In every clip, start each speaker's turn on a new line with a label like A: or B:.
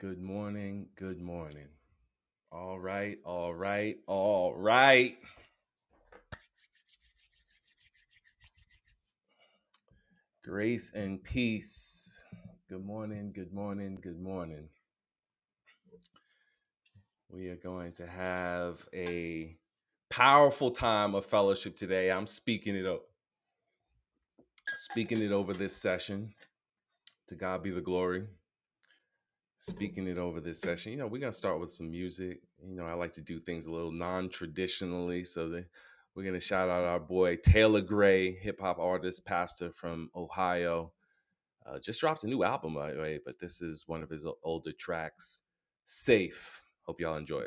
A: Good morning. Good morning. All right. All right. All right. Grace and peace. Good morning. Good morning. Good morning. We are going to have a powerful time of fellowship today. I'm speaking it up, speaking it over this session. To God be the glory. speaking it over this session. You know, we're gonna start with some music. You know, I like to do things a little non-traditionally, so that we're gonna shout out our boy Taylor Gray, hip hop artist, pastor from Ohio. Uh, just dropped a new album, by the way, but this is one of his older tracks, "Safe." Hope y'all enjoy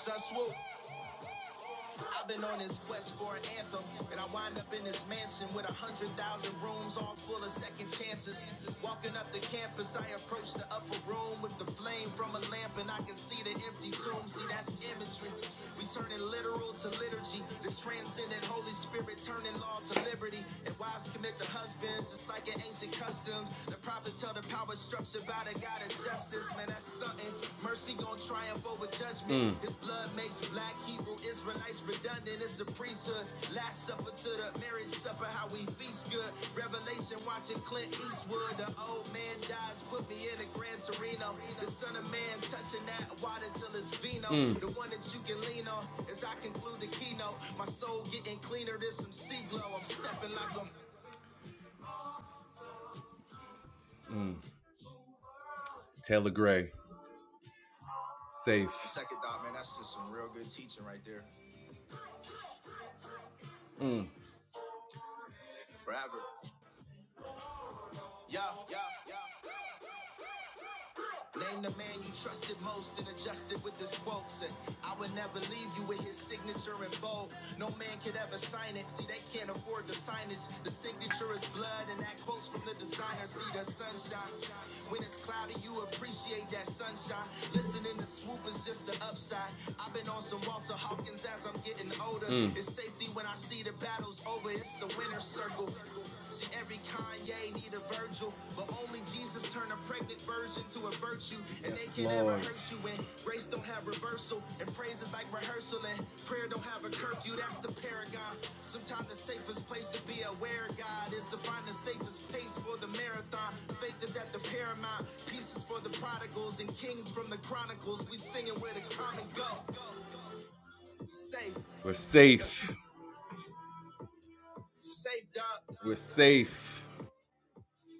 A: it. I've been on this quest for an anthem, and I wind up in this mansion with a hundred thousand rooms, all full of second chances. Walking up the campus, I approach the upper room with the flame from a lamp, and I can see the empty tomb. See, that's imagery. We turning literal to liturgy, the transcendent Holy Spirit turning law to liberty, and wives commit to husbands just like an ancient custom. The prophet tell the power structure by the God of justice. Man, that's something. Mercy gon' triumph over judgment. Mm. His blood makes black Hebrew Israelites redundant. It's a priesthood. Last supper to the marriage supper, how we feast good. Revelation watching Clint Eastwood. The old man dies, put me in a Gran Torino. The son of man touching that water till it's vino. Mm. The one that you can lean on as I conclude the keynote. My soul getting cleaner than some sea glow. I'm stepping like i Taylor Gray, safe. Name the man you trusted most and adjusted with his quotes. And I would never leave you with his signature in bold. No man could ever sign it. See, they can't afford the signage. The signature is blood, and that quote's from the designer. See the sunshine. When it's cloudy, you appreciate that sunshine. Listening to swoop is just the upside. I've been on some Walter Hawkins as I'm getting older. Mm. It's safety when I see the battles over. It's the winner's circle. Shit, Every Kanye need a Virgil, but only Jesus turn a pregnant virgin to a virtue, and Yes, they can never Lord. Ever hurt you. And grace don't have reversal, and praise is like rehearsal, and prayer don't have a curfew. That's the paragon. Sometimes the safest place to be aware, of God, is to find the safest pace for the marathon. Faith is at the paramount, peace is for the prodigals and kings from the chronicles. We singing where the common go. We safe, We're safe. We're safe, We're safe.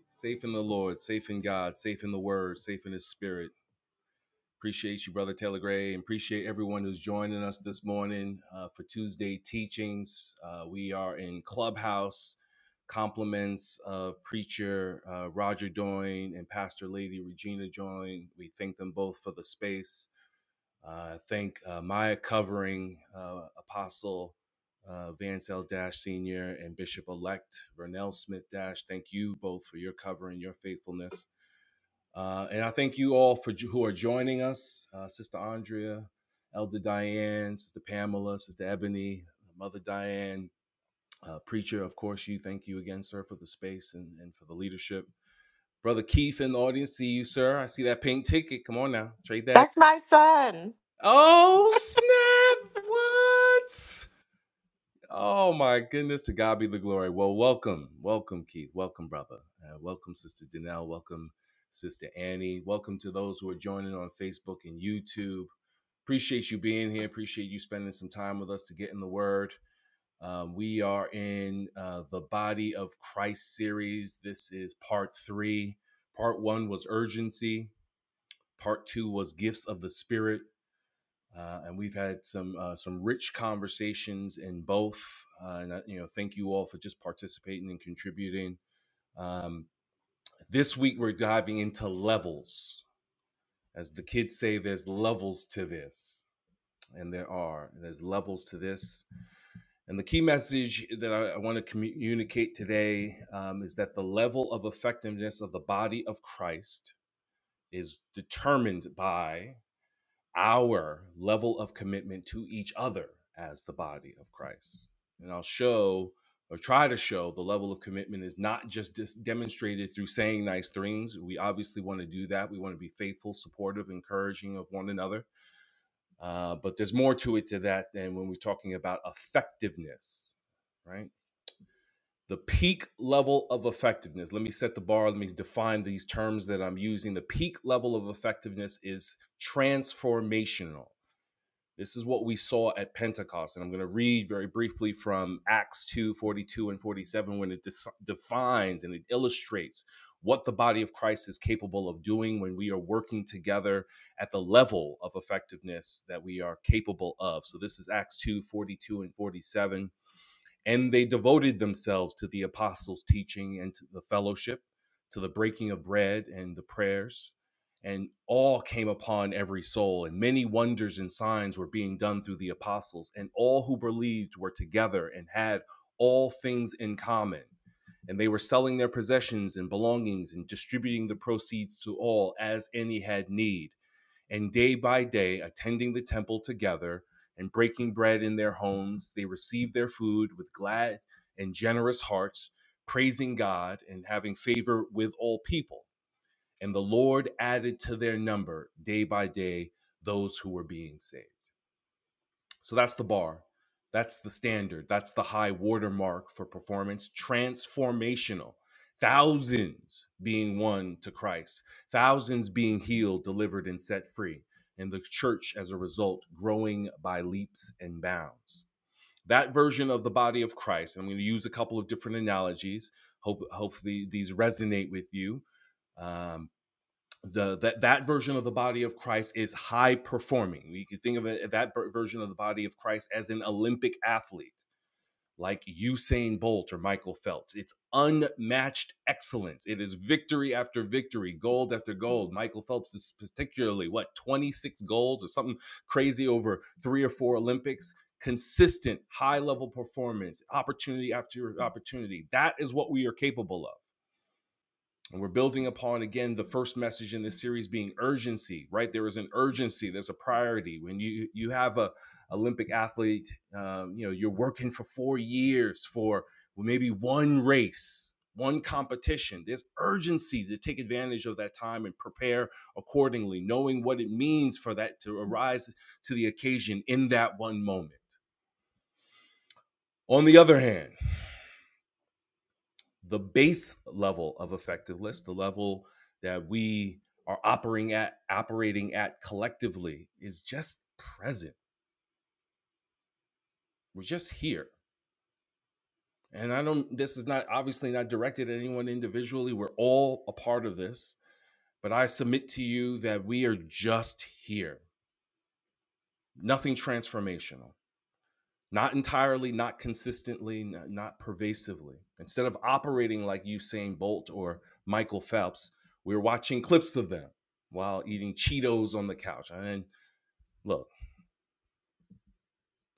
A: Safe in the Lord, safe in God, safe in the Word, safe in His Spirit. Appreciate you, Brother Taylor Gray, and appreciate everyone who's joining us this morning uh, for Tuesday teachings. Uh, we are in Clubhouse. Compliments of preacher uh, Roger Doyne and Pastor Lady Regina Doyne. We thank them both for the space. Uh, thank uh, Maya covering uh, Apostle uh, Vance L Dash Sr. and Bishop elect Vernell Smith Dash. Thank you both for your cover and your faithfulness. Uh, and I thank you all for who are joining us, uh, Sister Andrea, Elder Diane, Sister Pamela, Sister Ebony, Mother Diane, uh, Preacher, of course, you. Thank you again, sir, for the space and, and for the leadership. Brother Keith in the audience, see you, sir. I see that pink ticket. Come on now, trade that.
B: That's my son.
A: Oh, snap. What? Oh my goodness, to God be the glory. Well, welcome, welcome, Keith, welcome, brother, uh, welcome, Sister Danelle, welcome, Sister Annie, welcome to those who are joining on Facebook and YouTube. Appreciate you being here. Appreciate you spending some time with us to get in the Word. Um, we are in uh, the Body of Christ series. This is part three. Part one was urgency. Part two was gifts of the Spirit uh, and we've had some uh, some rich conversations in both. Uh, and I, you know, thank you all for just participating and contributing. Um, this week we're diving into levels, as the kids say. There's levels to this, and there are. And There's levels to this, and the key message that I, I want to communicate today um, is that the level of effectiveness of the body of Christ is determined by our level of commitment to each other as the body of Christ. And I'll show or try to show the level of commitment is not just dis- demonstrated through saying nice things. We obviously want to do that. We want to be faithful, supportive, encouraging of one another. Uh, but there's more to it to that than when we're talking about effectiveness, right? The peak level of effectiveness. Let me set the bar. Let me define these terms that I'm using. The peak level of effectiveness is transformational this is what we saw at Pentecost. And I'm going to read very briefly from Acts 2, 42 and 47 when it dis- defines and it illustrates what the body of Christ is capable of doing when we are working together at the level of effectiveness that we are capable of. So this is Acts 2, 42 and 47 and they devoted themselves to the apostles' teaching and to the fellowship, to the breaking of bread and the prayers. And all came upon every soul, and many wonders and signs were being done through the apostles. And all who believed were together and had all things in common. And they were selling their possessions and belongings and distributing the proceeds to all as any had need and day by day, attending the temple together and breaking bread in their homes, they received their food with glad and generous hearts, praising God and having favor with all people. And the Lord added to their number day by day those who were being saved. So that's the bar. That's the standard. That's the high watermark for performance. Transformational. Thousands being won to Christ, thousands being healed, delivered, and set free. And the church, as a result, growing by leaps and bounds. That version of the body of Christ, and I'm going to use a couple of different analogies. Hope, hopefully, these resonate with you Um, the that that version of the body of Christ is high performing. You can think of it, that version of the body of Christ as an Olympic athlete, like Usain Bolt or Michael Phelps. It's unmatched excellence. It is victory after victory, gold after gold. Michael Phelps is particularly what twenty six golds or something crazy over three or four Olympics. Consistent high level performance, opportunity after opportunity. That is what we are capable of. And we're building upon again the first message in this series being urgency, right? There is an urgency, there's a priority. When you you have a Olympic athlete, um, you know, you're working for four years for maybe one race, one competition. There's urgency to take advantage of that time and prepare accordingly, knowing what it means for that to arise to the occasion in that one moment. On the other hand, the base level of effectiveness, the level that we are operating at, operating at collectively, is just present. We're just here. And I don't, this is not obviously not directed at anyone individually. We're all a part of this. But I submit to you that we are just here, nothing transformational. not entirely, not consistently, not pervasively. Instead of operating like Usain Bolt or Michael Phelps, we were watching clips of them while eating Cheetos on the couch. I mean, look,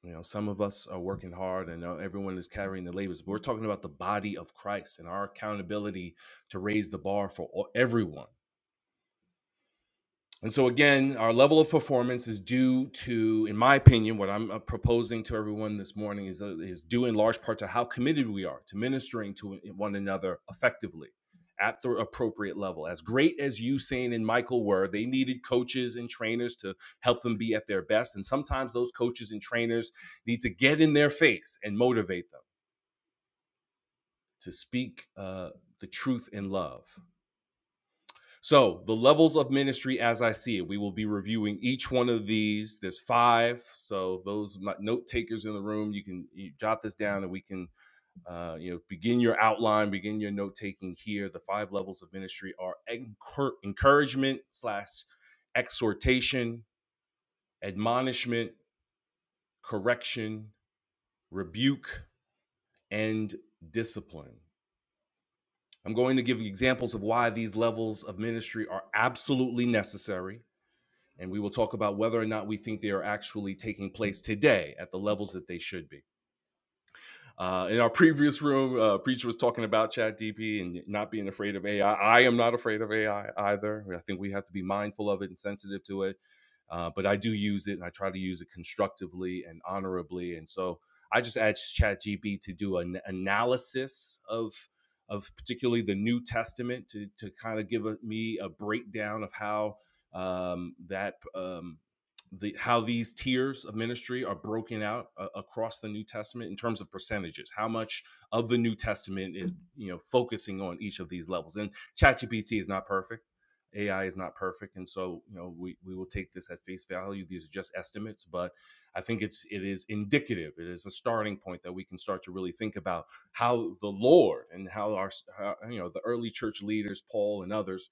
A: you know, some of us are working hard and uh, everyone is carrying the labels. But we're talking about the body of Christ and our accountability to raise the bar for everyone And so, again, our level of performance is due to, in my opinion, what I'm uh, proposing to everyone this morning is, uh, is due in large part to how committed we are to ministering to one another effectively at the appropriate level. As great as Usain and Michael were, they needed coaches and trainers to help them be at their best. And sometimes those coaches and trainers need to get in their face and motivate them to speak uh, the truth in love So, the levels of ministry as I see it, we will be reviewing each one of these. There's five. So, those note takers in the room, you can you jot this down and we can, uh, you know, begin your outline, begin your note taking here. The five levels of ministry are encour- encouragement slash exhortation, admonishment, correction, rebuke, and discipline. I'm going to give examples of why these levels of ministry are absolutely necessary And we will talk about whether or not we think they are actually taking place today at the levels that they should be. Uh, in our previous room, uh, Preacher was talking about Chat DP and not being afraid of AI. I I am not afraid of AI either. I think we have to be mindful of it and sensitive to it. Uh, but I do use it and I try to use it constructively and honorably. And so I just asked ChatGPT to do an analysis of of particularly the New Testament to to kind of give a, me a breakdown of how um, that um, the how these tiers of ministry are broken out uh, across the New Testament in terms of percentages. How much of the New Testament is you know focusing on each of these levels? And ChatGPT is not perfect. AI is not perfect, and so you know we we will take this at face value. These are just estimates, but I think it's it is indicative. It is a starting point that we can start to really think about how the Lord and how our how, you know the early church leaders, Paul and others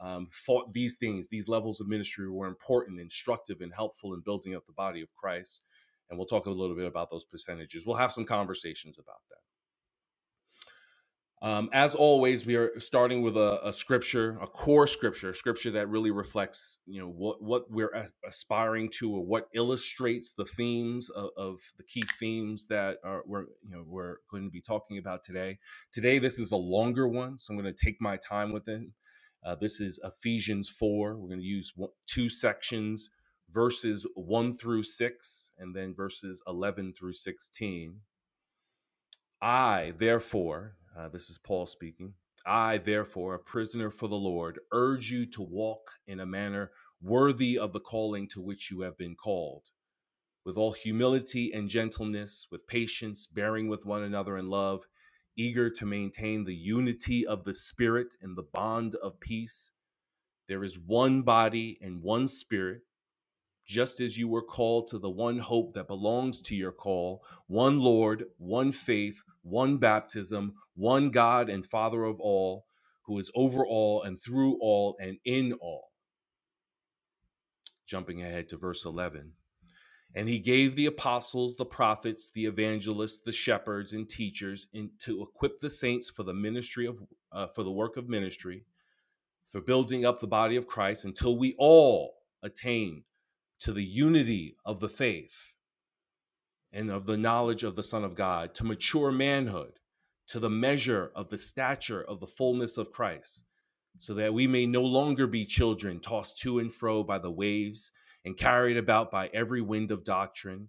A: um, thought these things, these levels of ministry were important, instructive, and helpful in building up the body of Christ. And we'll talk a little bit about those percentages. We'll have some conversations about that. Um, as always, we are starting with a, a scripture, a core scripture, scripture that really reflects, you know, what what we're as- aspiring to, or what illustrates the themes of, of the key themes that are we're you know we're going to be talking about today. Today, this is a longer one, so I'm going to take my time with it. Uh, this is Ephesians four. We're going to use one, two sections, verses one through six, and then verses eleven through sixteen I, therefore, uh, this is Paul speaking, I, therefore, a prisoner for the Lord, urge you to walk in a manner worthy of the calling to which you have been called, with all humility and gentleness, with patience, bearing with one another in love, eager to maintain the unity of the Spirit and the bond of peace. There is one body and one Spirit just as you were called to the one hope that belongs to your call, one Lord, one faith, one baptism, one God and Father of all, who is over all and through all and in all. Jumping ahead to verse 11. And he gave the apostles, the prophets, the evangelists, the shepherds, and teachers in, to equip the saints for the ministry of uh, for the work of ministry, for building up the body of Christ until we all attain to the unity of the faith and of the knowledge of the Son of God, to mature manhood, to the measure of the stature of the fullness of Christ, so that we may no longer be children tossed to and fro by the waves and carried about by every wind of doctrine,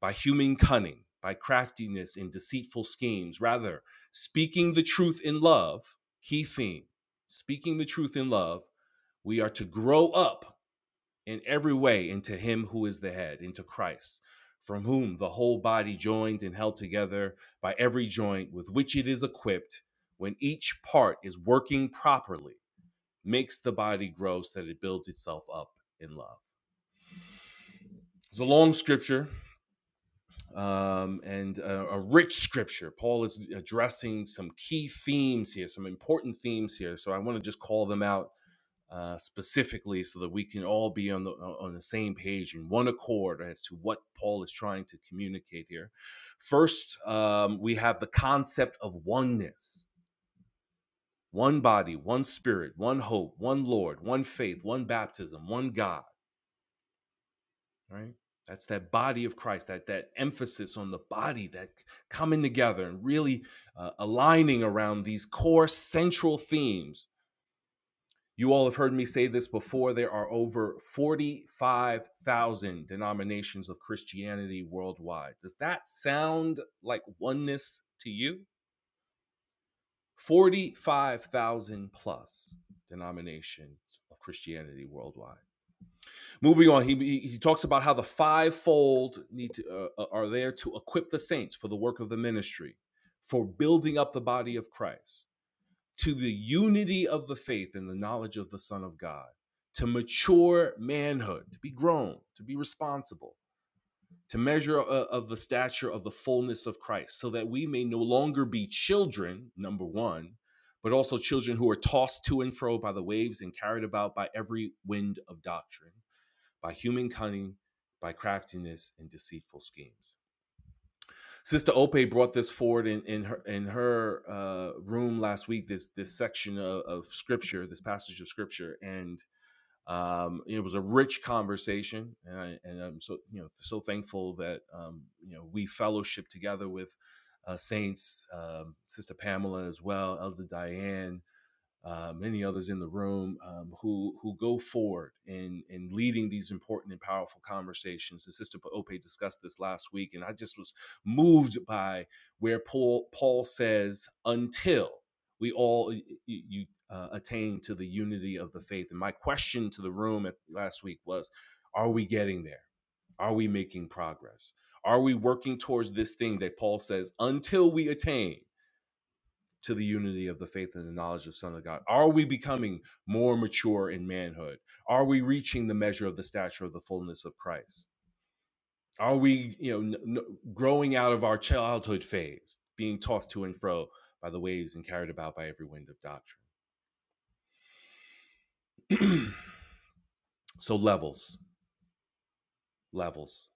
A: by human cunning, by craftiness and deceitful schemes. Rather, speaking the truth in love, key theme, speaking the truth in love, we are to grow up in every way into him who is the head, into Christ, from whom the whole body joined and held together by every joint with which it is equipped, when each part is working properly, makes the body grow so that it builds itself up in love. It's a long scripture um, and a, a rich scripture. Paul is addressing some key themes here, some important themes here. So I want to just call them out uh, specifically so that we can all be on the on the same page in one accord as to what Paul is trying to communicate here. First, um, we have the concept of oneness: one body, one spirit, one hope, one Lord, one faith, one baptism, one God. Right? That's that body of Christ. That that emphasis on the body, that coming together and really uh, aligning around these core central themes You all have heard me say this before. There are over 45,000 denominations of Christianity worldwide. Does that sound like oneness to you? 45,000 plus denominations of Christianity worldwide. Moving on, he, he talks about how the fivefold need to, uh, uh, are there to equip the saints for the work of the ministry, for building up the body of Christ to the unity of the faith and the knowledge of the Son of God, to mature manhood, to be grown, to be responsible, to measure uh, of the stature of the fullness of Christ, so that we may no longer be children, number one, but also children who are tossed to and fro by the waves and carried about by every wind of doctrine, by human cunning, by craftiness and deceitful schemes Sister Ope brought this forward in in her in her uh, room last week. This this section of, of scripture, this passage of scripture, and um, it was a rich conversation. And, I, and I'm so you know so thankful that um, you know we fellowship together with uh, saints, um, Sister Pamela as well, Elder Diane, uh, many others in the room um, who who go forward in in leading these important and powerful conversations. And Sister Ope discussed this last week, and I just was moved by where Paul Paul says, "Until we all y- you uh, attain to the unity of the faith." And my question to the room at, last week was, "Are we getting there? Are we making progress? Are we working towards this thing that Paul says until we attain?" to the unity of the faith and the knowledge of the Son of God? Are we becoming more mature in manhood? Are we reaching the measure of the stature of the fullness of Christ? Are we, you know, n- n- growing out of our childhood phase, being tossed to and fro by the waves and carried about by every wind of doctrine? so levels, levels.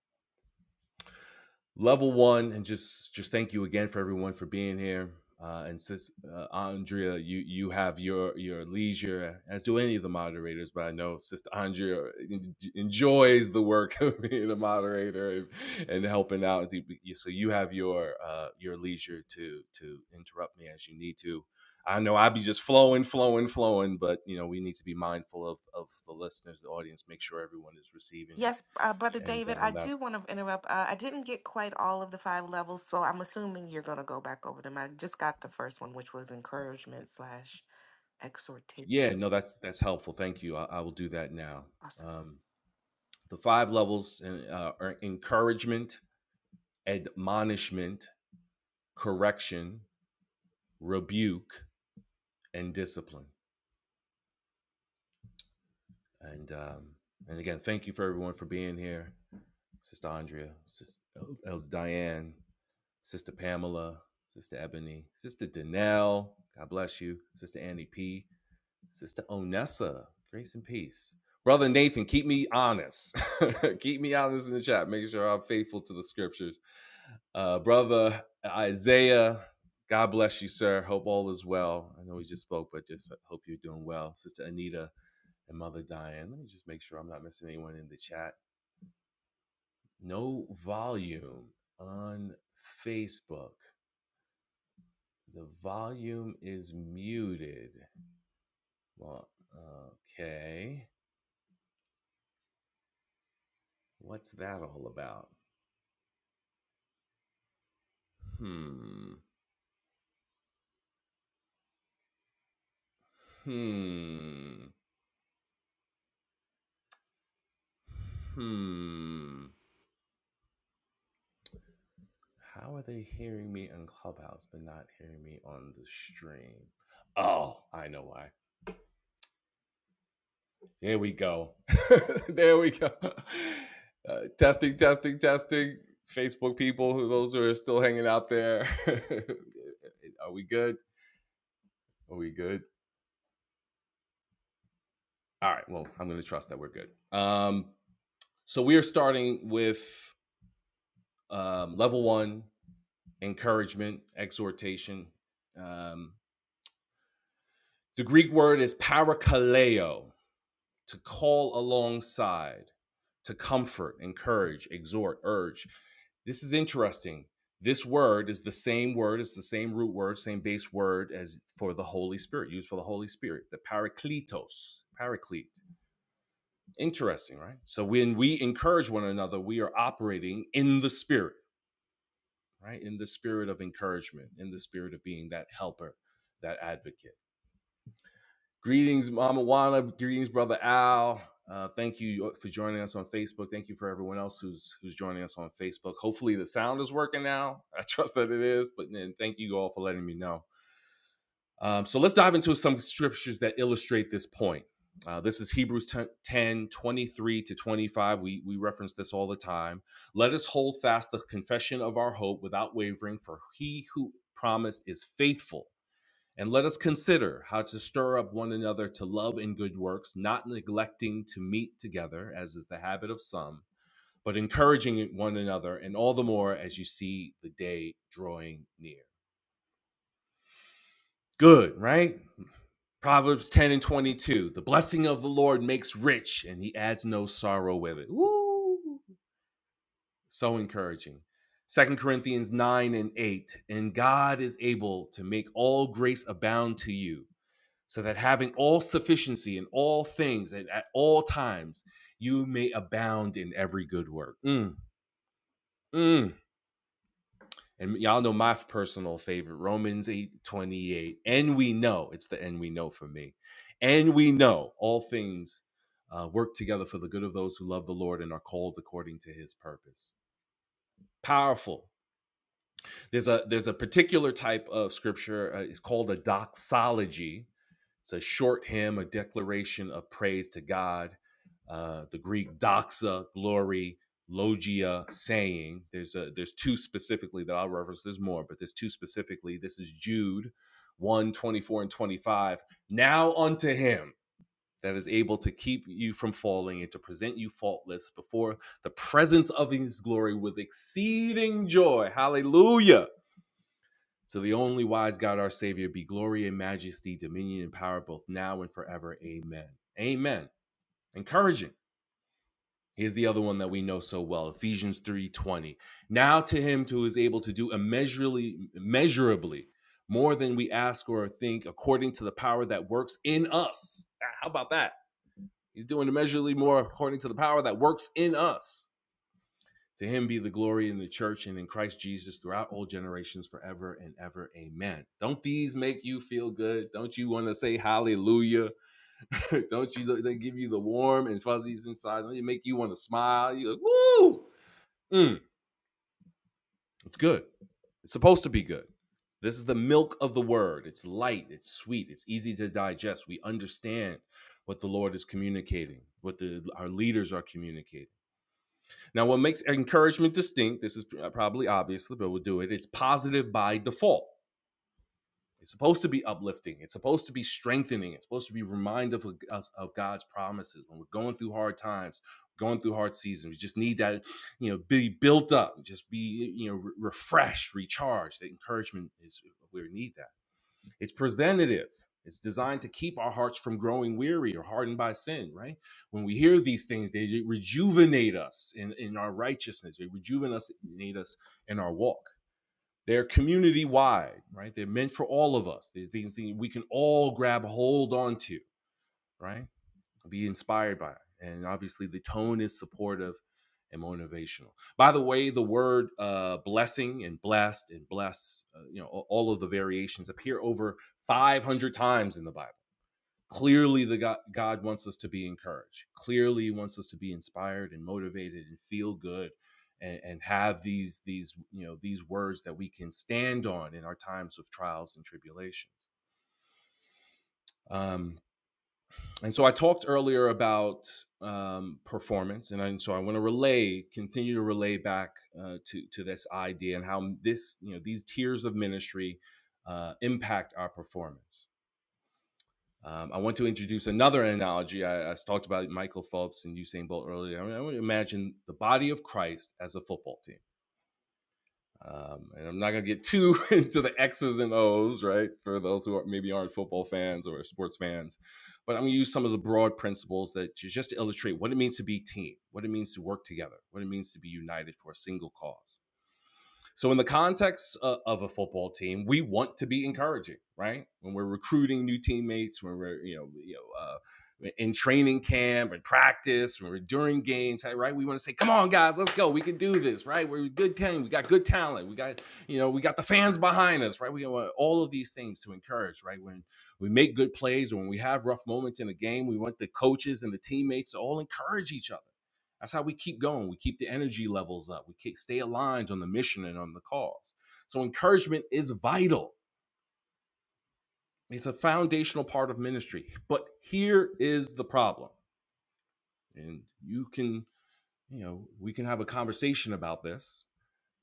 A: level one and just just thank you again for everyone for being here uh, and sis uh, andrea you you have your your leisure as do any of the moderators but i know sister andrea en- enjoys the work of being a moderator and, and helping out so you have your uh your leisure to to interrupt me as you need to i know i'd be just flowing flowing flowing but you know we need to be mindful of of the listeners the audience make sure everyone is receiving it
B: Yes, uh, Brother
A: and
B: David, I
A: uh,
B: do want to interrupt. Uh, I didn't get quite all of the five levels, so I'm assuming you're going to go back over them. I just got the first one, which was encouragement slash
A: Yeah,
B: exhortation.
A: no, that's that's helpful. Thank you. I, I will do that now.
B: Awesome.
A: Um, the five levels and, uh, are encouragement, admonishment, correction, rebuke, and discipline. And um, and again, thank you for everyone for being here, Sister Andrea, Sister El- Elder Diane, Sister Pamela, Sister Ebony, Sister Danelle. God bless you, Sister Annie P. Sister Onessa, grace and peace. Brother Nathan, keep me honest. keep me honest in the chat. Make sure I'm faithful to the scriptures. Uh, Brother Isaiah, God bless you, sir. Hope all is well. I know we just spoke, but just hope you're doing well. Sister Anita and Mother Diane, let me just make sure I'm not missing anyone in the chat. No volume on Facebook. The volume is muted. Well, okay. What's that all about? Hmm. Hmm. Hmm. How are they hearing me in Clubhouse but not hearing me on the stream? Oh, I know why. There we go. there we go. Uh, testing, testing, testing. Facebook people, who those who are still hanging out there, are we good? Are we good? All right. Well, I'm going to trust that we're good. Um, so we are starting with um, level one encouragement, exhortation. Um, the Greek word is parakaleo, to call alongside, to comfort, encourage, exhort, urge. This is interesting. This word is the same word, it's the same root word, same base word as for the Holy Spirit, used for the Holy Spirit, the parakletos, paraclete. Interesting, right? So when we encourage one another, we are operating in the Spirit, right? In the spirit of encouragement, in the spirit of being that helper, that advocate. Greetings, Mama Juana. Greetings, Brother Al. Uh, thank you uh, for joining us on Facebook. Thank you for everyone else who's who's joining us on Facebook. Hopefully, the sound is working now. I trust that it is. But then, thank you all for letting me know. Um, so let's dive into some scriptures that illustrate this point. Uh, this is Hebrews 10 23 to 25. We, we reference this all the time. Let us hold fast the confession of our hope without wavering, for he who promised is faithful. And let us consider how to stir up one another to love and good works, not neglecting to meet together, as is the habit of some, but encouraging one another, and all the more as you see the day drawing near. Good, right? Proverbs 10 and 22. The blessing of the Lord makes rich, and he adds no sorrow with it. Woo! So encouraging. Second Corinthians 9 and 8. And God is able to make all grace abound to you, so that having all sufficiency in all things and at all times, you may abound in every good work. Mm, mm. And y'all know my personal favorite, Romans 8 28. And we know, it's the and we know for me. And we know all things uh, work together for the good of those who love the Lord and are called according to his purpose. Powerful there's a there's a particular type of scripture uh, it's called a doxology it's a short hymn a declaration of praise to god uh, the greek doxa glory logia saying there's a there's two specifically that i'll reference there's more but there's two specifically this is jude one 24 and 25 now unto him that is able to keep you from falling and to present you faultless before the presence of his glory with exceeding joy hallelujah to the only wise God, our Savior, be glory and majesty, dominion and power, both now and forever. Amen. Amen. Encouraging. Here's the other one that we know so well, Ephesians 3:20. Now to him who is able to do immeasurably measurably more than we ask or think according to the power that works in us. Ah, How about that? He's doing immeasurably more according to the power that works in us. To him be the glory in the church and in Christ Jesus throughout all generations forever and ever. Amen. Don't these make you feel good? Don't you want to say hallelujah? Don't you they give you the warm and fuzzies inside? Don't they make you want to smile? You like, woo! Mm, it's good. It's supposed to be good. This is the milk of the word. It's light, it's sweet, it's easy to digest. We understand what the Lord is communicating, what the, our leaders are communicating Now, what makes encouragement distinct, this is probably obvious, but we'll do it, it's positive by default. It's supposed to be uplifting. It's supposed to be strengthening. It's supposed to be reminder of us of God's promises when we're going through hard times, going through hard seasons. We just need that, you know, be built up, just be, you know, re- refreshed, recharged. That encouragement is we need that. It's preventative. It's designed to keep our hearts from growing weary or hardened by sin, right? When we hear these things, they rejuvenate us in, in our righteousness. They rejuvenate us in our walk. They're community wide, right? They're meant for all of us. They're things that we can all grab hold onto, right? be inspired by. And obviously, the tone is supportive and motivational. By the way, the word uh, blessing and blessed and bless, uh, you know, all of the variations appear over 500 times in the Bible. Clearly, the God, God wants us to be encouraged. Clearly, He wants us to be inspired and motivated and feel good, and, and have these these you know these words that we can stand on in our times of trials and tribulations. Um, and so I talked earlier about um, performance, and, I, and so I want to relay, continue to relay back uh, to to this idea and how this, you know, these tiers of ministry uh, impact our performance. Um, I want to introduce another analogy. I, I talked about Michael Phelps and Usain Bolt earlier. I, mean, I want to imagine the body of Christ as a football team um, and I'm not going to get too into the X's and O's, right? For those who are, maybe aren't football fans or sports fans, but I'm going to use some of the broad principles that just to illustrate what it means to be team, what it means to work together, what it means to be united for a single cause so, in the context of, a football team, we want to be encouraging, right? When we're recruiting new teammates, when we're you know you know uh, in training camp and practice, when we're during games, hey, right? We want to say, "Come on, guys, let's go. We can do this, right? We're a good team. We got good talent. We got you know we got the fans behind us, right? We want all of these things to encourage, right? When we make good plays, when we have rough moments in a game, we want the coaches and the teammates to all encourage each other that's how we keep going. We keep the energy levels up. We keep, stay aligned on the mission and on the cause. So encouragement is vital. It's a foundational part of ministry. But here is the problem. And you can, you know, we can have a conversation about this.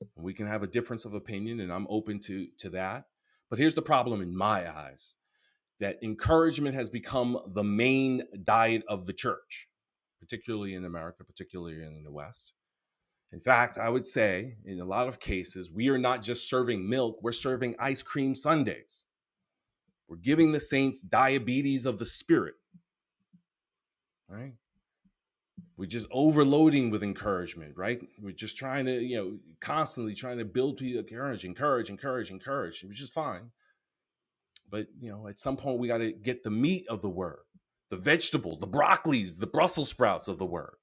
A: And we can have a difference of opinion and I'm open to to that. But here's the problem in my eyes that encouragement has become the main diet of the church, particularly in America, particularly in the West In fact, I would say in a lot of cases, we are not just serving milk, we're serving ice cream sundaes. We're giving the saints diabetes of the spirit, right? We're just overloading with encouragement, right? We're just trying to, you know, constantly trying to build people courage, encourage, encourage, encourage, which is fine. But, you know, at some point we got to get the meat of the word, the vegetables, the broccolis, the Brussels sprouts of the word.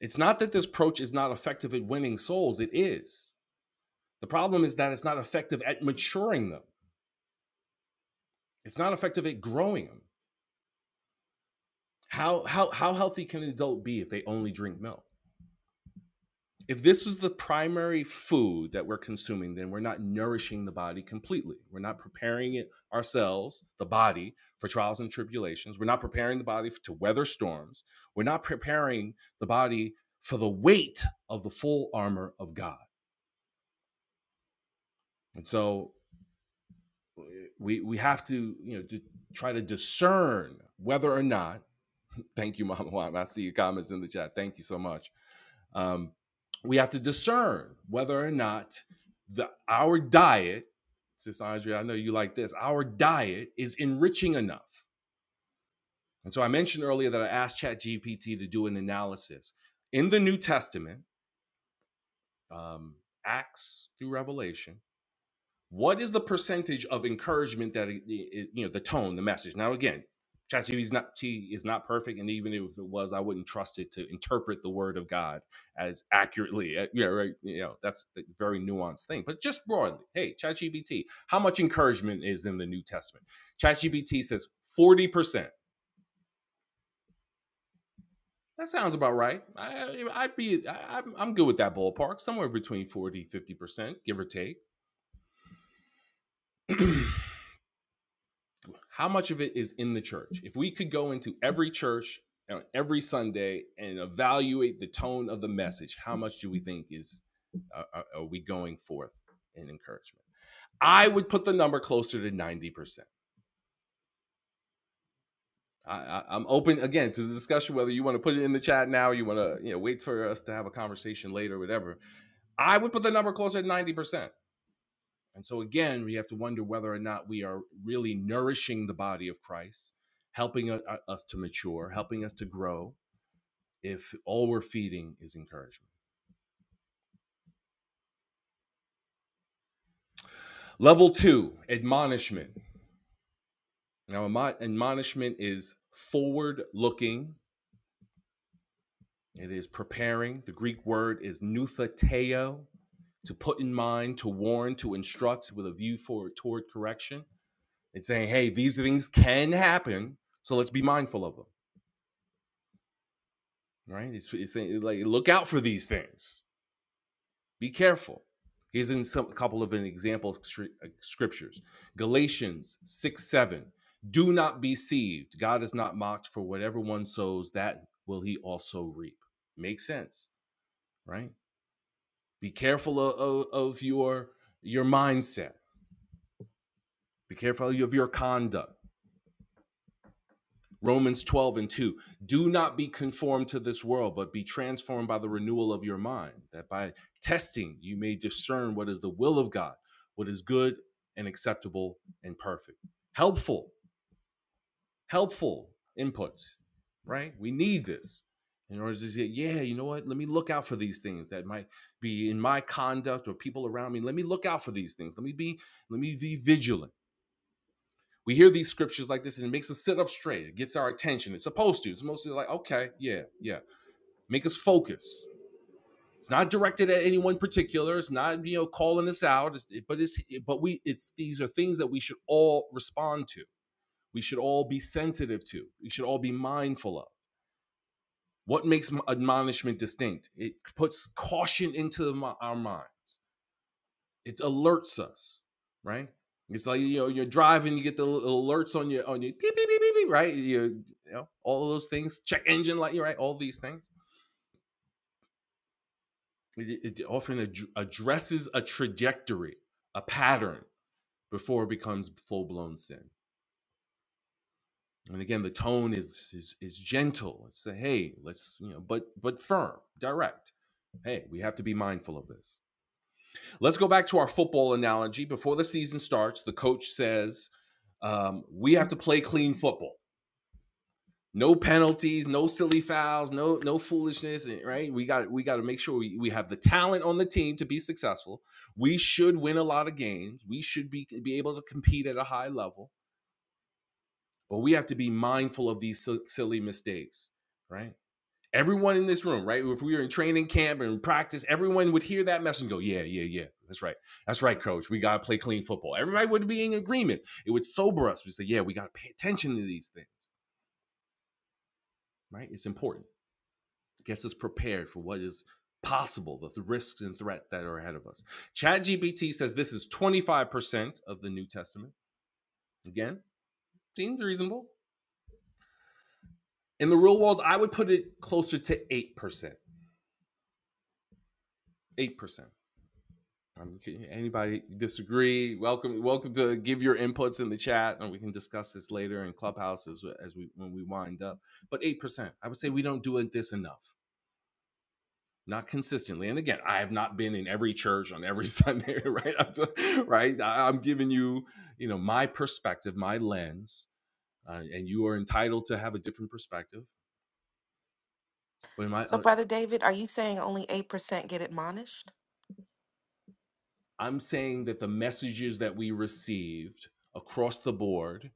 A: It's not that this approach is not effective at winning souls, it is. The problem is that it's not effective at maturing them It's not effective at growing them. How how how healthy can an adult be if they only drink milk? If this was the primary food that we're consuming, then we're not nourishing the body completely. We're not preparing it ourselves, the body, for trials and tribulations. We're not preparing the body to weather storms. We're not preparing the body for the weight of the full armor of God. And so we we have to you know to try to discern whether or not. Thank you, Mama Juan. I see your comments in the chat. Thank you so much. Um, we have to discern whether or not the our diet, Sis Andrea, I know you like this, our diet is enriching enough. And so I mentioned earlier that I asked ChatGPT to do an analysis in the New Testament, um, Acts through Revelation What is the percentage of encouragement that it, it- you know the tone, the message? Now again, ChatGPT is not is not perfect, and even if it was, I wouldn't trust it to interpret the word of God as accurately. Uh, Yeah, right. You know that's a very nuanced thing. But just broadly, hey, ChatGPT, how much encouragement is in the New Testament? ChatGPT says forty percent. That sounds about right. I, I- would be I, I'm good with that ballpark, somewhere between 40 50 percent, give or take how much of it is in the church? If we could go into every church on every Sunday and evaluate the tone of the message, how much do we think is uh, uh, are we going forth in encouragement? I would put the number closer to ninety percent. I, I, I'm open again to the discussion whether you want to put it in the chat now, or you want to you know wait for us to have a conversation later, whatever. I would put the number closer to 90%. And so, again, we have to wonder whether or not we are really nourishing the body of Christ, helping us to mature, helping us to grow, if all we're feeding is encouragement. Level two, admonishment. Now, admonishment is forward looking, it is preparing. The Greek word is nuthateo, to put in mind, to warn, to instruct with a view for toward correction. It's saying, hey, these things can happen, so let's be mindful of them. right? He's, he's saying like, look out for these things. Be careful. Here's in some a couple of an example uh, scriptures: Galatians six seven. Do not be deceived. God is not mocked. For whatever one sows, that will he also reap. Makes sense, right? Be careful of, of, of your your mindset. Be careful of your conduct. Romans 12 and 2. Do not be conformed to this world, but be transformed by the renewal of your mind, that by testing you may discern what is the will of God, what is good and acceptable and perfect. Helpful, helpful inputs, right? We need this in order to say, yeah, you know what? Let me look out for these things that might be in my conduct or people around me. Let me look out for these things. Let me be, let me be vigilant we hear these scriptures like this and it makes us sit up straight. It gets our attention. It's supposed to. It's mostly like, okay, yeah, yeah. Make us focus. It's not directed at anyone particular. It's not, you know, calling us out. It's, but it's but we it's these are things that we should all respond to. We should all be sensitive to. We should all be mindful of. What makes admonishment distinct? It puts caution into the, our minds. It alerts us, right? It's like you know you're driving, you get the alerts on your on your beep, beep, beep, beep, beep, right? You, you know all of those things, check engine light, right? All these things. It, it often ad- addresses a trajectory, a pattern before it becomes full blown sin. And again, the tone is is, is gentle. It's a, hey, let's you know, but but firm, direct. Hey, we have to be mindful of this. Let's go back to our football analogy. Before the season starts, the coach says, um, "We have to play clean football. No penalties, no silly fouls, no no foolishness. Right? We got we got to make sure we, we have the talent on the team to be successful. We should win a lot of games. We should be be able to compete at a high level, but we have to be mindful of these si- silly mistakes. Right? Everyone in this room, right? If we were in training camp and practice, everyone would hear that message and go, Yeah, yeah, yeah, that's right. That's right, coach. We got to play clean football. Everybody would be in agreement. It would sober us. We say, Yeah, we got to pay attention to these things, right? It's important. It gets us prepared for what is possible, the, the risks and threats that are ahead of us. ChatGPT says this is 25% of the New Testament. Again, seems reasonable. In the real world, I would put it closer to 8%. 8%. Um, anybody disagree? Welcome, welcome to give your inputs in the chat, and we can discuss this later in Clubhouse as, as we when we wind up. But eight percent, I would say we don't do it this enough, not consistently. And again, I have not been in every church on every Sunday, right? I'm t- right? I- I'm giving you, you know, my perspective, my lens, uh, and you are entitled to have a different perspective. But am
B: So,
A: I?
B: Brother David, are you saying only 8% get admonished?
A: I'm saying that the messages that we received across the board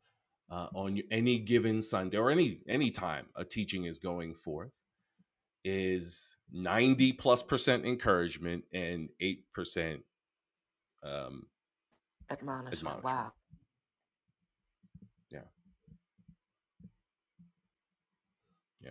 A: uh, on any given Sunday or any any time a teaching is going forth is 90 plus percent encouragement and 8 percent um,
B: Admonishment.
A: admonishment.
B: Wow.
A: Yeah, yeah.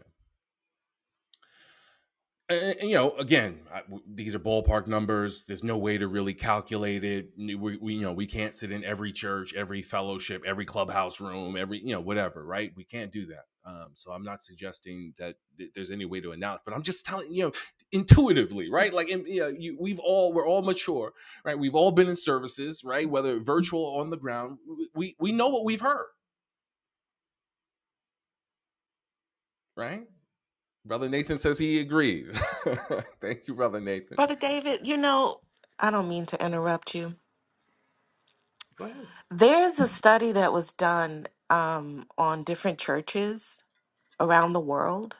A: and, and, you know, again, I, w- these are ballpark numbers. There's no way to really calculate it. We, we, you know, we can't sit in every church, every fellowship, every clubhouse room, every, you know, whatever, right? We can't do that. Um, so I'm not suggesting that th- there's any way to announce, but I'm just telling you know intuitively, right? Like, in, you know, you, we've all we're all mature, right? We've all been in services, right? Whether virtual or on the ground, we we know what we've heard, right? Brother Nathan says he agrees. Thank you, brother Nathan.
B: Brother David, you know, I don't mean to interrupt you.
A: Go ahead.
B: There's a study that was done um, on different churches around the world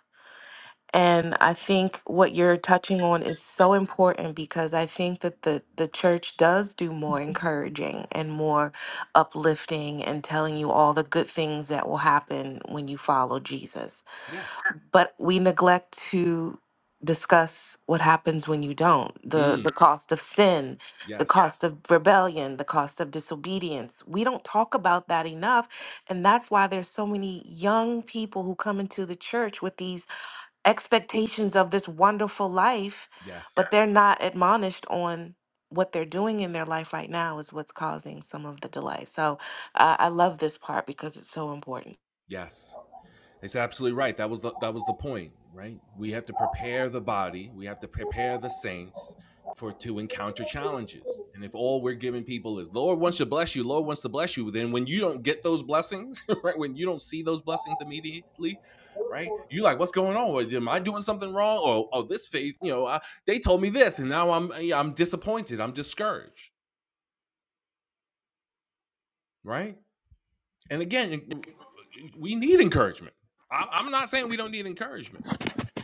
B: And I think what you're touching on is so important because I think that the, the church does do more encouraging and more uplifting and telling you all the good things that will happen when you follow Jesus.
A: Yeah.
B: But we neglect to discuss what happens when you don't the
A: Mm.
B: the Mhm. cost of sin the
A: Yes.
B: cost Yes. of rebellion the cost of disobedience we don't talk about that enough and that's why there's so many young people who come into the church with these expectations of this wonderful life,
A: Yes.
B: but they're not admonished on what they're doing in their life right now is what's causing some of the delay. So uh, I love this part because it's so important.
A: Yes. It's absolutely right. That was the, that was the point, right? We have to prepare the body. We have to prepare the saints for to encounter challenges. And if all we're giving people is Lord wants to bless you, Lord wants to bless you, then when you don't get those blessings, right? When you don't see those blessings immediately, right? You like, what's going on? Am I doing something wrong? Or oh, this faith, you know, I, they told me this, and now I'm yeah, I'm disappointed. I'm discouraged, right? And again, we need encouragement. I'm not saying we don't need encouragement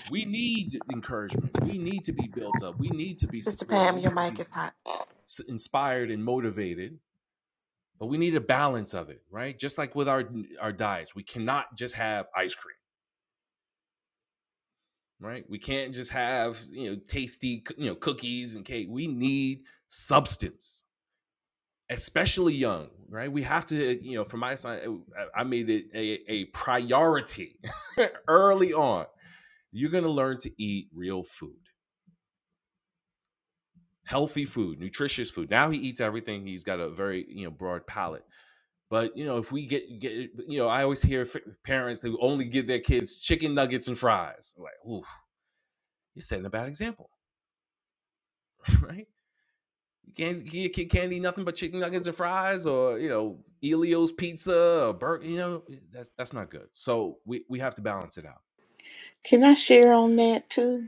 A: we need encouragement. We need to be built up. We need to be
B: Sister
A: supported.
B: Pam,
A: We
B: your
A: need to
B: mic
A: be
B: is hot.
A: inspired and motivated. But we need a balance of it, right? Just like with our our diets, we cannot just have ice cream, right? We can't just have you know tasty you know cookies and cake. We need substance, especially young, right? We have to you know, for my son, I made it a, a priority early on. You're gonna learn to eat real food healthy food, nutritious food. Now he eats everything. He's got a very you know broad palate. But you know, if we get get you know, I always hear f- parents who only give their kids chicken nuggets and fries. I'm like, ooh, you're setting a bad example, right? You can't your kid can't eat nothing but chicken nuggets and fries, or you know, Elio's pizza or burger. You know, that's that's not good. So we we have to balance it out.
C: Can I share on that too?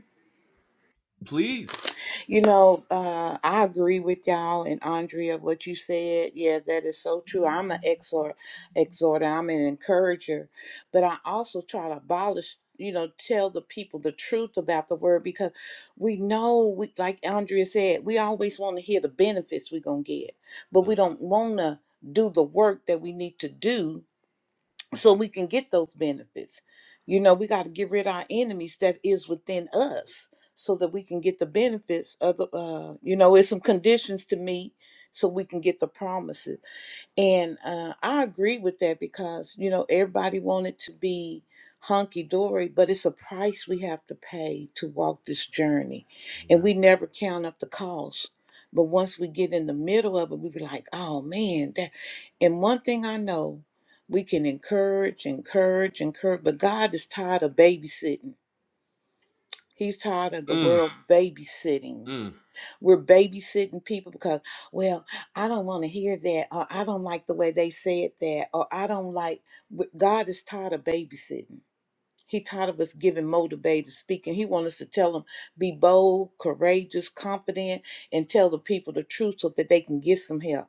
A: Please
C: You know, uh, I agree with y'all and Andrea what you said. Yeah, that is so true. I'm an exhort, exhorter. I'm an encourager, but I also try to abolish. You know, tell the people the truth about the word because we know, we like Andrea said, we always want to hear the benefits we're gonna get, but
A: Mm,
C: we don't want to do the work that we need to do so we can get those benefits. You know, we got to get rid of our enemies that is within us so that we can get the benefits of the, uh, you know, it's some conditions to meet so we can get the promises. And uh, I agree with that because, you know, everybody wanted to be hunky dory, but it's a price we have to pay to walk this journey. And
A: amen.
C: we never count up the cost. But once we get in the middle of it, we be like, oh man, that. And one thing I know, we can encourage, encourage, encourage, but God is tired of babysitting. He's tired of the
A: Mm,
C: world babysitting
A: mm,
C: we're babysitting people because, well, I don't want to hear that, or I don't like the way they said that, or I don't like. w- God is tired of babysitting. He tired of us giving motivated speaking. He wants us to tell them be bold, courageous, confident, and tell the people the truth so that they can get some help.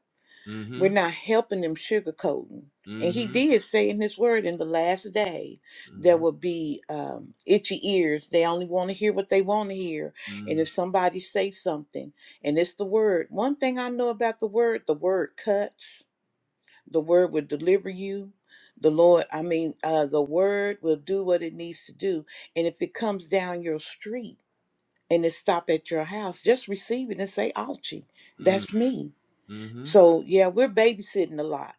C: We're
A: mhm,
C: not helping them sugarcoating. And he
A: mhm,
C: did say in his word, in the last day, there
A: mhm,
C: will be um, itchy ears. They only want to hear what they want to hear. And
A: mm,
C: if somebody say something, and it's the word. One thing I know about the word, the word cuts. The word will deliver you. The Lord, I mean, uh, the word will do what it needs to do. And if it comes down your street and it stop at your house, just receive it and say, "Ouchie,
A: mm,
C: that's me."
A: mhm,
C: So yeah, we're babysitting a lot.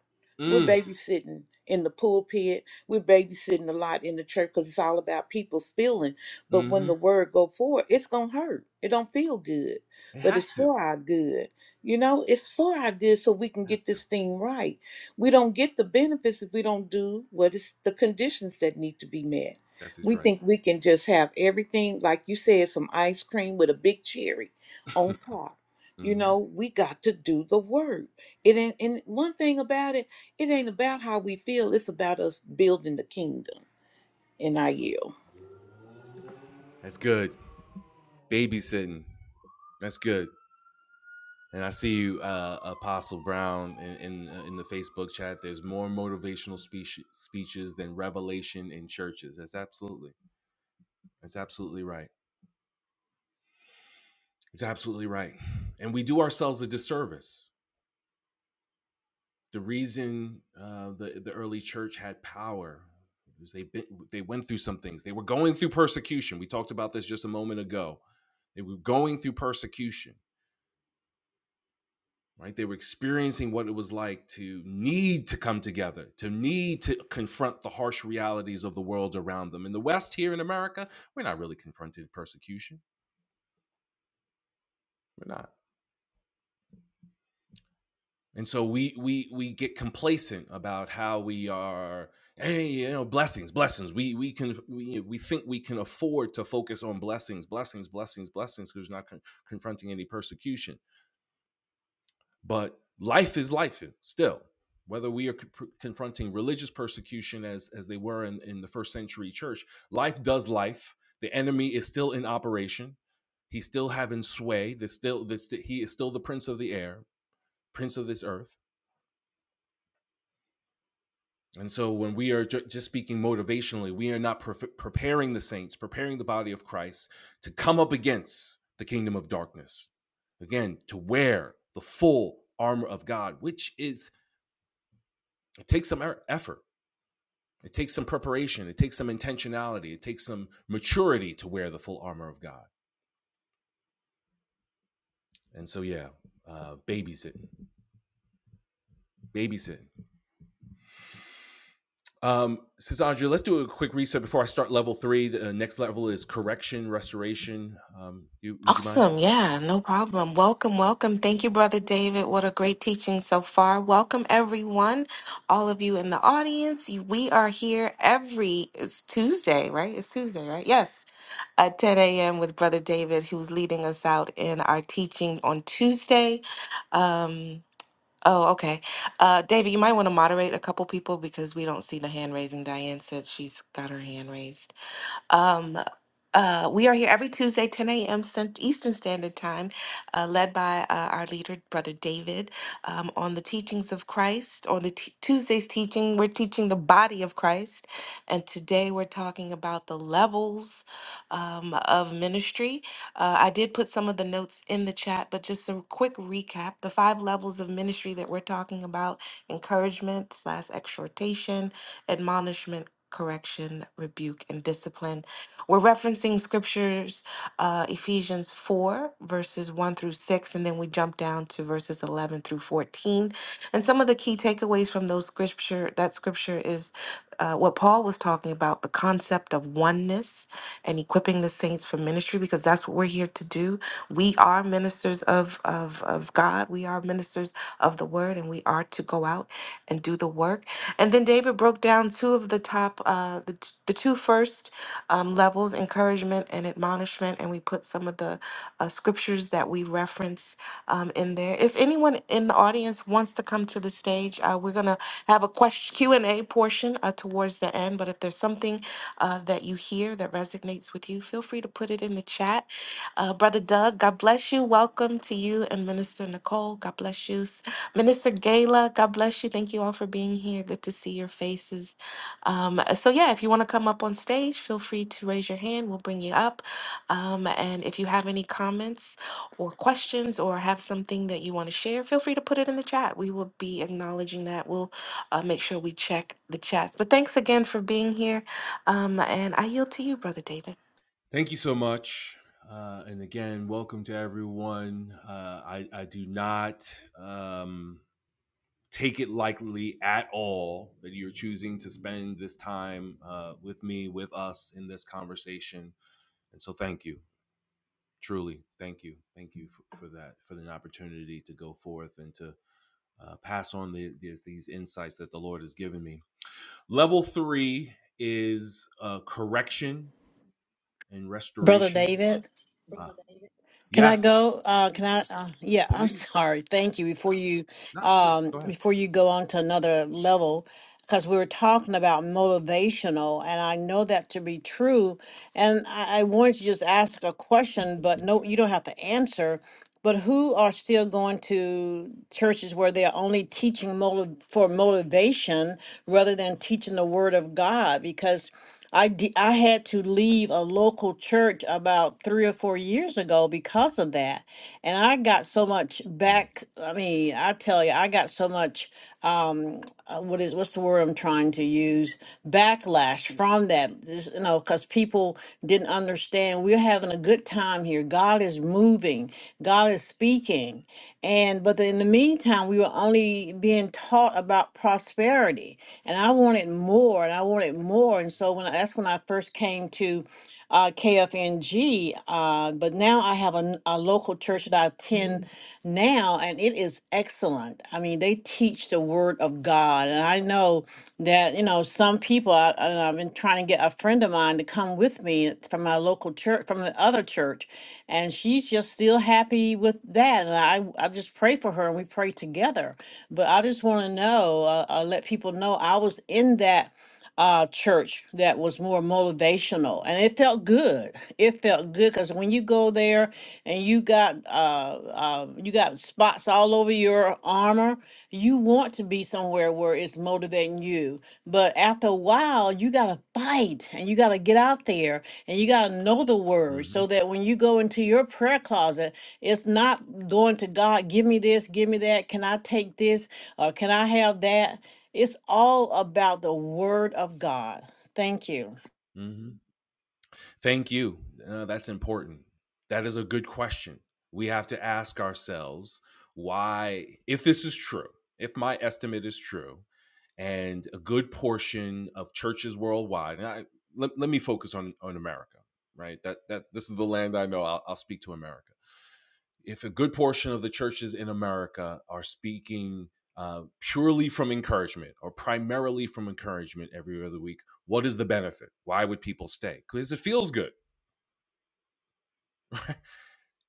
C: We're
A: mm,
C: babysitting in the pulpit. We're babysitting a lot in the church because it's all about people's feeling. But when
A: mhm.
C: the word go forward, it's gonna hurt. It don't feel good,
A: It
C: but
A: has
C: it's
A: to.
C: for our good. You know, it's for our good so we can
A: It has
C: get
A: to.
C: this thing right. We don't get the benefits if we don't do what is the conditions that need to be met.
A: That's his
C: We
A: right.
C: think we can just have everything, like you said, some ice cream with a big cherry on top you
A: hmm
C: know, we got to do the work. It ain't, and one thing about it, it ain't about how we feel. It's about us building the kingdom. And I yield.
A: That's good. Babysitting. That's good. And I see uh, Apostle Brown in, in uh, in the Facebook chat. There's more motivational speech, speeches than revelation in churches. That's absolutely, that's absolutely right. It's absolutely right. And we do ourselves a disservice. The reason uh, the the early church had power is they been, they went through some things. They were going through persecution. We talked about this just a moment ago. They were going through persecution right? They were experiencing what it was like to need to come together, to need to confront the harsh realities of the world around them. In the West, here in America, we're not really confronted persecution. We're not. And so we we we get complacent about how we are, hey, you know, blessings, blessings. We we can we, we think we can afford to focus on blessings, blessings, blessings, blessings, because we're not con- confronting any persecution But life is life still, whether we are co- confronting religious persecution as, as they were in, in the first century church, life does life. The enemy is still in operation. He's still having sway. There's still, there's sti- he is still the prince of the air, prince of this earth. And so when we are ju- just speaking motivationally, we are not pre- preparing the saints, preparing the body of Christ to come up against the kingdom of darkness. Again, to wear the full armor of God, which is, it takes some er- effort It takes some preparation, it takes some intentionality, it takes some maturity to wear the full armor of God. And so, yeah, uh, babysitting, babysitting. Um, says Andrea, let's do a quick reset before I start level three. The uh, next level is correction, restoration. Um, you, would you mind?
B: Awesome. Yeah, no problem. Welcome, welcome. Thank you, Brother David. What a great teaching so far. Welcome, everyone. All of you in the audience. You- We are here every, it's Tuesday, right? It's Tuesday, right? Yes. At 10 a.m. with Brother David, who's leading us out in our teaching on Tuesday. Um, oh, okay. Uh, David, you might want to moderate a couple people because we don't see the hand raising. Diane said she's got her hand raised. Um, uh, we are here every Tuesday, 10 a.m. Cent- Eastern Standard Time, uh, led by uh, our leader, Brother David, um, on the teachings of Christ. On the t- Tuesday's teaching, we're teaching the body of Christ. And today we're talking about the levels um, of ministry. Uh, I did put some of the notes in the chat, but just a quick recap the five levels of ministry that we're talking about encouragement, slash exhortation, admonishment correction, rebuke, and discipline. We're referencing scriptures, uh, Ephesians 4, verses 1 through 6, and then we jump down to verses 11 through 14. And some of the key takeaways from those scripture, that scripture is uh, what Paul was talking about, the concept of oneness and equipping the saints for ministry, because that's what we're here to do. We are ministers of, of, of God. We are ministers of the word, and we are to go out and do the work. And then David broke down two of the top, uh, the, t- the two first um, levels, encouragement and admonishment. And we put some of the uh, scriptures that we reference um, in there. If anyone in the audience wants to come to the stage, uh, we're going to have a question, Q&A portion uh, towards the end. But if there's something uh, that you hear that resonates with you, feel free to put it in the chat. Uh, Brother Doug, God bless you. Welcome to you and Minister Nicole. God bless you. Minister Gala, God bless you. Thank you all for being here. Good to see your faces. Um, so, yeah, if you want to come up on stage, feel free to raise your hand. We'll bring you up. Um, and if you have any comments or questions or have something that you want to share, feel free to put it in the chat. We will be acknowledging that. We'll uh, make sure we check the chats. But thanks again for being here. Um, and I yield to you, Brother David.
A: Thank you so much. Uh, and again, welcome to everyone. Uh, I, I do not um, take it lightly at all that you're choosing to spend this time uh, with me, with us in this conversation. And so thank you, truly. Thank you. Thank you for, for that, for the opportunity to go forth and to uh, pass on the, the, these insights that the Lord has given me. Level three is uh, correction and
D: Brother
A: restoration.
D: David,
A: Uh,
D: can I
A: yes,
D: go? Uh, can I? Uh, yeah, I'm
A: please.
D: sorry. Thank you. Before you,
A: Not please.
D: um,
A: Go ahead.
D: before you go on to another level, because we were talking about motivational, and I know that to be true. And I, I wanted to just ask a question, but no, you don't have to answer. But who are still going to churches where they are only teaching motive for motivation rather than teaching the Word of God? Because I d- I had to leave a local church about three or four years ago because of that, and I got so much
A: Mm,
D: back. I mean, I tell you, I got so much. Um, uh, what is what's the word I'm trying to use? Backlash from that, just, you know, because people didn't understand. We're having a good time here. God is moving. God is speaking, and but in the meantime, we were only being taught about prosperity, and I wanted more, and I wanted more more. And so when I, that's when I first came to uh, KFNG. Uh, but now I have a, n- a local church that I attend now, and it is excellent. I mean, they teach the Word of God, and I know that you know some people. I, I- I've been trying to get a friend of mine to come with me uh, from my local church, from the other church, and she's just still happy with that. And I I just pray for her, and we pray together. But I just want to know, uh, uh, let people know I was in that uh, church that was more motivational and it felt good it felt good because when you go there and you got uh, uh, you got spots all over your armor you want to be somewhere where it's motivating you but after a while you got to fight and you got to get out there and you got to know the word
A: Mm-hmm.
D: so that when you go into your prayer closet it's not going to god give me this give me that can i take this or can i have that it's all about the word of God. Thank you.
A: mm-hmm. Thank you. Uh, that's important. That is a good question. We have to ask ourselves why, if this is true, if my estimate is true, and a good portion of churches worldwide, and I, let, let me focus on, on America, right? That, that This is the land I know. I'll, I'll speak to America. If a good portion of the churches in America are speaking uh, purely from encouragement or primarily from encouragement every other week, what is the benefit? Why would people stay? Because it feels good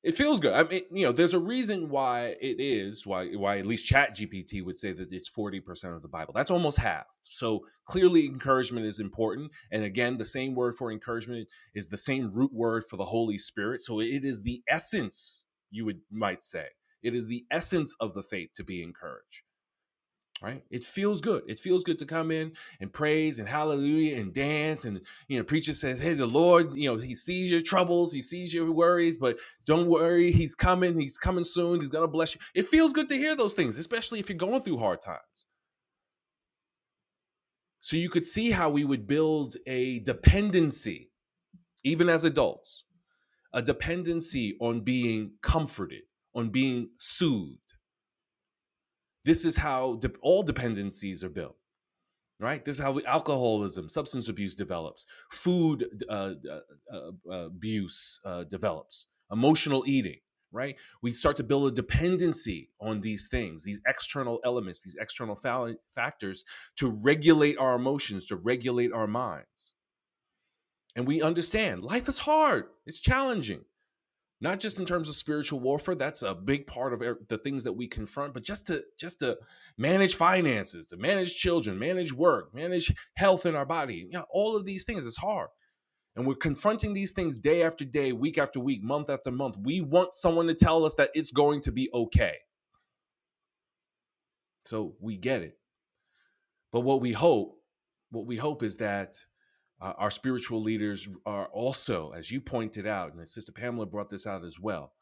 A: It feels good. I mean, you know, there's a reason why it is why why at least Chat GPT would say that it's forty percent of the Bible. That's almost half. So clearly, encouragement is important. And again, the same word for encouragement is the same root word for the Holy Spirit. So it is the essence. You would might say it is the essence of the faith to be encouraged right it feels good it feels good to come in and praise and hallelujah and dance and you know preacher says hey the lord you know he sees your troubles he sees your worries but don't worry he's coming he's coming soon he's going to bless you it feels good to hear those things especially if you're going through hard times so you could see how we would build a dependency even as adults a dependency on being comforted on being soothed this is how de- all dependencies are built right this is how we, alcoholism substance abuse develops food uh, uh, uh, abuse uh, develops emotional eating right we start to build a dependency on these things these external elements these external fa- factors to regulate our emotions to regulate our minds and we understand life is hard it's challenging not just in terms of spiritual warfare that's a big part of e- the things that we confront but just to just to manage finances to manage children manage work manage health in our body you know, all of these things is hard and we're confronting these things day after day week after week month after month we want someone to tell us that it's going to be okay so we get it but what we hope what we hope is that uh, our spiritual leaders are also as you pointed out and sister pamela brought this out as well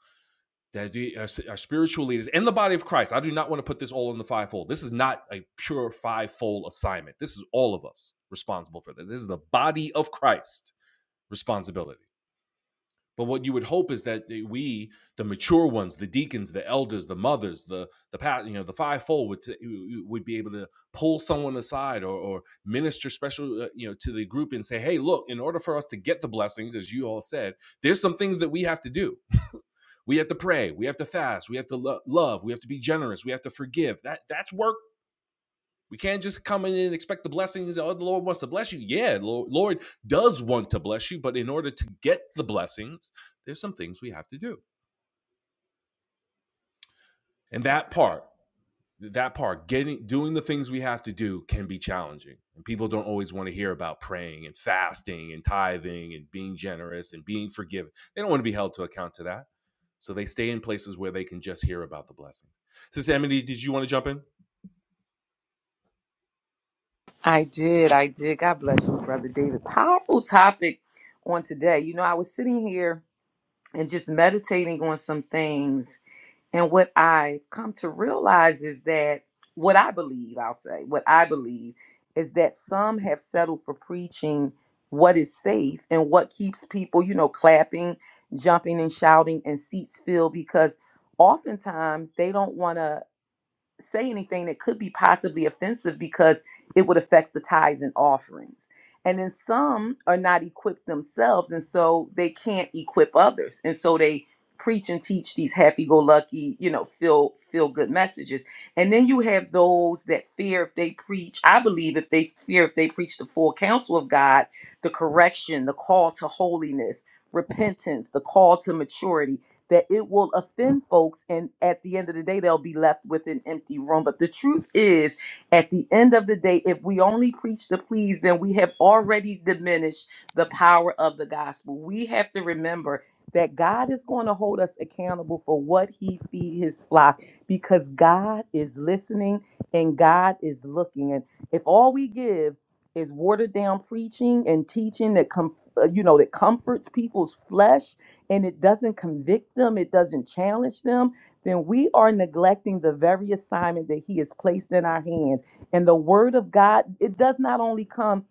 A: that our, spiritual leaders and the body of Christ. I do not want to put this all on the fivefold. This is not a pure fivefold assignment. This is all of us responsible for this. This is the body of Christ responsibility. But what you would hope is that we, the mature ones, the deacons, the elders, the mothers, the the you know the fivefold would t- would be able to pull someone aside or, or minister special uh, you know to the group and say, hey, look, in order for us to get the blessings, as you all said, there's some things that we have to do we have to pray. We have to fast. We have to lo- love. We have to be generous. We have to forgive. That that's work. We can't just come in and expect the blessings. Oh, the Lord wants to bless you. Yeah, Lord, Lord does want to bless you, but in order to get the blessings, there's some things we have to do. And that part that part getting doing the things we have to do can be challenging and people don't always want to hear about praying and fasting and tithing and being generous and being forgiven they don't want to be held to account to that so they stay in places where they can just hear about the blessings sister Ebony, did you want to jump in
E: I did. I did. God bless you, Brother David. Powerful topic on today. You know, I was sitting here and just meditating on some things. And what I come to realize is that what I believe, I'll say, what I believe is that some have settled for preaching what is safe and what keeps people, you know, clapping, jumping, and shouting and seats filled because oftentimes they don't want to say anything that could be possibly offensive because it would affect the tithes and offerings. And then some are not equipped themselves, and so they can't equip others. And so they preach and teach these happy-go-lucky, you know, feel feel good messages. And then you have those that fear if they preach. I believe if they fear if they preach the full counsel of God, the correction, the call to holiness, repentance, the call to maturity that it will offend folks and at the end of the day they'll be left with an empty room but the truth is at the end of the day if we only preach to please then we have already diminished the power of the gospel we have to remember that God is going to hold us accountable for what he feed his flock because God is listening and God is looking and if all we give is watered down preaching and teaching that com- uh, you know that comforts people's flesh and it doesn't convict them, it doesn't challenge them, then we are neglecting the very assignment that He has placed in our hands. And the Word of God, it does not only come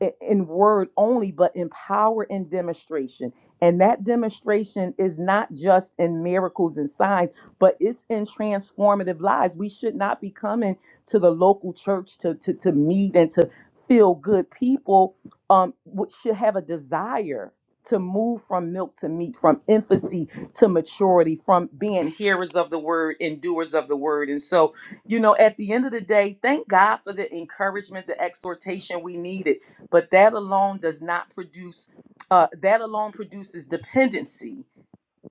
E: i- in word only, but in power and demonstration. And that demonstration is not just in miracles and signs, but it's in transformative lives. We should not be coming to the local church to, to, to meet and to feel good people um, would- should have a desire to move from milk to meat, from infancy to maturity, from being hearers of the word and doers of the word. And so, you know, at the end of the day, thank God for the encouragement, the exhortation we needed. But that alone does not produce, uh, that alone produces dependency.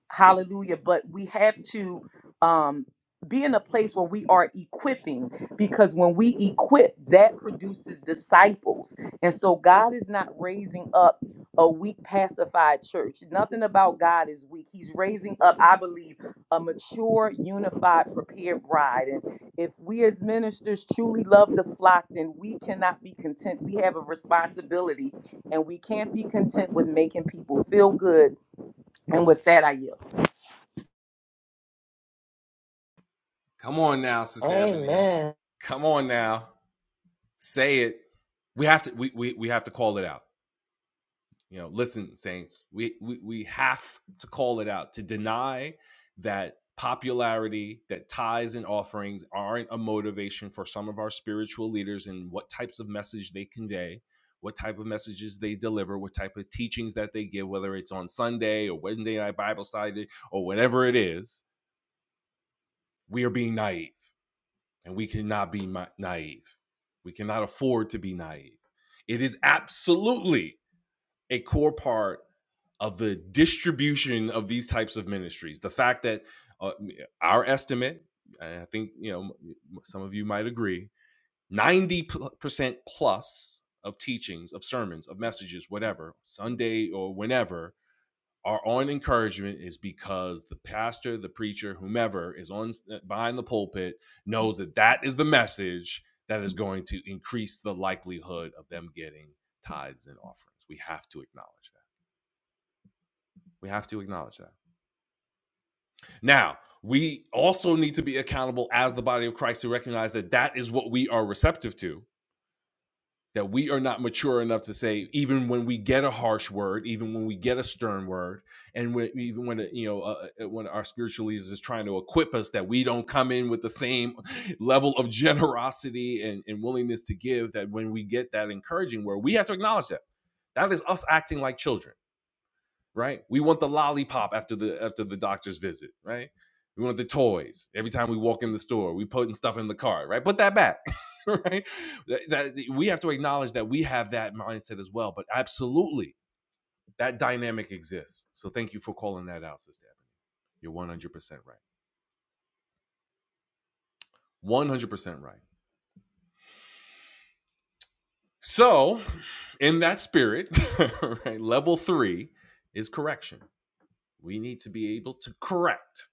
E: Hallelujah. But we have to um, be in a place where we are equipping because when we equip, that produces disciples. And so God is not raising up a weak, pacified church. Nothing about God is weak. He's raising up, I believe, a mature, unified, prepared bride. And if we as ministers truly love the flock, then we cannot be content. We have a responsibility and we can't be content with making people feel good. And with that, I yield.
A: Come on now, Sister Ebony. Come on now. Say it. we have to we, we we have to call it out You know, listen, Saints, we, we, we have to call it out to deny that popularity, that tithes and offerings aren't a motivation for some of our spiritual leaders and what types of message they convey, what type of messages they deliver, what type of teachings that they give, whether it's on Sunday or Wednesday night Bible study or whatever it is. We are being naive and we cannot be ma- naive. We cannot afford to be naive. It is absolutely a core part of the distribution of these types of ministries. The fact that uh, our estimate, I think you know some of you might agree, ninety percent plus of teachings, of sermons, of messages, whatever Sunday or whenever are on encouragement is because the pastor, the preacher, whomever is on behind the pulpit knows that that is the message that is going to increase the likelihood of them getting tithes and offerings. We have to acknowledge we have to acknowledge that. Now, we also need to be accountable as the body of Christ to recognize that that is what we are receptive to, that we are not mature enough to say, even when we get a harsh word, even when we get a stern word, and when, even when, you know, uh, uh, when our spiritual leaders is trying to equip us, that we don't come in with the same level of generosity and, and willingness to give, that when we get that encouraging word, we have to acknowledge that. That is us acting like children. right? We want the lollipop after the after the doctor's visit, right? We want the toys every time we walk in the store. We putting stuff in the cart, right? Put that back, right? That, that- we have to acknowledge that we have that mindset as well. But absolutely, that dynamic exists. So thank you for calling that out, Sister. Ebony. You're one hundred percent right. One hundred percent right. So, in that spirit, right, level three is correction. We need to be able to correct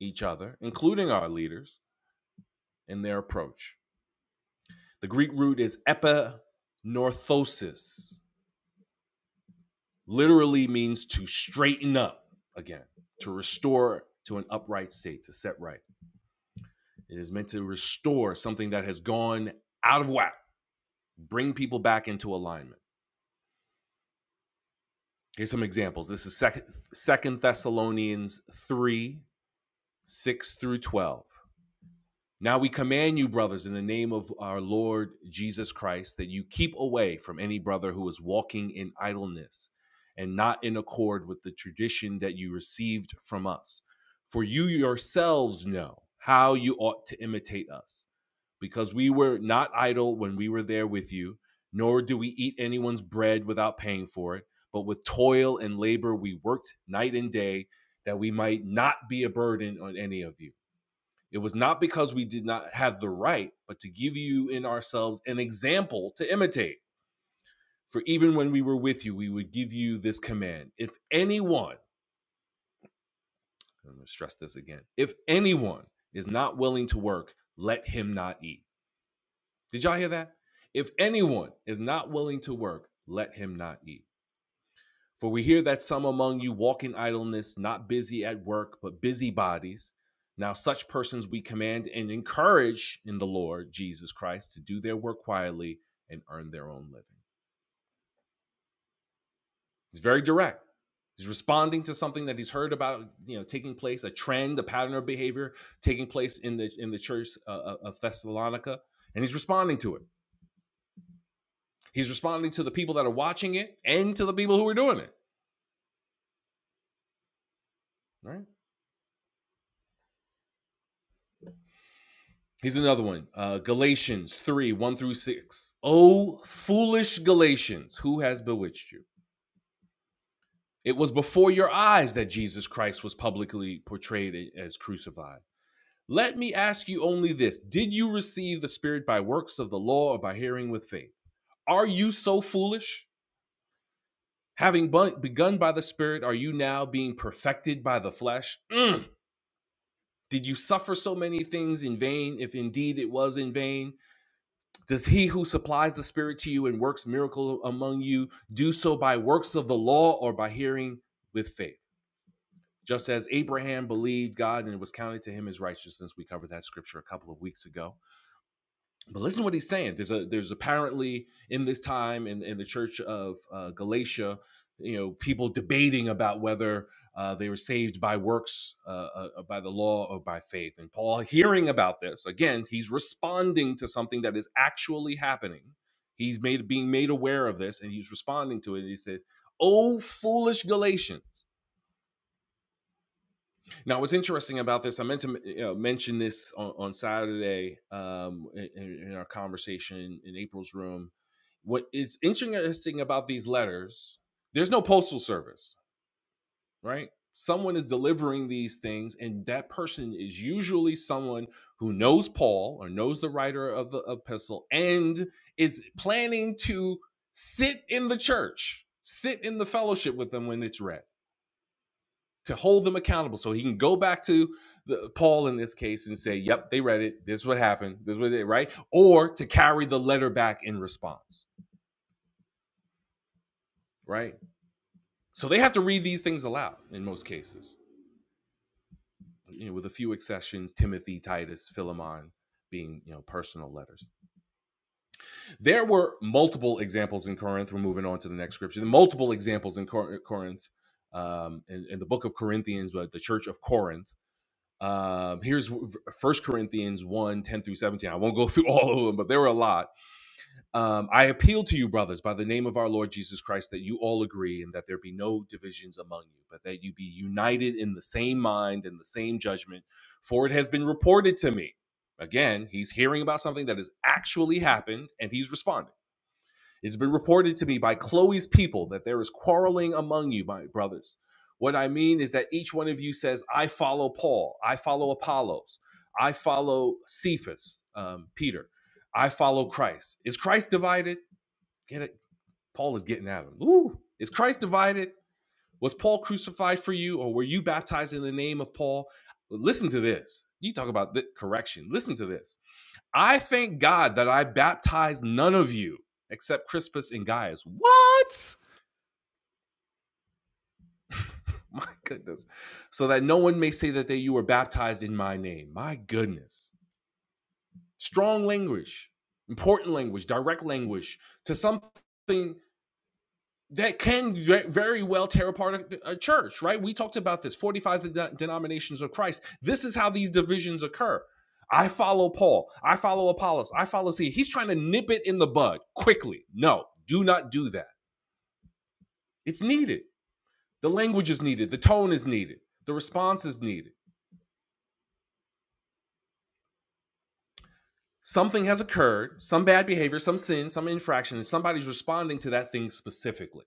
A: each other, including our leaders, in their approach The Greek root is epinorthosis, literally means to straighten up again, to restore to an upright state, to set right. It is meant to restore something that has gone out of whack, bring people back into alignment. Here's some examples. This is Second Thessalonians 3 6 through 12. Now we command you, brothers, in the name of our Lord Jesus Christ, that you keep away from any brother who is walking in idleness and not in accord with the tradition that you received from us. For you yourselves know how you ought to imitate us, because we were not idle when we were there with you, nor do we eat anyone's bread without paying for it, but with toil and labor we worked night and day that we might not be a burden on any of you. It was not because we did not have the right, but to give you in ourselves an example to imitate. For even when we were with you, we would give you this command. If anyone, I'm going to stress this again, if anyone is not willing to work, let him not eat. Did y'all hear that? If anyone is not willing to work, let him not eat. For we hear that some among you walk in idleness, not busy at work, but busybodies. Now, such persons we command and encourage in the Lord Jesus Christ to do their work quietly and earn their own living. He's very direct. He's responding to something that he's heard about, you know, taking place, a trend, a pattern of behavior taking place in the in the church uh, uh, of Thessalonica, and he's responding to it. He's responding to the people that are watching it and to the people who are doing it. Right? Here's another one. Uh, Galatians 3 1 through 6. O foolish Galatians, who has bewitched you? It was before your eyes that Jesus Christ was publicly portrayed as crucified. Let me ask you only this Did you receive the Spirit by works of the law or by hearing with faith? Are you so foolish? Having begun by the Spirit, are you now being perfected by the flesh? Mm. Did you suffer so many things in vain, if indeed it was in vain? Does he who supplies the Spirit to you and works miracle among you do so by works of the law or by hearing with faith? Just as Abraham believed God and it was counted to him as righteousness. We covered that scripture a couple of weeks ago but listen to what he's saying. There's a there's apparently in this time in, in the church of uh, Galatia, you know, people debating about whether uh, they were saved by works, uh, uh, uh, by the law, or by faith. And Paul, hearing about this again, he's responding to something that is actually happening. He's made being made aware of this, and he's responding to it. And he says, "O foolish Galatians." Now, what's interesting about this, I meant to you know, mention this on, on Saturday um, in, in our conversation in April's room. What is interesting about these letters, there's no postal service, right? Someone is delivering these things, and that person is usually someone who knows Paul or knows the writer of the epistle and is planning to sit in the church, sit in the fellowship with them when it's read to hold them accountable so he can go back to the, Paul in this case and say, "Yep, they read it. This is what happened. This is what they right," or to carry the letter back in response, right? So they have to read these things aloud in most cases, you know, with a few exceptions: Timothy, Titus, Philemon being you know personal letters. There were multiple examples in Corinth. We're moving on to the next scripture. Multiple examples in Cor- Corinth, um, in, in the book of Corinthians, but the church of Corinth Um, here's First Corinthians one 10 through 17. I won't go through all of them, but there were a lot. Um, I appeal to you, brothers, by the name of our Lord Jesus Christ, that you all agree and that there be no divisions among you, but that you be united in the same mind and the same judgment. For it has been reported to me. Again, he's hearing about something that has actually happened and he's responding it's been reported to me by Chloe's people that there is quarreling among you, my brothers. What I mean is that each one of you says, I follow Paul, I follow Apollos, I follow Cephas, um, Peter, I follow Christ. Is Christ divided? Get it? Paul is getting at him. Ooh. Is Christ divided? Was Paul crucified for you, or were you baptized in the name of Paul? Listen to this. You talk about the correction. Listen to this. I thank God that I baptized none of you except Crispus and Gaius. What? My goodness. So that no one may say that they you were baptized in my name. My goodness. Strong language, important language, direct language to something that can very well tear apart a, church, right? We talked about this 45 denominations of Christ. This is how these divisions occur. I follow Paul. I follow Apollos. I follow C. He's trying to nip it in the bud quickly. No, do not do that. It's needed. The language is needed. The tone is needed. The response is needed. Something has occurred, some bad behavior, some sin, some infraction, and somebody's responding to that thing specifically.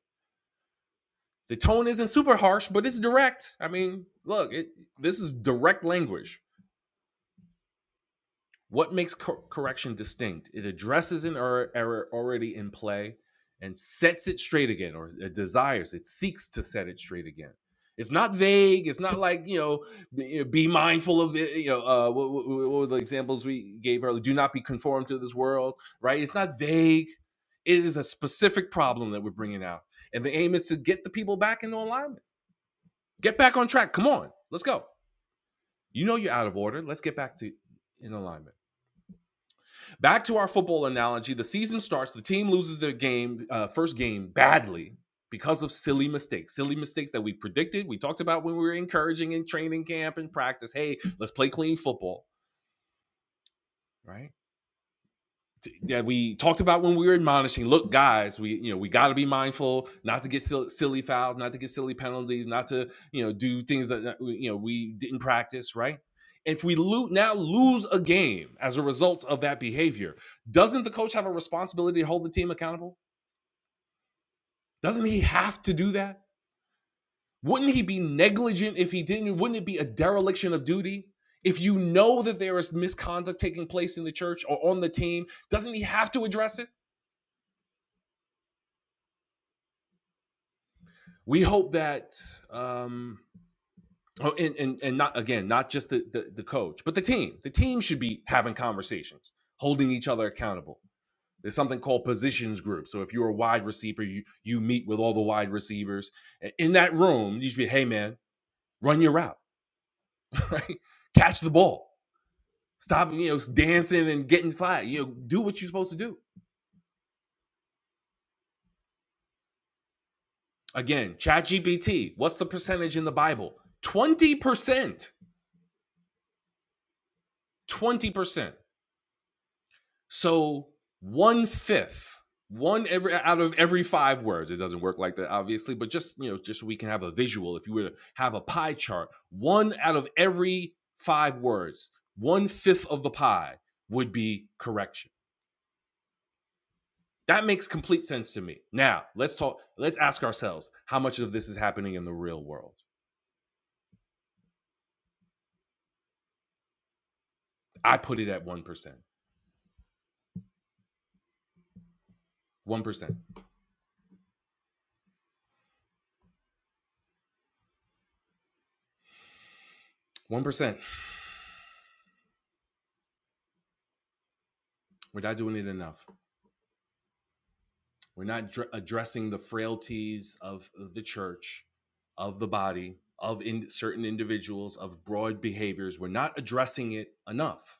A: The tone isn't super harsh, but it's direct. I mean, look, it, this is direct language What makes cor- correction distinct? It addresses an er- error already in play and sets it straight again, or it desires, it seeks to set it straight again. It's not vague. It's not like you know, be, be mindful of the you know uh, what, what, what were the examples we gave earlier? Do not be conformed to this world, right? It's not vague. It is a specific problem that we're bringing out, and the aim is to get the people back into alignment, get back on track. Come on, let's go. You know you're out of order. Let's get back to in alignment. Back to our football analogy, the season starts, the team loses their game, uh, first game badly because of silly mistakes, silly mistakes that we predicted, we talked about when we were encouraging in training camp and practice. Hey, let's play clean football, right? that we talked about when we were admonishing look guys we you know we got to be mindful not to get silly fouls not to get silly penalties not to you know do things that you know we didn't practice right if we lo- now lose a game as a result of that behavior doesn't the coach have a responsibility to hold the team accountable doesn't he have to do that wouldn't he be negligent if he didn't wouldn't it be a dereliction of duty if you know that there is misconduct taking place in the church or on the team doesn't he have to address it we hope that um oh, and, and and not again not just the, the the coach but the team the team should be having conversations holding each other accountable there's something called positions groups. so if you're a wide receiver you you meet with all the wide receivers in that room you should be hey man run your route right catch the ball stop you know dancing and getting flat you know do what you're supposed to do again ChatGPT, what's the percentage in the bible 20% 20% So one fifth, one every out of every five words. It doesn't work like that, obviously, but just you know, just so we can have a visual. If you were to have a pie chart, one out of every five words, one fifth of the pie would be correction. That makes complete sense to me. Now let's talk. Let's ask ourselves how much of this is happening in the real world. I put it at one percent. One percent. One percent. We're not doing it enough. We're not dr- addressing the frailties of the church, of the body, of in- certain individuals, of broad behaviors. We're not addressing it enough.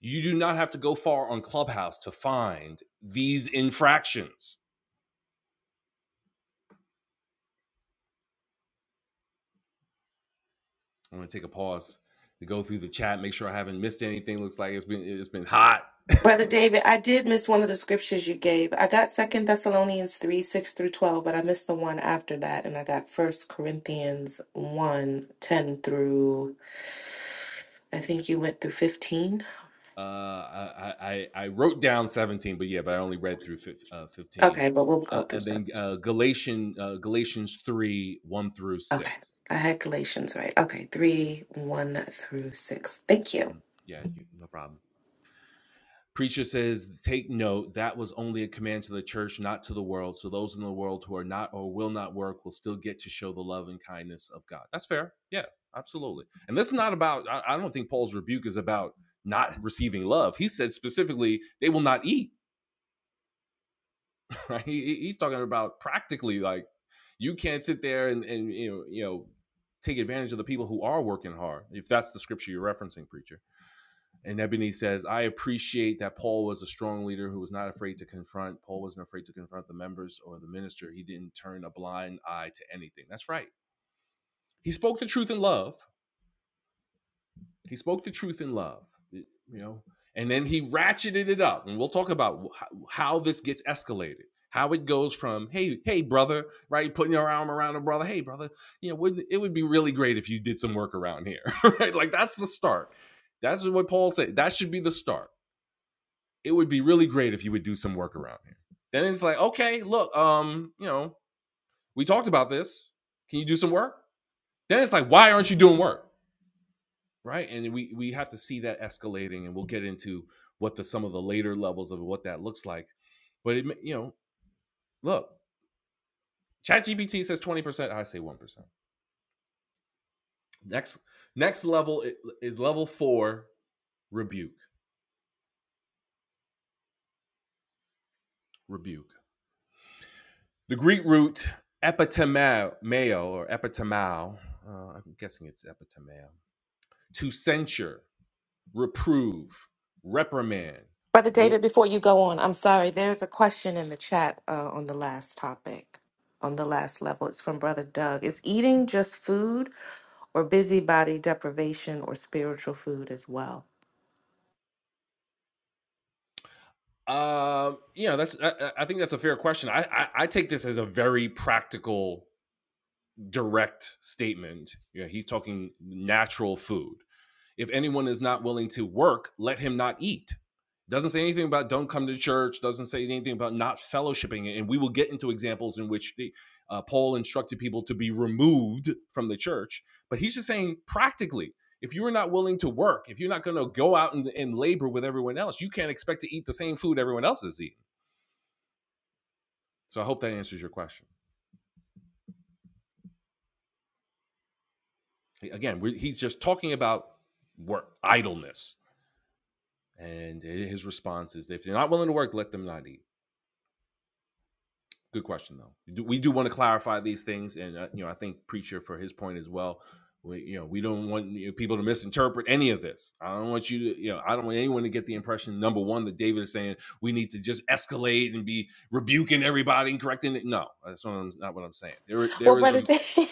A: You do not have to go far on Clubhouse to find these infractions. I'm going to take a pause to go through the chat, make sure I haven't missed anything. Looks like it's been it's been hot.
B: Brother David, I did miss one of the scriptures you gave. I got Second Thessalonians 3, 6 through 12, but I missed the one after that. And I got First Corinthians one 10 through, I think you went through 15.
A: Uh, I, I I wrote down 17, but yeah, but I only read through uh, 15.
B: Okay, but we'll
A: Uh,
B: go through
A: and
B: some.
A: then uh, Galatian, uh, Galatians 3, 1 through
B: Okay.
A: 6.
B: I had Galatians right. Okay, 3, 1 through 6. Thank you.
A: Mm, Yeah. Um, preacher says, Take note, that was only a command to the church, not to the world. So those in the world who are not or will not work will still get to show the love and kindness of God. That's fair. Yeah, absolutely. And this is not about, I, I don't think Paul's rebuke is about not receiving love. He said specifically, they will not eat, right? he- he's talking about practically like, you can't sit there and, and you know, you know, take advantage of the people who are working hard. If that's the scripture you're referencing, preacher. And Ebony says, I appreciate that Paul was a strong leader who was not afraid to confront. Paul wasn't afraid to confront the members or the minister. He didn't turn a blind eye to anything. That's right. He spoke the truth in love. He spoke the truth in love, you know, and then he ratcheted it up. And we'll talk about how this gets escalated, how it goes from, hey, hey, brother, right? Putting your arm around a brother. Hey, brother, you know, wouldn't, it would be really great if you did some work around here, right? Like that's the start. That's what Paul said. That should be the start it would be really great if you would do some work around here. Then it's like, okay, look, um, you know, we talked about this. Can you do some work? Then it's like, why aren't you doing work? Right. And we we have to see that escalating and we'll get into what the some of the later levels of what that looks like. But it you know, look, ChatGPT says 20%, I say 1%. Next next level is level 4, rebuke. Rebuke. The Greek root epitemao or epitemao, uh, I'm guessing it's epitemao to censure, reprove, reprimand.
B: Brother
A: Wo-
B: David, before you go on, I'm sorry. There's a question in the chat uh, on the last topic, on the last level. It's from Brother Doug. Is eating just food? or busybody deprivation or spiritual food as well.
A: Um, you know, that's I, I I think that's a fair question. I, I I take this as a very practical, direct statement. You know, he's talking natural food. If anyone is not willing to work, let him not eat. Doesn't say anything about don't come to church, doesn't say anything about not fellowshipping. And we will get into examples in which the, uh, Paul instructed people to be removed from the church. But he's just saying practically, if you are not willing to work, if you're not going to go out and, and labor with everyone else, you can't expect to eat the same food everyone else is eating. So I hope that answers your question. Again, we he's just talking about work, idleness. And his response is if they're not willing to work, let them not eat. Good question, though. We do- want to clarify these things, and uh, you know, I think preacher for his point as well. We, you know, we don't want you know, people to misinterpret any of this. I don't want you to, you know, I don't want anyone to get the impression number one that David is saying we need to just escalate and be rebuking everybody and correcting it. No, that's not, what I'm, not what I'm saying. There,
B: Well,
A: there is a
B: Brother David,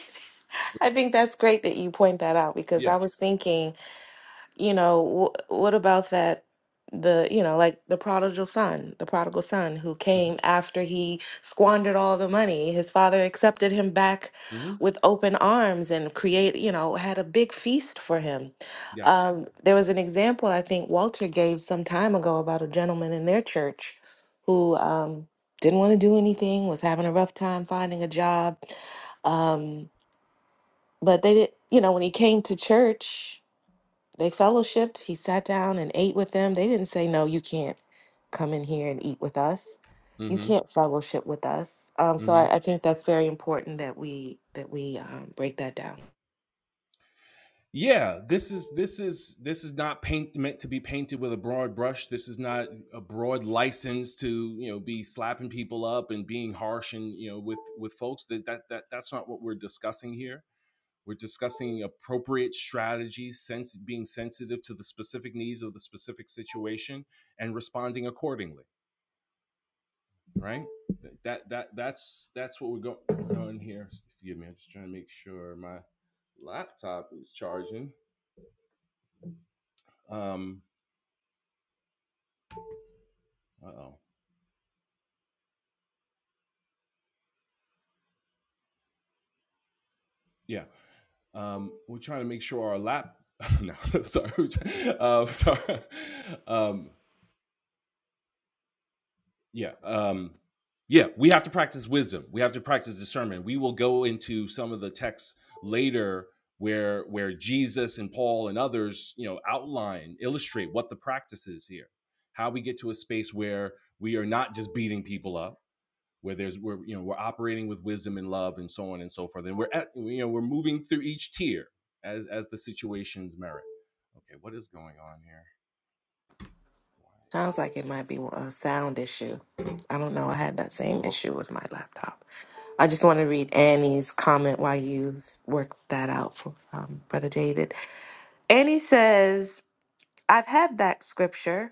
B: I think that's great that you point that out because I was
A: yes,
B: thinking you know wh- what about that the you know like the prodigal son the prodigal son who
A: hmm
B: came after he squandered all the money his father accepted him back
A: hmm
B: with open arms and create you know had a big feast for him
A: yes,
B: um, there was an example i think walter gave some time ago about a gentleman in their church who um, didn't want to do anything was having a rough time finding a job um, but they did you know when he came to church they fellowshipped. He sat down and ate with them. They didn't say, No, you can't come in here and eat with us. You
A: hmm
B: can't fellowship with us. Um, so
A: hmm
B: I, I think that's very important that we that we um, break that down.
A: yeah this is this is this is not paint meant to be painted with a broad brush this is not a broad license to you know be slapping people up and being harsh and you know with with folks that that, that that's not what we're discussing here we're discussing appropriate strategies sense being sensitive to the specific needs of the specific situation and responding accordingly right that that that's that's what we're going on here forgive me i'm just trying to make sure my laptop is charging um Uh oh. Yeah. Um, we're trying to make sure our lap. no, sorry. Uh, sorry. Um, yeah. Um, yeah. We have to practice wisdom. We have to practice discernment. We will go into some of the texts later where where Jesus and Paul and others, you know, outline, illustrate what the practice is here, how we get to a space where we are not just beating people up where there's we're you know we're operating with wisdom and love and so on and so forth and we're at, you know we're moving through each tier as as the situations merit okay what is going on here why
B: Sounds
A: isn't
B: like it might be a sound issue. I don't know. I had that same issue with my laptop. I just want to read Annie's comment while you work that out for um, Brother David. Annie says, "I've had that scripture."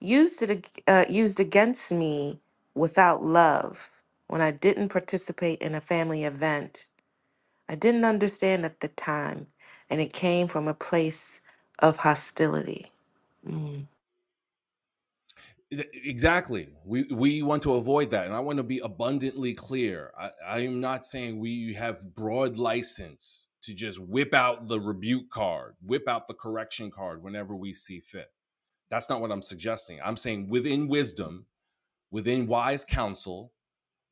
B: used it ag- uh, used against me without love when I didn't participate in a family event. I didn't understand at the time, and it came from a place of hostility. Mm.
A: this charging exactly we we want to avoid that and i want to be abundantly clear i i am not saying we have broad license to just whip out the rebuke card whip out the correction card whenever we see fit that's not what i'm suggesting i'm saying within wisdom within wise counsel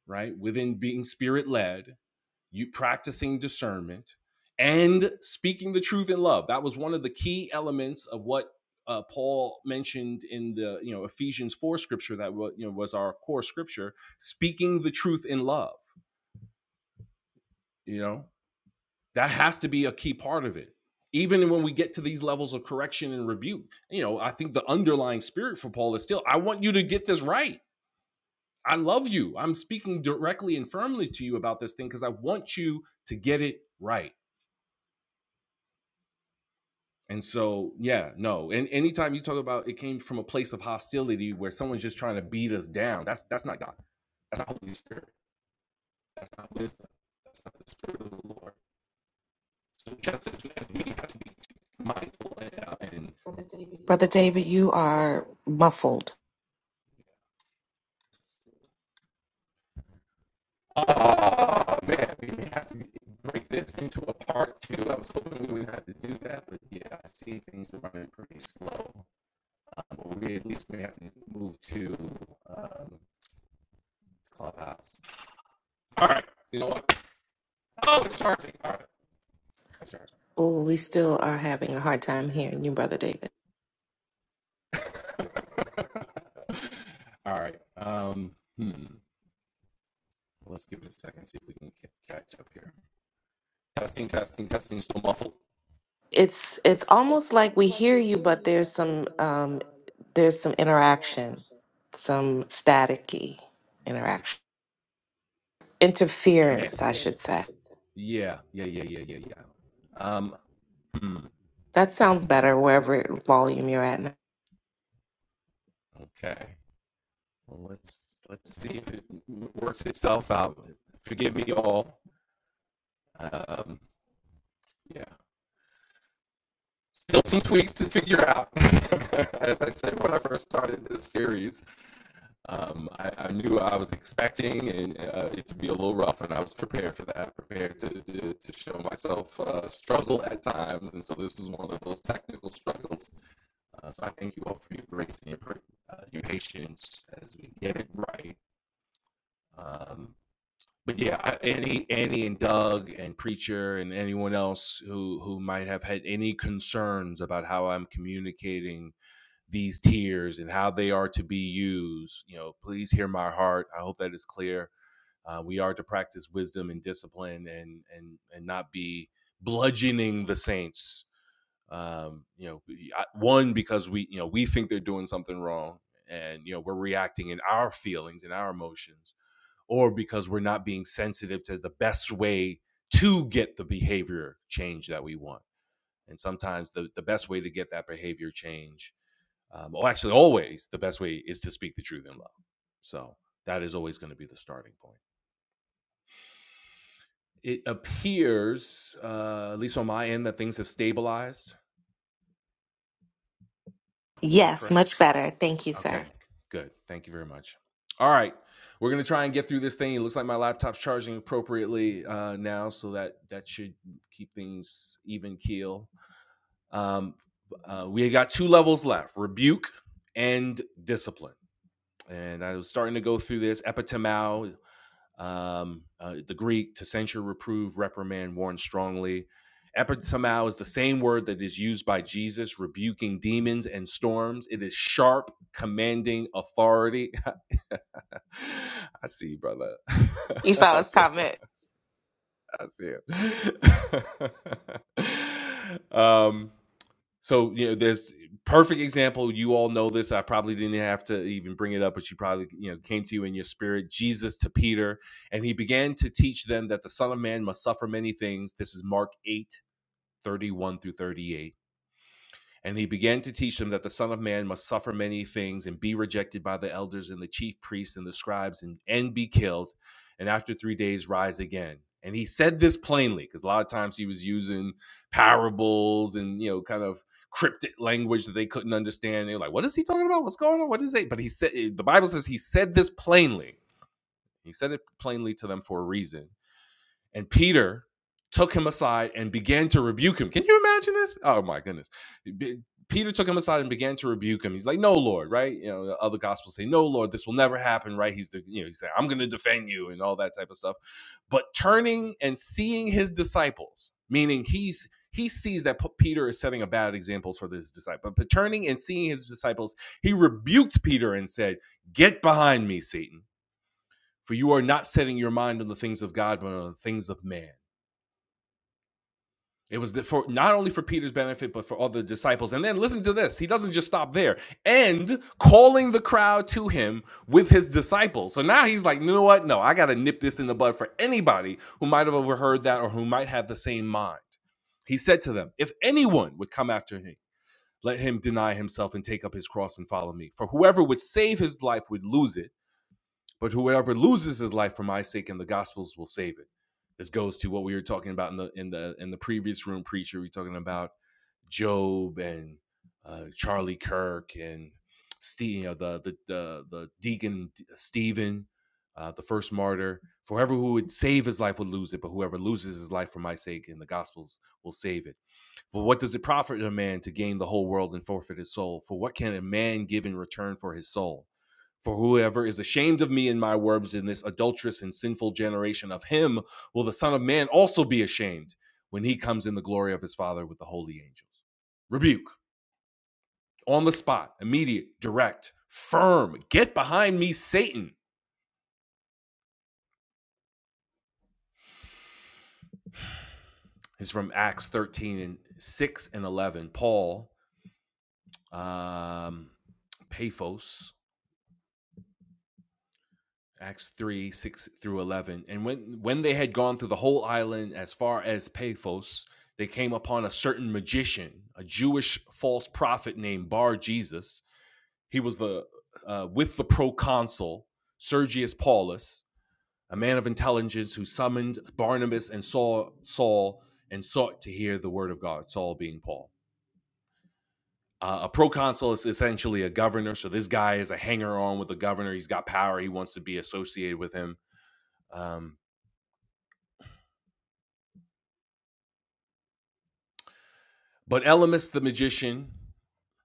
A: right? Within being spirit led, you practicing discernment and speaking the truth in love. That was one of the key elements of what uh, Paul mentioned in the you know Ephesians four scripture that wa- you know was our core scripture. Speaking the truth in love, you know that has to be a key part of it. Even when we get to these levels of correction and rebuke, you know, I think the underlying spirit for Paul is still, I want you to get this right. I love you. I'm speaking directly and firmly to you about this thing because I want you to get it right. And so, yeah, no. And anytime you talk about it came from a place of hostility where someone's just trying to beat us down, that's that's not God. That's not Holy Spirit. Not wisdom. That's not the Spirit of the Lord. So just as we have to be mindful and, and
B: Brother David, you are muffled.
A: oh man, we have to break this into a part two. I was hoping we wouldn't have to do that, but yeah, I see things are running pretty slow. but we at least may have to move to um, Clubhouse. All right. You know what? Oh, it's starting. All right, it's charging.
B: Oh, we still are having a hard time hearing you, brother David.
A: All right. Um, hmm. Let's give it a second. See if we can catch up here. Testing, testing, testing. Still muffled.
B: It's it's almost like we hear you, but there's some um, there's some interaction, some staticky interaction,
A: Man.
B: interference, I should say.
A: Yeah. Yeah. Yeah. Yeah. Yeah. Yeah. Um. Hmm.
B: That sounds better wherever volume you're at now.
A: Okay. Well, let's let's see if it works itself out. Forgive me, all. Um. Yeah. still some tweaks to figure out. As I said when I first started this series, um, I, I knew I was expecting and uh, it to be a little rough, and I was prepared for that, prepared to, to, to show myself uh, struggle at times. And so this is one of those technical struggles. Uh, so I thank you all for your grace and your, uh, your patience as we get it right. Um, but yeah, Annie, Annie, and Doug, and Preacher, and anyone else who who might have had any concerns about how I'm communicating these tiers and how they are to be used, you know, please hear my heart. I hope that is clear. Uh, we are to practice wisdom and discipline, and and and not be bludgeoning the saints. Um, you know, one because we you know we think they're doing something wrong, and you know we're reacting in our feelings and our emotions or because we're not being sensitive to the best way to get the behavior change that we want. And sometimes the, the best way to get that behavior change, um, or actually always the best way is to speak the truth in love. So that is always going to be the starting point. It appears, uh, at least on my end, that things have stabilized. Is that correct?
B: Yes, much better. Thank you, sir.
A: Okay, good. Thank you very much. All right, we're gonna try and get through this thing. It looks like my laptop's charging appropriately uh, now, so that that should keep things even keel. Um, uh, we got two levels left: rebuke and discipline. And I was starting to go through this epitemao, um, uh, the Greek to censure, reprove, reprimand, warn strongly. Epitomao is the same word that is used by Jesus rebuking demons and storms. It is sharp, commanding authority. I see, you, brother.
B: You saw
A: I
B: his
A: see.
B: comment.
A: I see. it. um, so you know, there's perfect example. You all know this. I probably didn't have to even bring it up, but you probably you know came to you in your spirit. Jesus to Peter, and he began to teach them that the Son of Man must suffer many things. This is Mark eight thirty one through 38 and he began to teach them that the Son of Man must suffer many things and be rejected by the elders and the chief priests and the scribes and, and be killed, and after three days rise again. And he said this plainly because a lot of times he was using parables and you know kind of cryptic language that they couldn't understand. They were like, "What is he talking about? What's going on? What is it?" But he said, the Bible says he said this plainly. He said it plainly to them for a reason and Peter took him aside and began to rebuke him. Can you imagine this? Oh my goodness. Peter took him aside and began to rebuke him. He's like, "No, Lord, right? You know, the other gospels say, "No, Lord, this will never happen," right? He's the, you know, he's like, "I'm going to defend you" and all that type of stuff. But turning and seeing his disciples, meaning he's he sees that P- Peter is setting a bad example for his disciple. But turning and seeing his disciples, he rebuked Peter and said, "Get behind me, Satan, for you are not setting your mind on the things of God, but on the things of man." It was the, for not only for Peter's benefit, but for all the disciples. And then listen to this. He doesn't just stop there. And calling the crowd to him with his disciples. So now he's like, you know what? No, I got to nip this in the bud for anybody who might have overheard that or who might have the same mind. He said to them, If anyone would come after me, let him deny himself and take up his cross and follow me. For whoever would save his life would lose it, but whoever loses his life for my sake and the gospels will save it. This goes to what we were talking about in the in the in the previous room preacher. We're talking about Job and uh, Charlie Kirk and Steve, you know, the the the, the deacon Stephen, uh, the first martyr. For whoever who would save his life would lose it, but whoever loses his life for my sake and the gospels will save it. For what does it profit a man to gain the whole world and forfeit his soul? For what can a man give in return for his soul? For whoever is ashamed of me and my words in this adulterous and sinful generation of him will the Son of Man also be ashamed when he comes in the glory of his Father with the holy angels. Rebuke on the spot, immediate, direct, firm. Get behind me, Satan. Is from Acts 13 and 6 and 11. Paul, um, Paphos, Acts 3, 6 through 11. And when, when they had gone through the whole island as far as Paphos, they came upon a certain magician, a Jewish false prophet named Bar Jesus. He was the uh, with the proconsul, Sergius Paulus, a man of intelligence who summoned Barnabas and Saul, Saul and sought to hear the word of God, Saul being Paul. Uh, a proconsul is essentially a governor. So this guy is a hanger on with the governor. He's got power. He wants to be associated with him. Um, But Elymas the magician,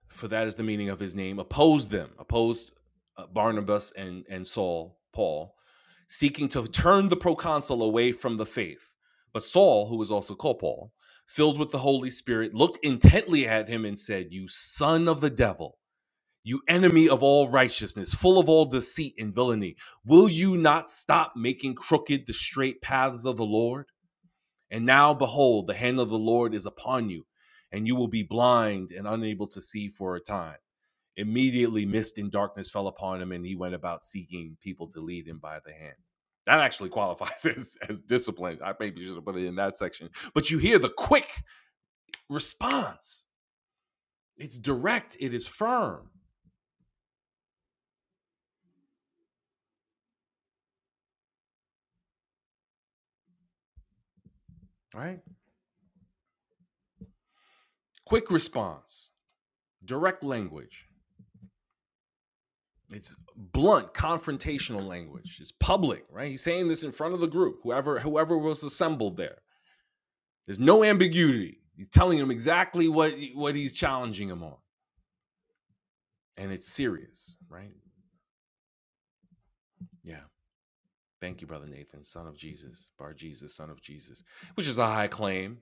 A: for that is the meaning of his name, opposed them, opposed uh, Barnabas and, and Saul, Paul, seeking to turn the proconsul away from the faith. But Saul, who was also called Paul, filled with the Holy Spirit, looked intently at him and said, You son of the devil, you enemy of all righteousness, full of all deceit and villainy, will you not stop making crooked the straight paths of the Lord? And now behold, the hand of the Lord is upon you, and you will be blind and unable to see for a time. Immediately, mist and darkness fell upon him, and he went about seeking people to lead him by the hand. That actually qualifies as, as discipline. I maybe should have put it in that section. But you hear the quick response. It's direct, it is firm, right? Quick response, direct language. It's blunt, confrontational language. It's public, right? He's saying this in front of the group, whoever whoever was assembled there. There's no ambiguity. He's telling him exactly what what he's challenging him on, and it's serious, right? Yeah. Thank you, brother Nathan, son of Jesus, Bar Jesus, son of Jesus, which is a high claim,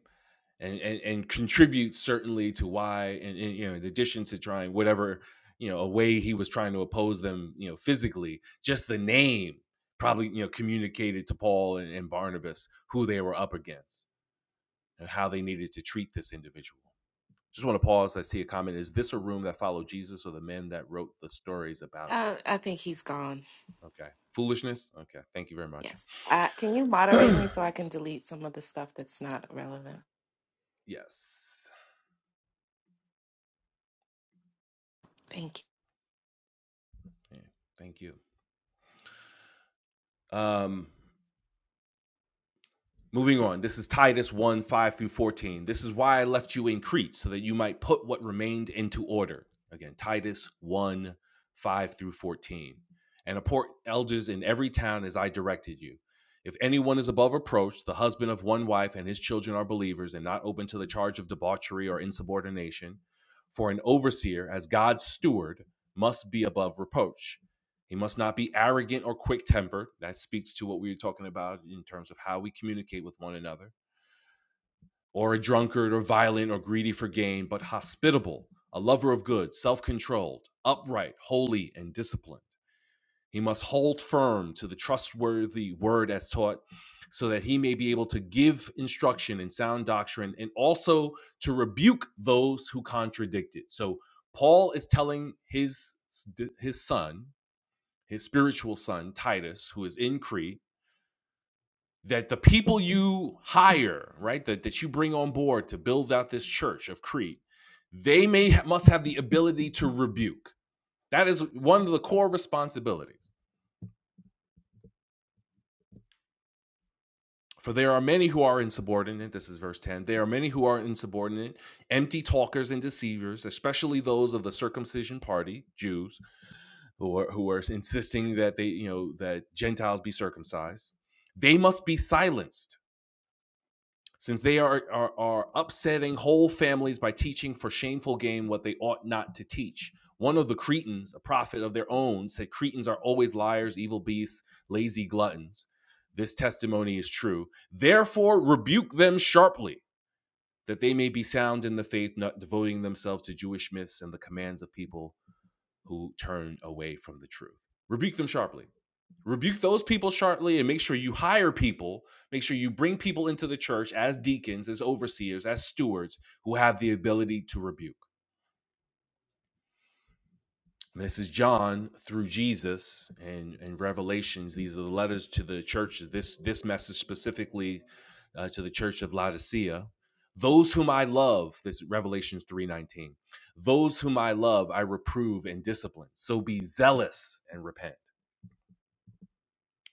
A: and and, and contributes certainly to why, and, and you know, in addition to trying whatever you know a way he was trying to oppose them, you know, physically, just the name probably you know communicated to Paul and, and Barnabas who they were up against and how they needed to treat this individual. Just want to pause. I see a comment. Is this a room that followed Jesus or the men that wrote the stories about
B: Uh, I think he's gone.
A: him? Okay. Foolishness? Okay. Thank you very much.
B: Yes. Uh, can you moderate me so I can delete some of the stuff that's not relevant?
A: yes.
B: Thank you.
A: Yeah, Thank you. Um, Moving on, this is Titus 1 5 through 14. This is why I left you in Crete, so that you might put what remained into order. Again, Titus 1 5 through 14. And appoint elders in every town as I directed you. If anyone is above reproach, the husband of one wife and his children are believers and not open to the charge of debauchery or insubordination. For an overseer, as God's steward, must be above reproach he must not be arrogant or quick tempered. That speaks to what we were talking about in terms of how we communicate with one another. Or a drunkard or violent or greedy for gain, but hospitable, a lover of good, self controlled, upright, holy, and disciplined. He must hold firm to the trustworthy word as taught, so that he may be able to give instruction in sound doctrine and also to rebuke those who contradict it. So, Paul is telling his, his son, his spiritual son Titus, who is in Crete, that the people you hire, right, that, that you bring on board to build out this church of Crete, they may must have the ability to rebuke. That is one of the core responsibilities. For there are many who are insubordinate, this is verse 10. There are many who are insubordinate, empty talkers and deceivers, especially those of the circumcision party, Jews, who are, who are insisting that they, you know, that Gentiles be circumcised. They must be silenced since they are, are, are upsetting whole families by teaching for shameful gain what they ought not to teach. One of the Cretans, a prophet of their own, said Cretans are always liars, evil beasts, lazy gluttons. This testimony is true. Therefore, rebuke them sharply, that they may be sound in the faith, not devoting themselves to Jewish myths and the commands of people who turned away from the truth. Rebuke them sharply rebuke those people sharply and make sure you hire people make sure you bring people into the church as deacons as overseers as stewards who have the ability to rebuke And this is john through jesus and and revelations these are the letters to the churches this this message specifically uh, to the church of laodicea those whom i love this is revelations 319 those whom i love i reprove and discipline so be zealous and repent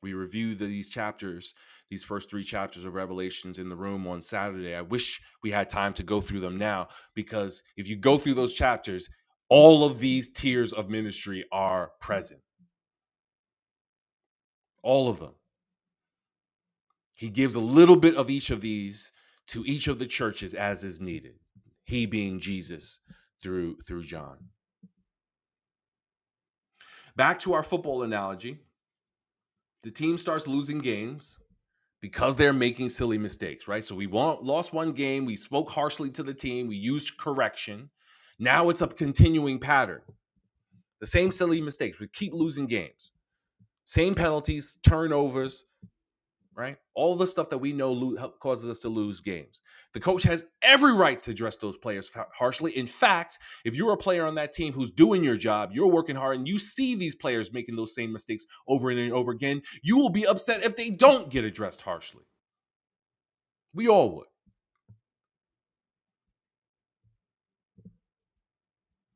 A: We review the, these chapters, these first three chapters of Revelations in the room on Saturday. I wish we had time to go through them now because if you go through those chapters, all of these tiers of ministry are present, all of them. He gives a little bit of each of these to each of the churches as is needed. He being Jesus through through John. Back to our football analogy. The team starts losing games because they're making silly mistakes, right? So we will lost one game. We spoke harshly to the team. We used correction. Now it's a continuing pattern. The same silly mistakes. We keep losing games. Same penalties, turnovers, right? All the stuff that we know lo- causes us to lose games. The coach has every right to address those players harshly. In fact, if you're a player on that team who's doing your job, you're working hard, and you see these players making those same mistakes over and over again, you will be upset if they don't get addressed harshly. We all would.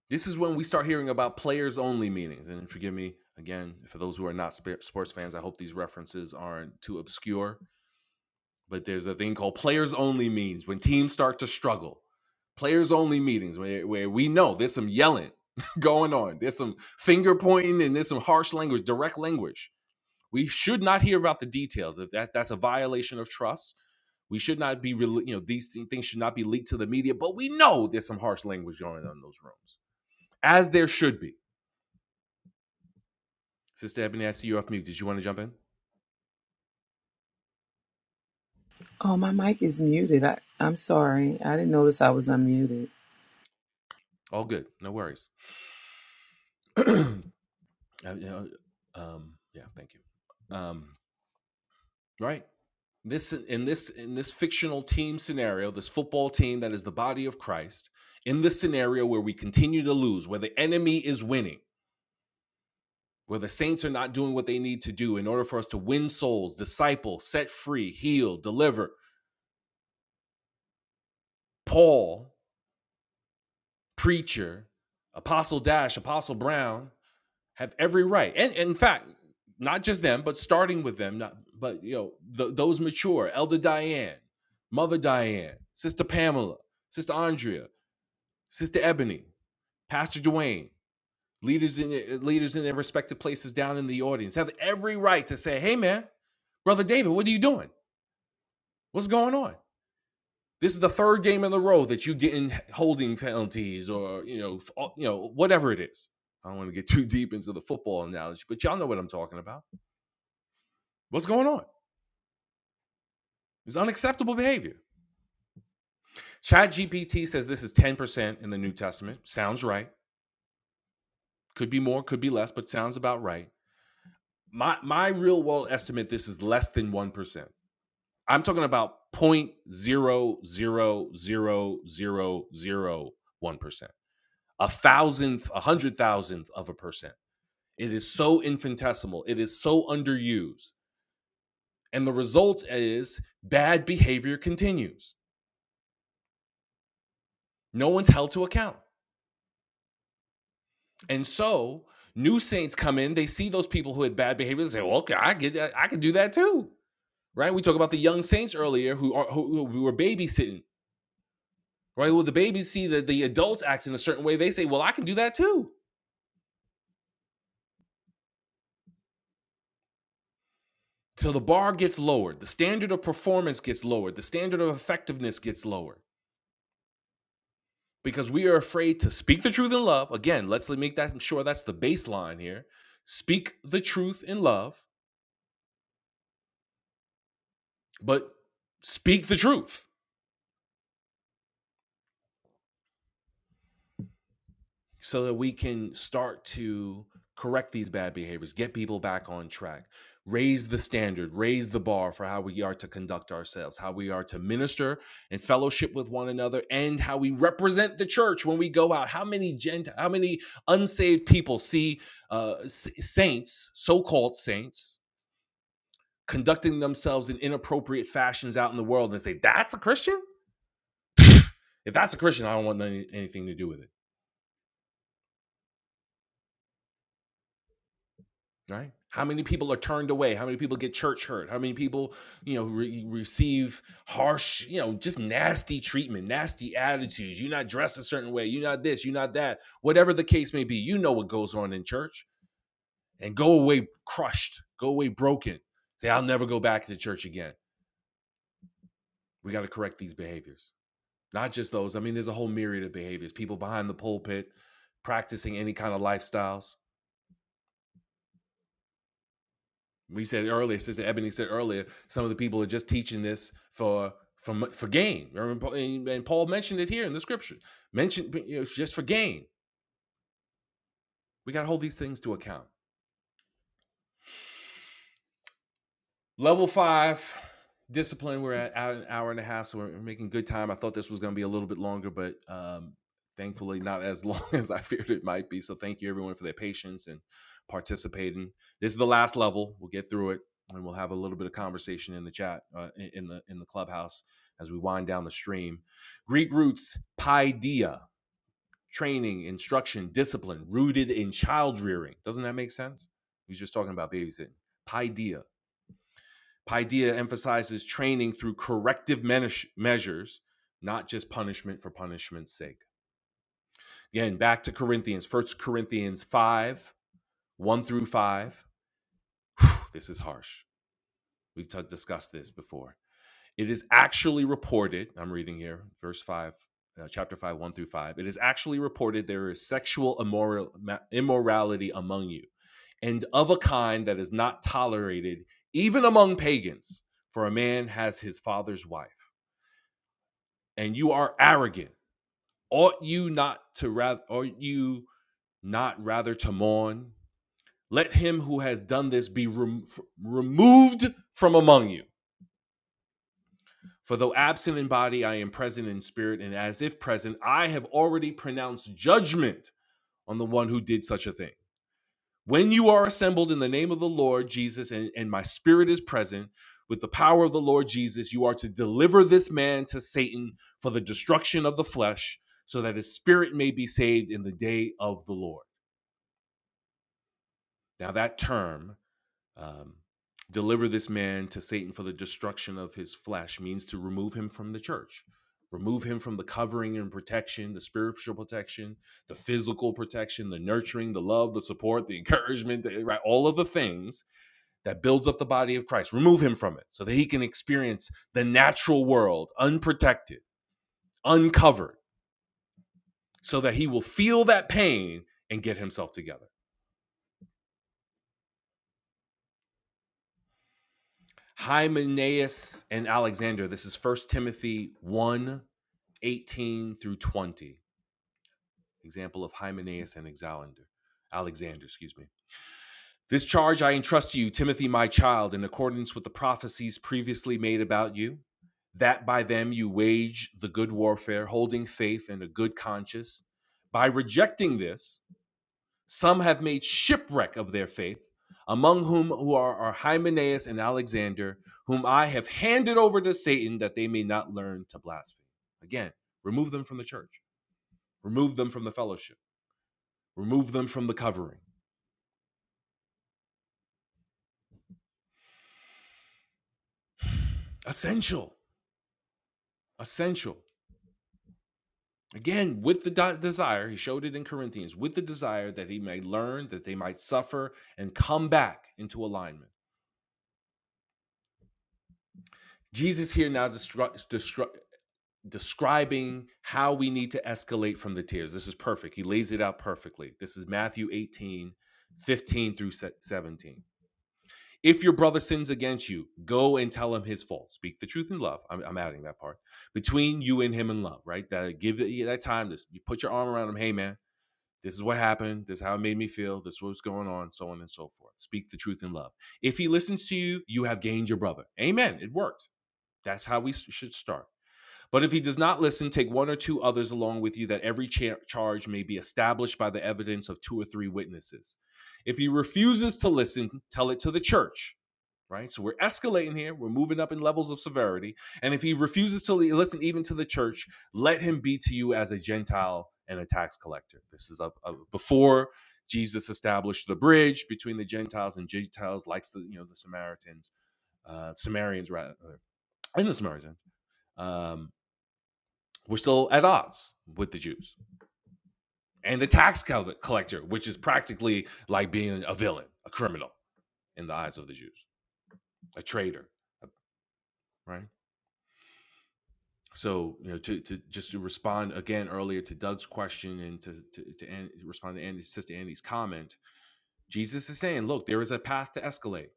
A: This is when we start hearing about players only meetings. And forgive me again for those who are not sports fans. I hope these references aren't too obscure. But there's a thing called players only meetings when teams start to struggle. Players only meetings where, where we know there's some yelling going on. There's some finger pointing and there's some harsh language, direct language. We should not hear about the details. If that, that's a violation of trust, we should not be, you know, these things should not be leaked to the media. But we know there's some harsh language going on in those rooms, as there should be. Sister Ebony, I see you're off mute. Did you want to jump in?
E: Oh, my mic is muted. I, I'm sorry. I didn't notice I was unmuted.
A: All good. No worries. Uh, you know, um, yeah, thank you. Um, right. This in this in this fictional team scenario, this football team that is the body of Christ, in this scenario where we continue to lose, where the enemy is winning, where the saints are not doing what they need to do in order for us to win souls, disciple, set free, heal, deliver, Paul, preacher, Apostle Dash, Apostle Brown, have every right. And, and in fact, not just them, but starting with them, not, but you know, th- those mature, Elder Diane, Mother Diane, Sister Pamela, Sister Andrea, Sister Ebony, Pastor Dwayne, leaders in eh, leaders in their respective places down in the audience have every right to say, "Hey, man, brother David, what are you doing? What's going on?" This is the third game in a row that you get in holding penalties or you know you know whatever it is. I don't want to get too deep into the football analogy, but y'all know what I'm talking about What's going on? It's unacceptable behavior. ChatGPT says this is 10% in the New Testament. Sounds right. Could be more, could be less, but sounds about right. My my real world estimate, this is less than 1%. I'm talking about 0.0000001%. A thousandth, a hundred thousandth of a percent. It is so infinitesimal. It is so underused. And the result is bad behavior continues. No one's held to account. And so new saints come in, they see those people who had bad behavior, they say, "Well, okay, I get, that. I can do that too." Right? We talk about the young saints earlier who are who, who were babysitting. Right? Well, the babies see that the adults act in a certain way, they say, "Well, I can do that too." Till the bar gets lowered, the standard of performance gets lowered, the standard of effectiveness gets lowered because we are afraid to speak the truth in love. Again, let's make that sure that's the baseline here. Speak the truth in love, but speak the truth so that we can start to correct these bad behaviors, get people back on track, raise the standard, raise the bar for how we are to conduct ourselves, how we are to minister and fellowship with one another, and how we represent the church when we go out. How many gent, how many unsaved people see uh, saints, so-called saints, conducting themselves in inappropriate fashions out in the world, and say that's a Christian? If that's a Christian, I don't want any- anything to do with it right how many people are turned away how many people get church hurt how many people you know re- receive harsh you know just nasty treatment nasty attitudes you're not dressed a certain way you're not this you're not that whatever the case may be you know what goes on in church and go away crushed go away broken say i'll never go back to church again we got to correct these behaviors not just those i mean there's a whole myriad of behaviors people behind the pulpit practicing any kind of lifestyles We said earlier, Sister Ebony said earlier, some of the people are just teaching this for for for gain. And Paul mentioned it here in the scripture. Mentioned you know, it's just for gain. We got to hold these things to account. level five discipline we're at an hour and a half so we're making good time i thought this was going to be a little bit longer but um thankfully not as long as i feared it might be so thank you everyone for their patience and participating this is the last level we'll get through it and we'll have a little bit of conversation in the chat uh, in the in the clubhouse as we wind down the stream greek roots paideia training instruction discipline rooted in child rearing doesn't that make sense we was just talking about babysitting paideia Paideia emphasizes training through corrective measures, not just punishment for punishment's sake. Again, back to Corinthians, First Corinthians 5, 1 through 5. Whew, this is harsh. We've t- discussed this before. It is actually reported, I'm reading here, verse 5, uh, chapter 5, 1 through 5. It is actually reported there is sexual immoral, immorality among you, and of a kind that is not tolerated even among pagans, for a man has his father's wife and you are arrogant, ought you not to rather ought you not rather to mourn? Let him who has done this be rem- removed from among you. For though absent in body, I am present in spirit, and as if present, I have already pronounced judgment on the one who did such a thing. When you are assembled in the name of the Lord Jesus, and, and my spirit is present with the power of the Lord Jesus, you are to deliver this man to Satan for the destruction of the flesh, so that his spirit may be saved in the day of the Lord. Now, that term um, deliver this man to Satan for the destruction of his flesh means to remove him from the church, remove him from the covering and protection, the spiritual protection, the physical protection, the nurturing, the love, the support, the encouragement, the- right? All of the things that builds up the body of Christ. Remove him from it so that he can experience the natural world unprotected, uncovered, so that he will feel that pain and get himself together. Hymenaeus and Alexander, this is First Timothy 1 18 through 20. Example of Hymenaeus and Alexander. Alexander, excuse me. This charge I entrust to you, Timothy, my child, in accordance with the prophecies previously made about you, that by them you wage the good warfare, holding faith and a good conscience. By rejecting this, some have made shipwreck of their faith, among whom who are, are Hymenaeus and Alexander, whom I have handed over to Satan that they may not learn to blaspheme. Again, remove them from the church remove them from the fellowship, remove them from the covering. Essential, essential. Again, with the di- desire, he showed it in Corinthians, with the desire that he may learn, that they might suffer, and come back into alignment. Jesus here now destru- destru- describing how we need to escalate from the tears. This is perfect. He lays it out perfectly. This is Matthew 18, 15 through 17. If your brother sins against you, go and tell him his fault. Speak the truth in love. I'm, I'm adding that part between you and him in love, right? That give it yeah, that time to you put your arm around him. Hey, man, this is what happened. This is how it made me feel. This is what's going on, so on and so forth. Speak the truth in love. If he listens to you, you have gained your brother. Amen. It worked. That's how we should start. But if he does not listen, take one or two others along with you, that every cha- charge may be established by the evidence of two or three witnesses. If he refuses to listen, tell it to the church right? So we're escalating here. We're moving up in levels of severity. And if he refuses to listen even to the church, let him be to you as a Gentile and a tax collector. This is a, a- before Jesus established the bridge between the Gentiles and Gentiles, likes the you know the Samaritans, uh, Samaritans rather, and the Samaritans. Um, we're still at odds with the Jews and the tax collector, which is practically like being a villain, a criminal in the eyes of the Jews, a traitor, right? So you know, to, to just to respond again earlier to Doug's question and to to, to An- respond to Andy's sister Andy's comment, Jesus is saying, look, there is a path to escalate.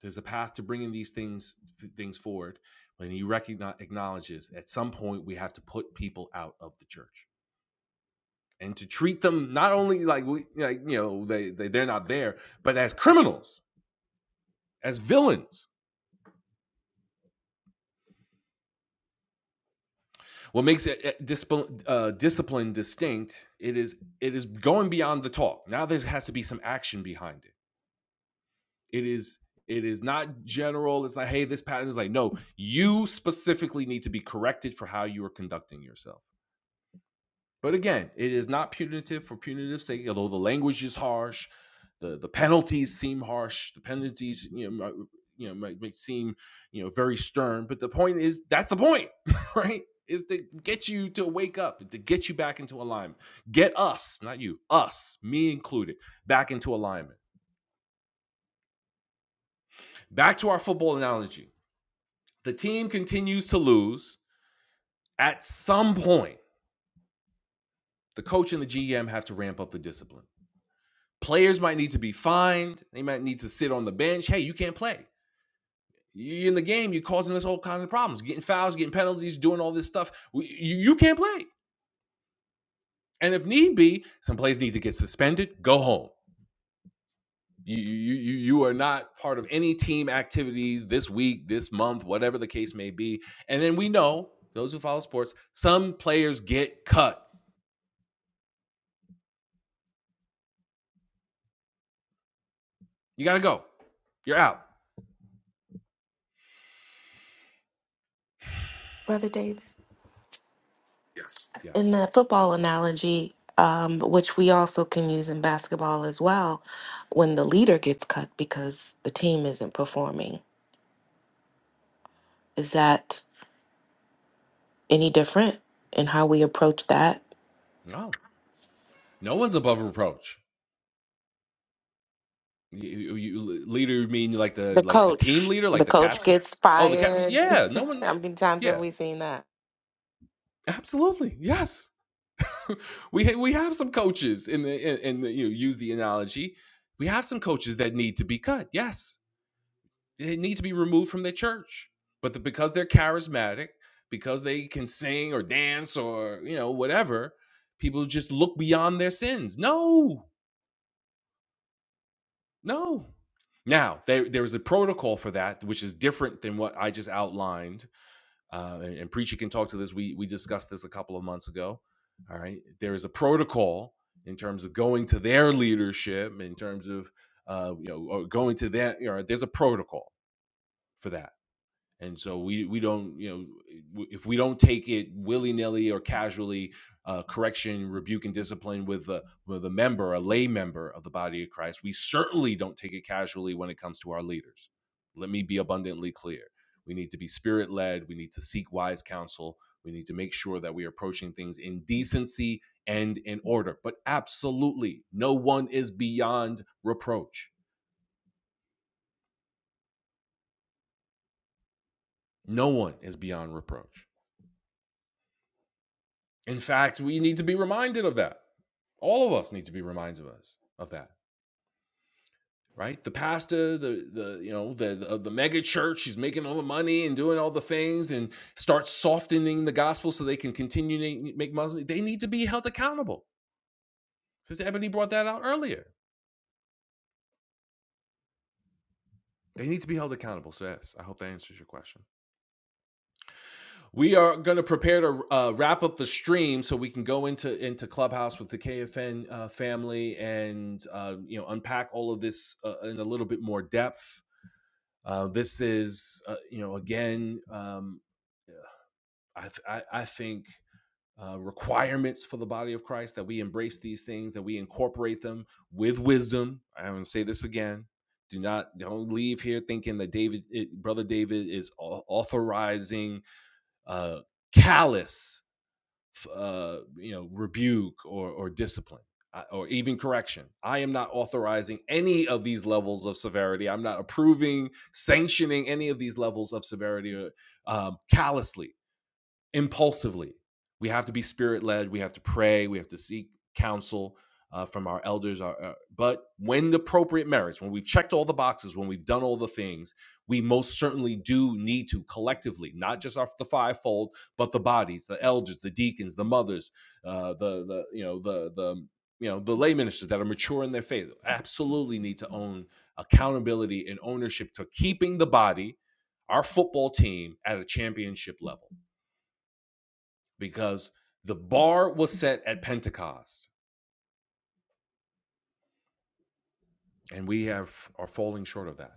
A: There's a path to bringing these things things forward. When he recognize acknowledges at some point we have to put people out of the church and to treat them not only like we like you know they, they they're not there, but as criminals, as villains What makes it uh, discipline, uh, discipline distinct? It is it is going beyond the talk. Now there has to be some action behind it. It is it is not general. It's like hey, this pattern is like no. You specifically need to be corrected for how you are conducting yourself. But again, it is not punitive for punitive sake, although the language is harsh, the, the penalties seem harsh, the penalties you know might, you know might, might seem you know very stern, but the point is that's the point, right? Is to get you to wake up, to get you back into alignment. Get us, not you, us, me included, back into alignment. Back to our football analogy. The team continues to lose. At some point, the coach and the GM have to ramp up the discipline Players might need to be fined. They might need to sit on the bench. Hey, you can't play. You're in the game. You're causing us all kinds of problems. Getting fouls, getting penalties, doing all this stuff. You, you can't play. And if need be, some players need to get suspended. Go home. You, you you you are not part of any team activities this week, this month, whatever the case may be. And then we know those who follow sports, some players get cut. You got to go. You're out.
B: Brother David. In
A: Yes.
B: the football analogy, um, which we also can use in basketball as well, when the leader gets cut because the team isn't performing, is that any different in how we approach that?
A: No. No one's above reproach. You, you leader mean like the
B: The
A: like the team
B: coach,
A: leader, like
B: the
A: the,
B: coach
A: captain? coach.
B: gets
A: Oh, the captain.
B: fired.
A: Yeah, no one.
B: How many times have
A: Yeah,
B: we seen that?
A: absolutely. Yes, we ha- we have some coaches in the in, in the, you know, use the analogy. We have some coaches that need to be cut. Yes, they need to be removed from the church. But the, because they're charismatic, because they can sing or dance or you know whatever, people just look beyond their sins. No, No. Now, there, there is a protocol for that, which is different than what I just outlined. Uh, and, and Preacher can talk to this. We, we discussed this a couple of months ago. All right. There is a protocol in terms of going to their leadership, in terms of, uh, you know, or going to that. You know, there's a protocol for that and so we we don't you know if we don't take it willy nilly or casually, uh, correction, rebuke, and discipline with a with a member, a lay member of the body of Christ, we certainly don't take it casually when it comes to our leaders. Let me be abundantly clear: we need to be spirit led. We need to seek wise counsel. We need to make sure that we are approaching things in decency and in order. But absolutely, no one is beyond reproach. No one is beyond reproach. In fact, we need to be reminded of that. All of us need to be reminded of us of that, right? The pastor, the the you know the the, the mega church, he's making all the money and doing all the things, and starts softening the gospel so they can continue to make Muslims. They need to be held accountable. Sister Ebony brought that out earlier. They need to be held accountable. So yes, I hope that answers your question. We are going to prepare to uh, wrap up the stream so we can go into into Clubhouse with the KFN uh, family and uh, you know unpack all of this uh, in a little bit more depth. Uh, this is uh, you know again um, I, th- I, I think uh, requirements for the body of Christ that we embrace these things, that we incorporate them with wisdom. I'm going to say this again. Do not don't leave here thinking that David, it, brother David, is au- authorizing uh, callous uh, you know, rebuke or, or discipline uh, or even correction. I am not authorizing any of these levels of severity. I'm not approving, sanctioning any of these levels of severity uh, um, callously impulsively. We have to be spirit led. We have to pray. We have to seek counsel uh, from our elders. Our, uh, but when the appropriate merits, when we've checked all the boxes, when we've done all the things, we most certainly do need to collectively, not just off the fivefold, but the bodies, the elders, the deacons, the mothers, uh, the the you know the the you know the lay ministers that are mature in their faith, absolutely need to own accountability and ownership to keeping the body, our football team, at a championship level because the bar was set at Pentecost, and we have are falling short of that.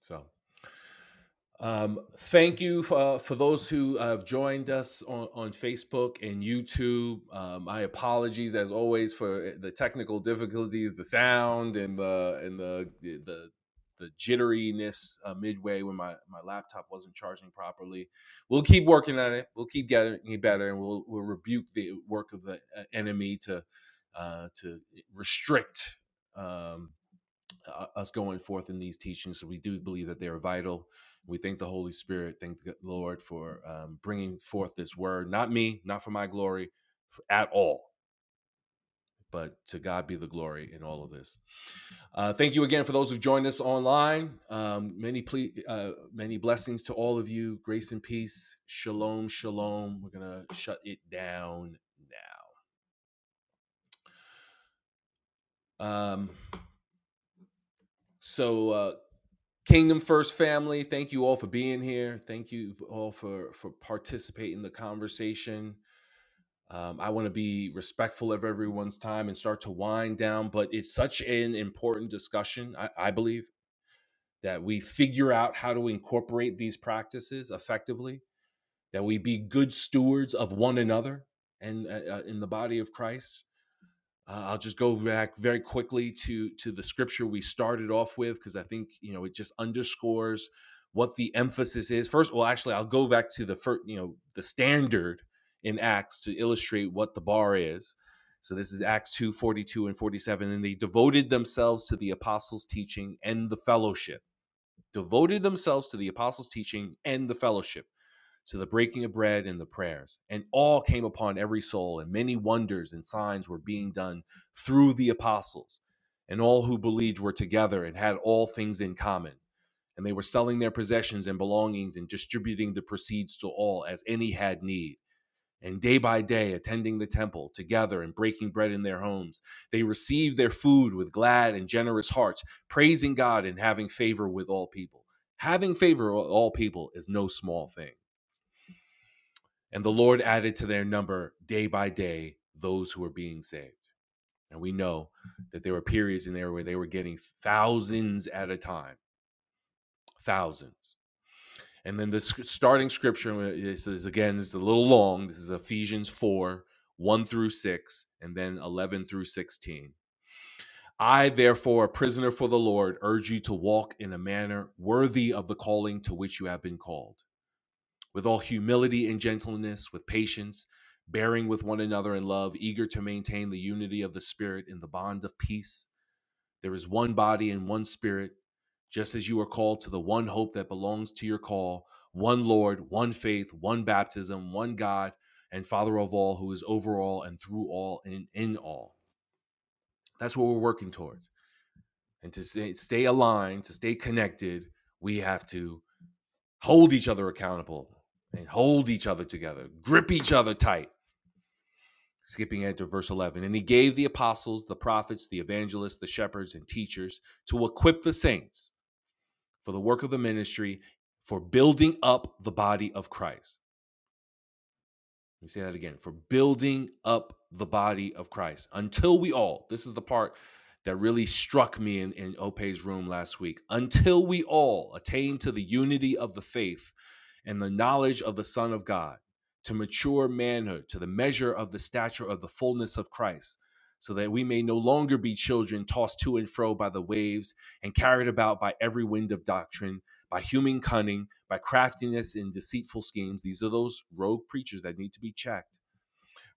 A: So Um, thank you for, uh, for those who have joined us on, on Facebook and YouTube. Um, my apologies, as always, for eh, the technical difficulties, the sound, and the and the the the jitteriness uh, midway when my, my laptop wasn't charging properly. We'll keep working on it. We'll keep getting better, and we'll we'll rebuke the work of the uh, enemy to uh, to restrict. Um, uh, us going forth in these teachings. so We do believe that they are vital. We thank the Holy Spirit, thank the Lord for um, bringing forth this word. Not me, not for my glory f- at all, but to God be the glory in all of this. Uh, thank you again for those who've joined us online. Um, many, ple- uh, many blessings to all of you. Grace and peace. Shalom, shalom. We're gonna shut it down now. Um, so uh, Kingdom First family, thank you all for being here. Thank you all for for participating in the conversation. Um, I want to be respectful of everyone's time and start to wind down, but it's such an important discussion. I, I believe that we figure out how to incorporate these practices effectively. That we be good stewards of one another and uh, uh, in the body of Christ. Uh, I'll just go back very quickly to to the scripture we started off with because I think you know it just underscores what the emphasis is. First, well, actually, I'll go back to the first, you know, the standard in Acts to illustrate what the bar is. So this is Acts two forty two and 47. And they devoted themselves to the apostles' teaching and the fellowship. Devoted themselves to the apostles' teaching and the fellowship to the breaking of bread and the prayers. And all came upon every soul, and many wonders and signs were being done through the apostles. And all who believed were together and had all things in common. And they were selling their possessions and belongings and distributing the proceeds to all as any had need. And day by day, attending the temple together and breaking bread in their homes, they received their food with glad and generous hearts, praising God and having favor with all people. Having favor with all people is no small thing and the Lord added to their number day by day those who were being saved. And we know that there were periods in there where they were getting thousands at a time, thousands. And then the starting scripture is, is again, it's a little long. This is Ephesians 4 1 through 6, and then 11 through 16. I, therefore, a prisoner for the Lord, urge you to walk in a manner worthy of the calling to which you have been called with all humility and gentleness, with patience, bearing with one another in love, eager to maintain the unity of the Spirit in the bond of peace. There is one body and one Spirit, just as you are called to the one hope that belongs to your call, one Lord, one faith, one baptism, one God, and Father of all, who is over all and through all and in all. That's what we're working towards. And to stay, stay aligned, to stay connected, we have to hold each other accountable and hold each other together, grip each other tight. Skipping ahead to verse 11. And he gave the apostles, the prophets, the evangelists, the shepherds, and teachers to equip the saints for the work of the ministry, for building up the body of Christ Let me say that again for building up the body of Christ until we all, this is the part that really struck me in, in Ope's room last week, until we all attain to the unity of the faith and the knowledge of the Son of God, to mature manhood, to the measure of the stature of the fullness of Christ, so that we may no longer be children tossed to and fro by the waves and carried about by every wind of doctrine by human cunning, by craftiness and deceitful schemes. These are those rogue preachers that need to be checked.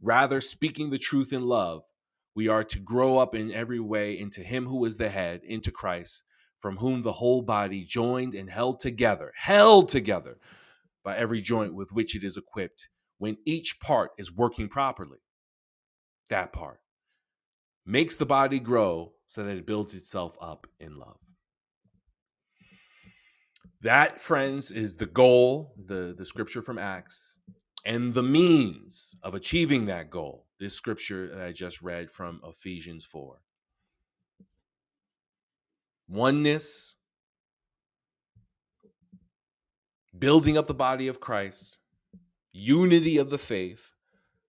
A: Rather, speaking the truth in love, we are to grow up in every way into Him who is the head, into Christ, from whom the whole body, joined and held together, held together by every joint with which it is equipped, when each part is working properly, that part makes the body grow so that it builds itself up in love. That, friends, is the goal, the, the scripture from Acts, and the means of achieving that goal. This scripture that I just read from Ephesians 4. Oneness, building up the body of Christ, unity of the faith,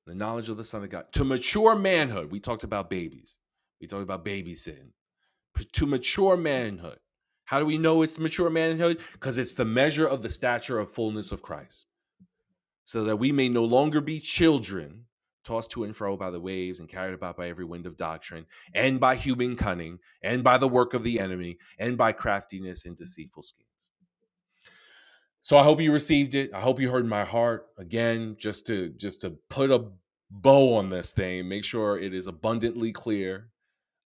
A: the knowledge of the Son of God. To mature manhood, we talked about babies, we talked about baby sin. To mature manhood, how do we know it's mature manhood? Because it's the measure of the stature of fullness of Christ. so that we may no longer be children, tossed to and fro by the waves and carried about by every wind of doctrine, and by human cunning, and by the work of the enemy, and by craftiness and deceitful schemes. So I hope you received it. I hope you heard my heart again, just to just to put a bow on this thing, make sure it is abundantly clear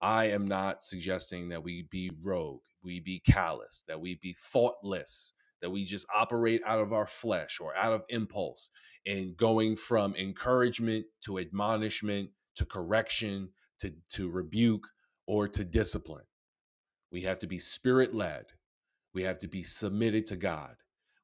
A: I am not suggesting that we be rogue, we be callous, that we be thoughtless, that we just operate out of our flesh or out of impulse and going from encouragement to admonishment to correction to, to rebuke or to discipline. We have to be spirit led. We have to be submitted to God.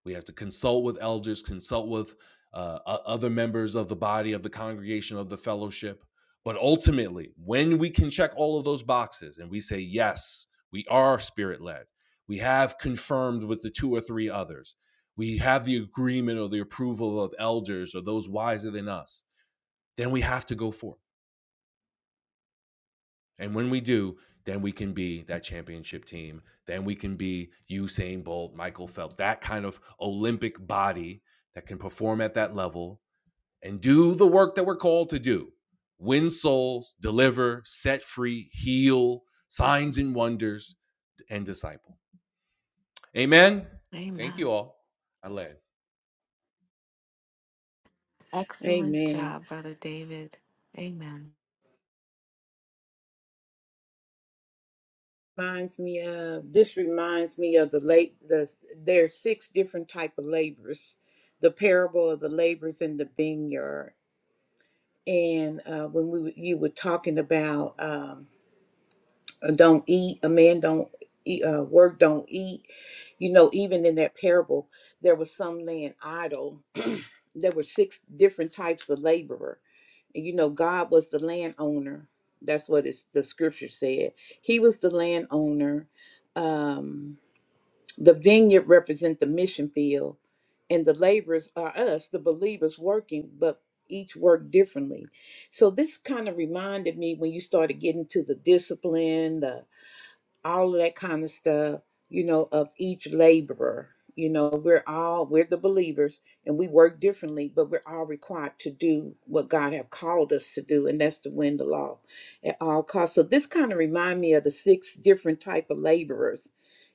A: We have to consult with elders, consult with uh, other members of the body, of the congregation, of the fellowship. But ultimately, when we can check all of those boxes and we say, yes, we are spirit led, we have confirmed with the two or three others, we have the agreement or the approval of elders or those wiser than us, then we have to go forth and when we do, then we can be that championship team. Then we can be Usain Bolt, Michael Phelps, that kind of Olympic body that can perform at that level and do the work that we're called to do win souls, deliver, set free, heal, signs and wonders, and disciple. Amen. Thank you
B: Amen.
A: all. I led.
B: Excellent
C: Amen.
B: job, Brother David. Amen.
C: Reminds me of this reminds me of the late the there are six different type of labors, the parable of the labors in the vineyard, and uh, when we you were talking about um, don't eat a man don't eat uh, work don't eat You know, even in that parable, there was some laying idle. there were six different types of laborer. And you know, God was the landowner. That's what it's, the scripture said. He was the landowner. Um, the vineyard represent the mission field, and the laborers are us, the believers working, but each work differently. So this kind of reminded me when you started getting to the discipline, the all of that kind of stuff, you know, of each laborer. You know, we're all we're the believers and we work differently, but we're all required to do what God have called us to do, and that's to win the law at all costs. So this kind of remind me of the six different type of laborers,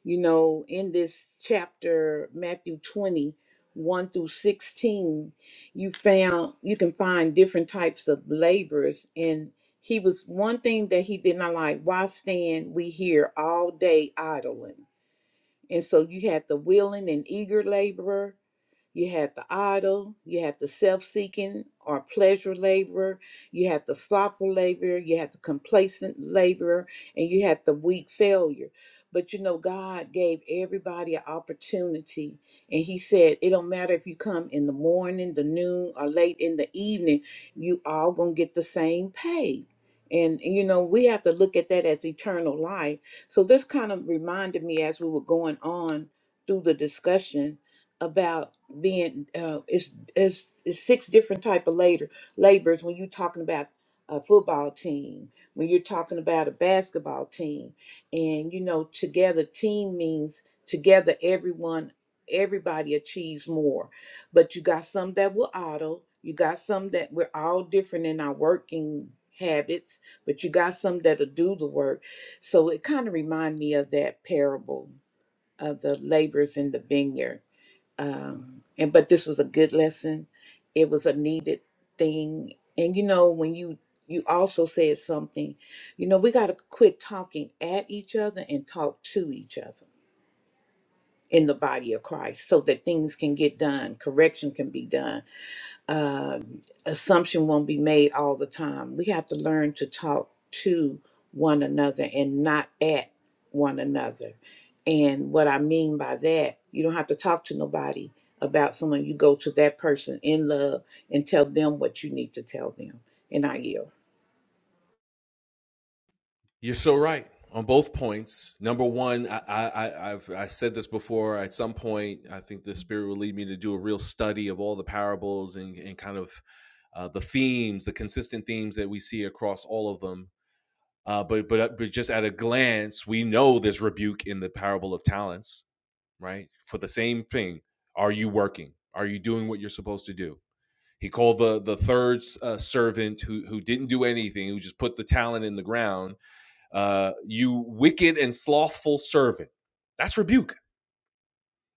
C: you know, in this chapter, Matthew twenty one through 16, you found you can find different types of laborers in. He was one thing that he did not like. Why stand we here all day idling? And so you had the willing and eager laborer you have the idle, you have the self seeking or pleasure laborer, you have the slothful laborer, you have the complacent laborer, and you have the weak failure. But you know, God gave everybody an opportunity, and He said, It don't matter if you come in the morning, the noon, or late in the evening, you all gonna get the same pay. And you know, we have to look at that as eternal life. So this kind of reminded me as we were going on through the discussion about being uh, it's, it's it's six different type of labor labors when you're talking about a football team when you're talking about a basketball team and you know together team means together everyone everybody achieves more but you got some that will auto you got some that we're all different in our working habits but you got some that'll do the work so it kind of remind me of that parable of the laborers in the vineyard um, and but this was a good lesson it was a needed thing and you know when you you also said something you know we got to quit talking at each other and talk to each other in the body of christ so that things can get done correction can be done uh, assumption won't be made all the time. We have to learn to talk to one another and not at one another. And what I mean by that, you don't have to talk to nobody about someone. You go to that person in love and tell them what you need to tell them. And I yield.
A: You're so right on both points. Number one, I, I, I- have I said this before. At some point, I think the Spirit will lead me to do a real study of all the parables and, and kind of uh, the themes, the consistent themes that we see across all of them. Uh, but but uh, but just at a glance, we know there's rebuke in the parable of talents, right? For the same thing, are you working? Are you doing what you're supposed to do? He called the the third uh, servant who who didn't do anything, who just put the talent in the ground uh, you wicked and slothful servant. That's rebuke.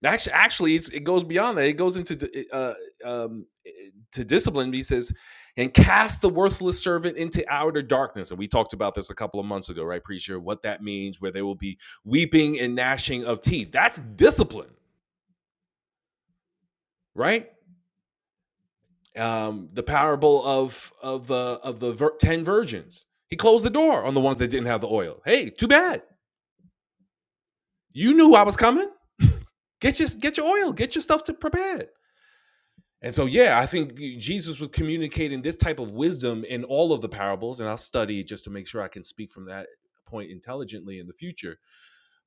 A: Actually, actually, it's, it goes beyond that. It goes into uh, um, to discipline. He says, "And cast the worthless servant into outer darkness." And we talked about this a couple of months ago, right? Pretty sure what that means, where they will be weeping and gnashing of teeth. That's discipline, right? Um, the parable of of the of the vir- ten virgins. He closed the door on the ones that didn't have the oil. Hey, too bad. You knew I was coming. Get your get your oil, get your stuff to prepared. And so, yeah, I think Jesus was communicating this type of wisdom in all of the parables, and I'll study just to make sure I can speak from that point intelligently in the future.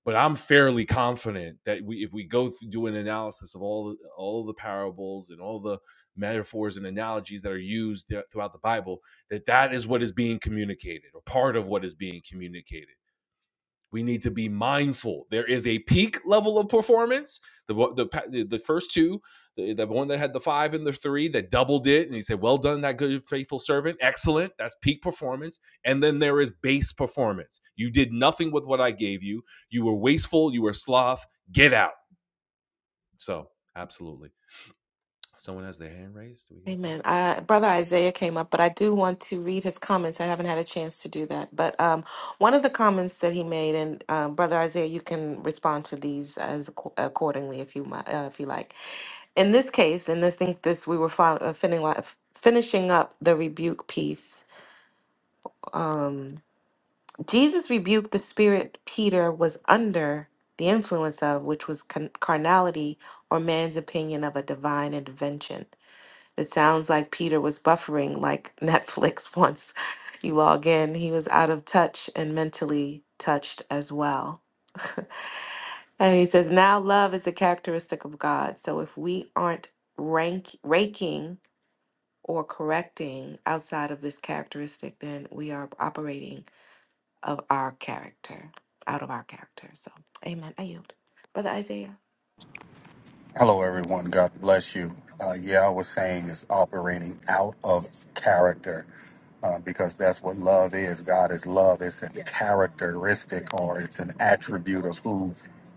A: But I'm fairly confident that we, if we go through, do an analysis of all all the parables and all the metaphors and analogies that are used throughout the Bible, that that is what is being communicated, or part of what is being communicated we need to be mindful. There is a peak level of performance. The the the first two, the, the one that had the five and the three that doubled it, and he said, "Well done, that good faithful servant, excellent." That's peak performance. And then there is base performance. You did nothing with what I gave you. You were wasteful. You were sloth. Get out. So absolutely. Someone has their hand raised. Do we get that?
B: Amen. Uh, Brother Isaiah came up, but I do want to read his comments. I haven't had a chance to do that. But um, one of the comments that he made, and um, Brother Isaiah, you can respond to these as acco- accordingly if you mi- uh, if you like. In this case, and I think this we were fi- uh, finning- finishing up the rebuke piece. Um, Jesus rebuked the spirit Peter was under the influence of, which was con- carnality or man's opinion of a divine intervention. It sounds like Peter was buffering like Netflix once you log in. He was out of touch and mentally touched as well. and he says, now love is a characteristic of God. So if we aren't rank- raking or correcting outside of this characteristic, then we are operating of our character, out of our character. So, amen. I yield. Brother Isaiah.
F: Hello, everyone. God bless you. Uh, yeah, I was saying it's operating out of character uh, because that's what love is. God is love. It's a characteristic or it's an attribute of who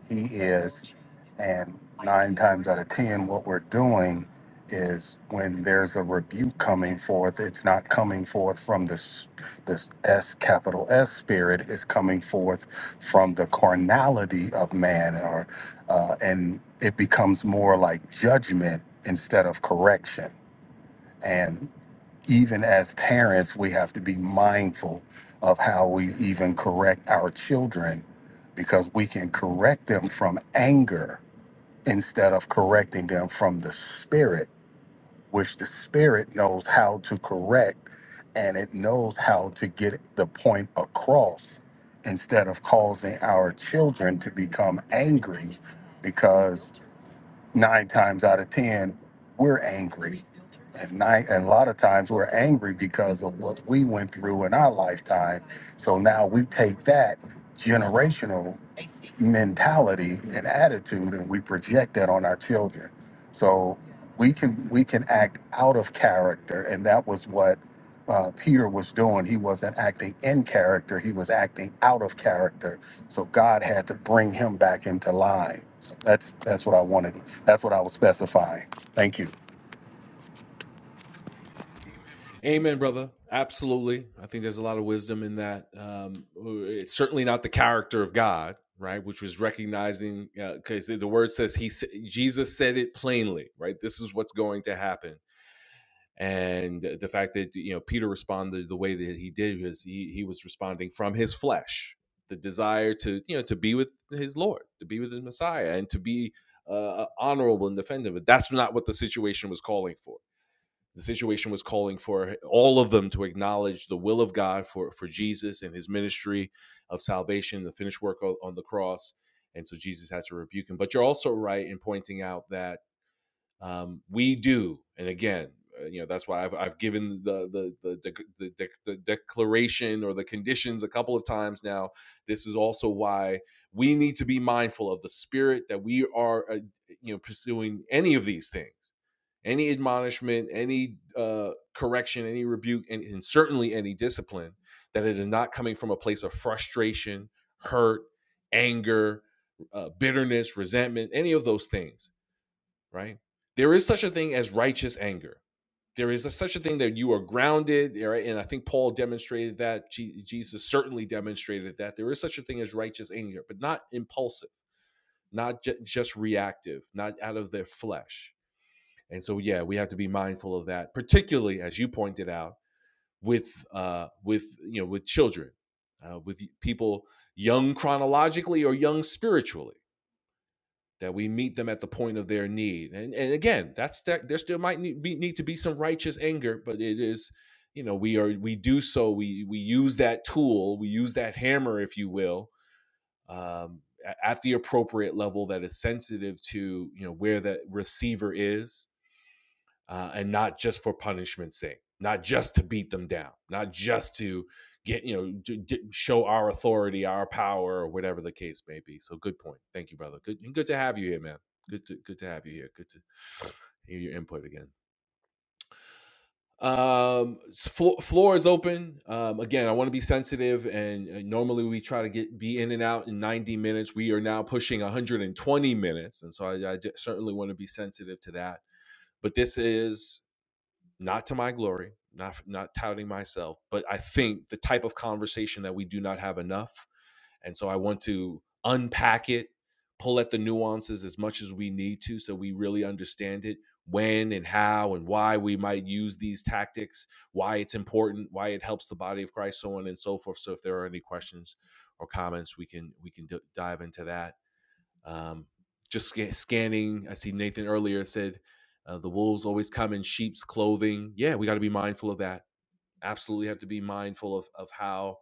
F: He is. And nine times out of ten, what we're doing is when there's a rebuke coming forth, it's not coming forth from this this S capital S spirit. It's coming forth from the carnality of man uh, and it becomes more like judgment instead of correction. And even as parents, we have to be mindful of how we even correct our children because we can correct them from anger instead of correcting them from the spirit which the spirit knows how to correct and it knows how to get the point across instead of causing our children to become angry because nine times out of ten we're angry and nine and a lot of times we're angry because of what we went through in our lifetime so now we take that generational mentality and attitude and we project that on our children so we can we can act out of character, and that was what uh, Peter was doing. He wasn't acting in character; he was acting out of character. So God had to bring him back into line. So that's that's what I wanted. That's what I was specifying. Thank you.
A: Amen, brother. Absolutely. I think there's a lot of wisdom in that. Um, it's certainly not the character of God, right? Which was recognizing, because uh, the word says he, Jesus said it plainly, right? This is what's going to happen. And the fact that, you know, Peter responded the way that he did was he, he was responding from his flesh, the desire to, you know, to be with his Lord, to be with his Messiah and to be uh, honorable and defend him. But that's not what the situation was calling for the situation was calling for all of them to acknowledge the will of God for, for Jesus and his ministry of salvation, the finished work on, the cross. And so Jesus had to rebuke him. But you're also right in pointing out that um, we do and again uh, you know that's why i've, I've given the the the, dec- the, the declaration or the conditions a couple of times now this is also why we need to be mindful of the spirit that we are uh, you know pursuing any of these things any admonishment any uh, correction any rebuke and, and certainly any discipline that it is not coming from a place of frustration hurt anger uh, bitterness resentment any of those things right? There is such a thing as righteous anger. There is a, such a thing that you are grounded, right? and I think Paul demonstrated that. Je- Jesus certainly demonstrated that. There is such a thing as righteous anger, but not impulsive, not ju- just reactive, not out of their flesh. And so, yeah, we have to be mindful of that, particularly as you pointed out with uh, with you know with children, uh, with people young chronologically or young spiritually that we meet them at the point of their need. And and again, that's that there still might need, be, need to be some righteous anger, but it is, you know, we are we do so we we use that tool, we use that hammer, if you will, um, at the appropriate level that is sensitive to you know where that receiver is uh, and not just for punishment's sake, not just to beat them down, not just to get you know d- d- show our authority, our power, or whatever the case may be. So good point. Thank you, brother. Good good to have you here, man. Good to good to have you here. Good to hear your input again. Um, s- floor is open. Um, again, I want to be sensitive, and, and normally we try to get be in and out in 90 minutes. We are now pushing 120 minutes, and so I I certainly want to be sensitive to that. But this is not to my glory, not not touting myself, but I think the type of conversation that we do not have enough, and so I want to unpack it, pull at the nuances as much as we need to, so we really understand it when and how and why we might use these tactics, why it's important, why it helps the body of Christ, so on and so forth. So if there are any questions or comments, we can we can d- dive into that um, just sca- scanning, I see Nathan earlier said uh, the wolves always come in sheep's clothing. Yeah, we got to be mindful of that. Absolutely have to be mindful of, of how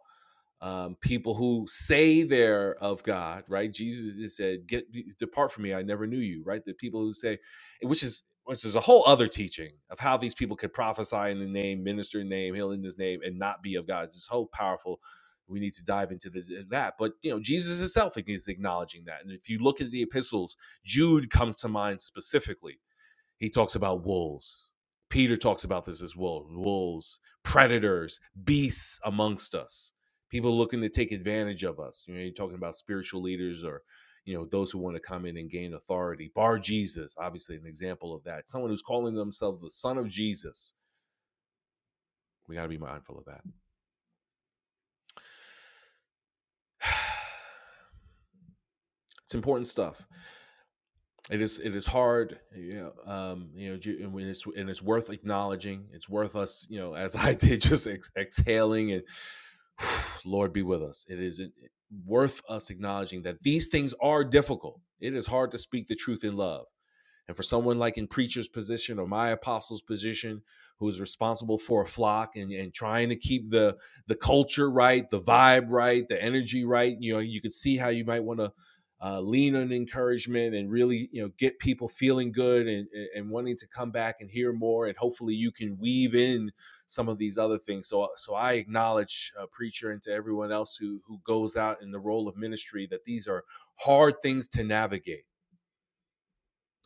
A: um, people who say they're of God, right? Jesus said, "Get depart from me, I never knew you." Right? The people who say, which is which is a whole other teaching of how these people could prophesy in the name, minister in the name, heal in His name, and not be of God. It's so powerful. We need to dive into this uh, that, but you know, Jesus himself is acknowledging that. And if you look at the epistles, Jude comes to mind specifically he talks about wolves. Peter talks about this as well wolves, predators, beasts amongst us, people looking to take advantage of us. You know, you're talking about spiritual leaders or, you know, those who want to come in and gain authority. Bar Jesus, obviously, an example of that. Someone who's calling themselves the son of Jesus. We got to be mindful of that. It's important stuff it is it is hard you know um you know and it's and it's worth acknowledging it's worth us you know as i did just ex- exhaling and Lord be with us. It is worth us acknowledging that these things are difficult. It is hard to speak the truth in love. And for someone like in preacher's position or my apostle's position, who is responsible for a flock and, and trying to keep the the culture right, the vibe right, the energy right, you know, you could see how you might want to uh, lean on encouragement and really, you know, get people feeling good and, and wanting to come back and hear more. And hopefully, you can weave in some of these other things. So, so I acknowledge uh, preacher and to everyone else who who goes out in the role of ministry that these are hard things to navigate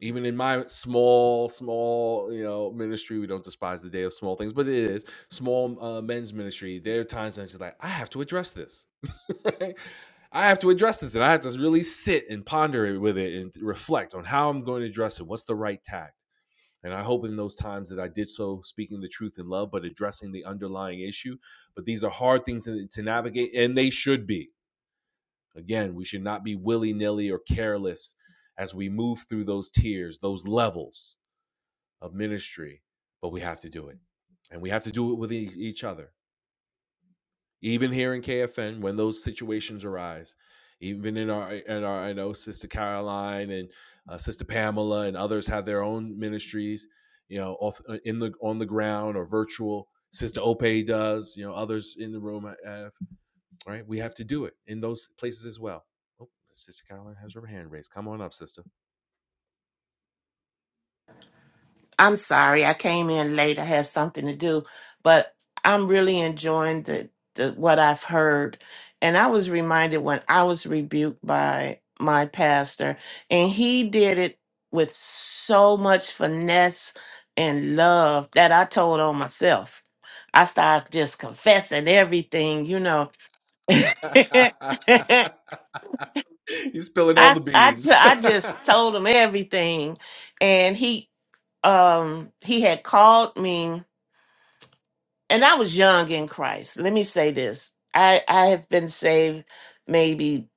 A: even in my small small you know ministry we don't despise the day of small things but it is small uh, men's ministry there are times i'm just like i have to address this right? i have to address this and i have to really sit and ponder it with it and reflect on how i'm going to address it what's the right tact and i hope in those times that i did so speaking the truth in love but addressing the underlying issue but these are hard things to to navigate and they should be Again, we should not be willy nilly or careless as we move through those tiers, those levels of ministry, but we have to do it. And we have to do it with e- each other. Even here in KFN, when those situations arise, even in our, in our I know Sister Caroline and uh, Sister Pamela and others have their own ministries, you know, off, uh, in the on the ground or virtual. Sister Ope does, you know, others in the room have. All right? We have to do it in those places as well. Oh, Sister Caroline has her hand raised. Come on up, sister.
G: I'm sorry, I came in late. I had something to do, but I'm really enjoying the, the what I've heard. And I was reminded when I was rebuked by my pastor, and he did it with so much finesse and love that I told on myself. I started just confessing everything, you know. I,
A: You're spilling all the
G: s- I t-
A: beans.
G: I just told him everything, and he um he had called me and I was young in Christ. Let me say this. I, I have been saved maybe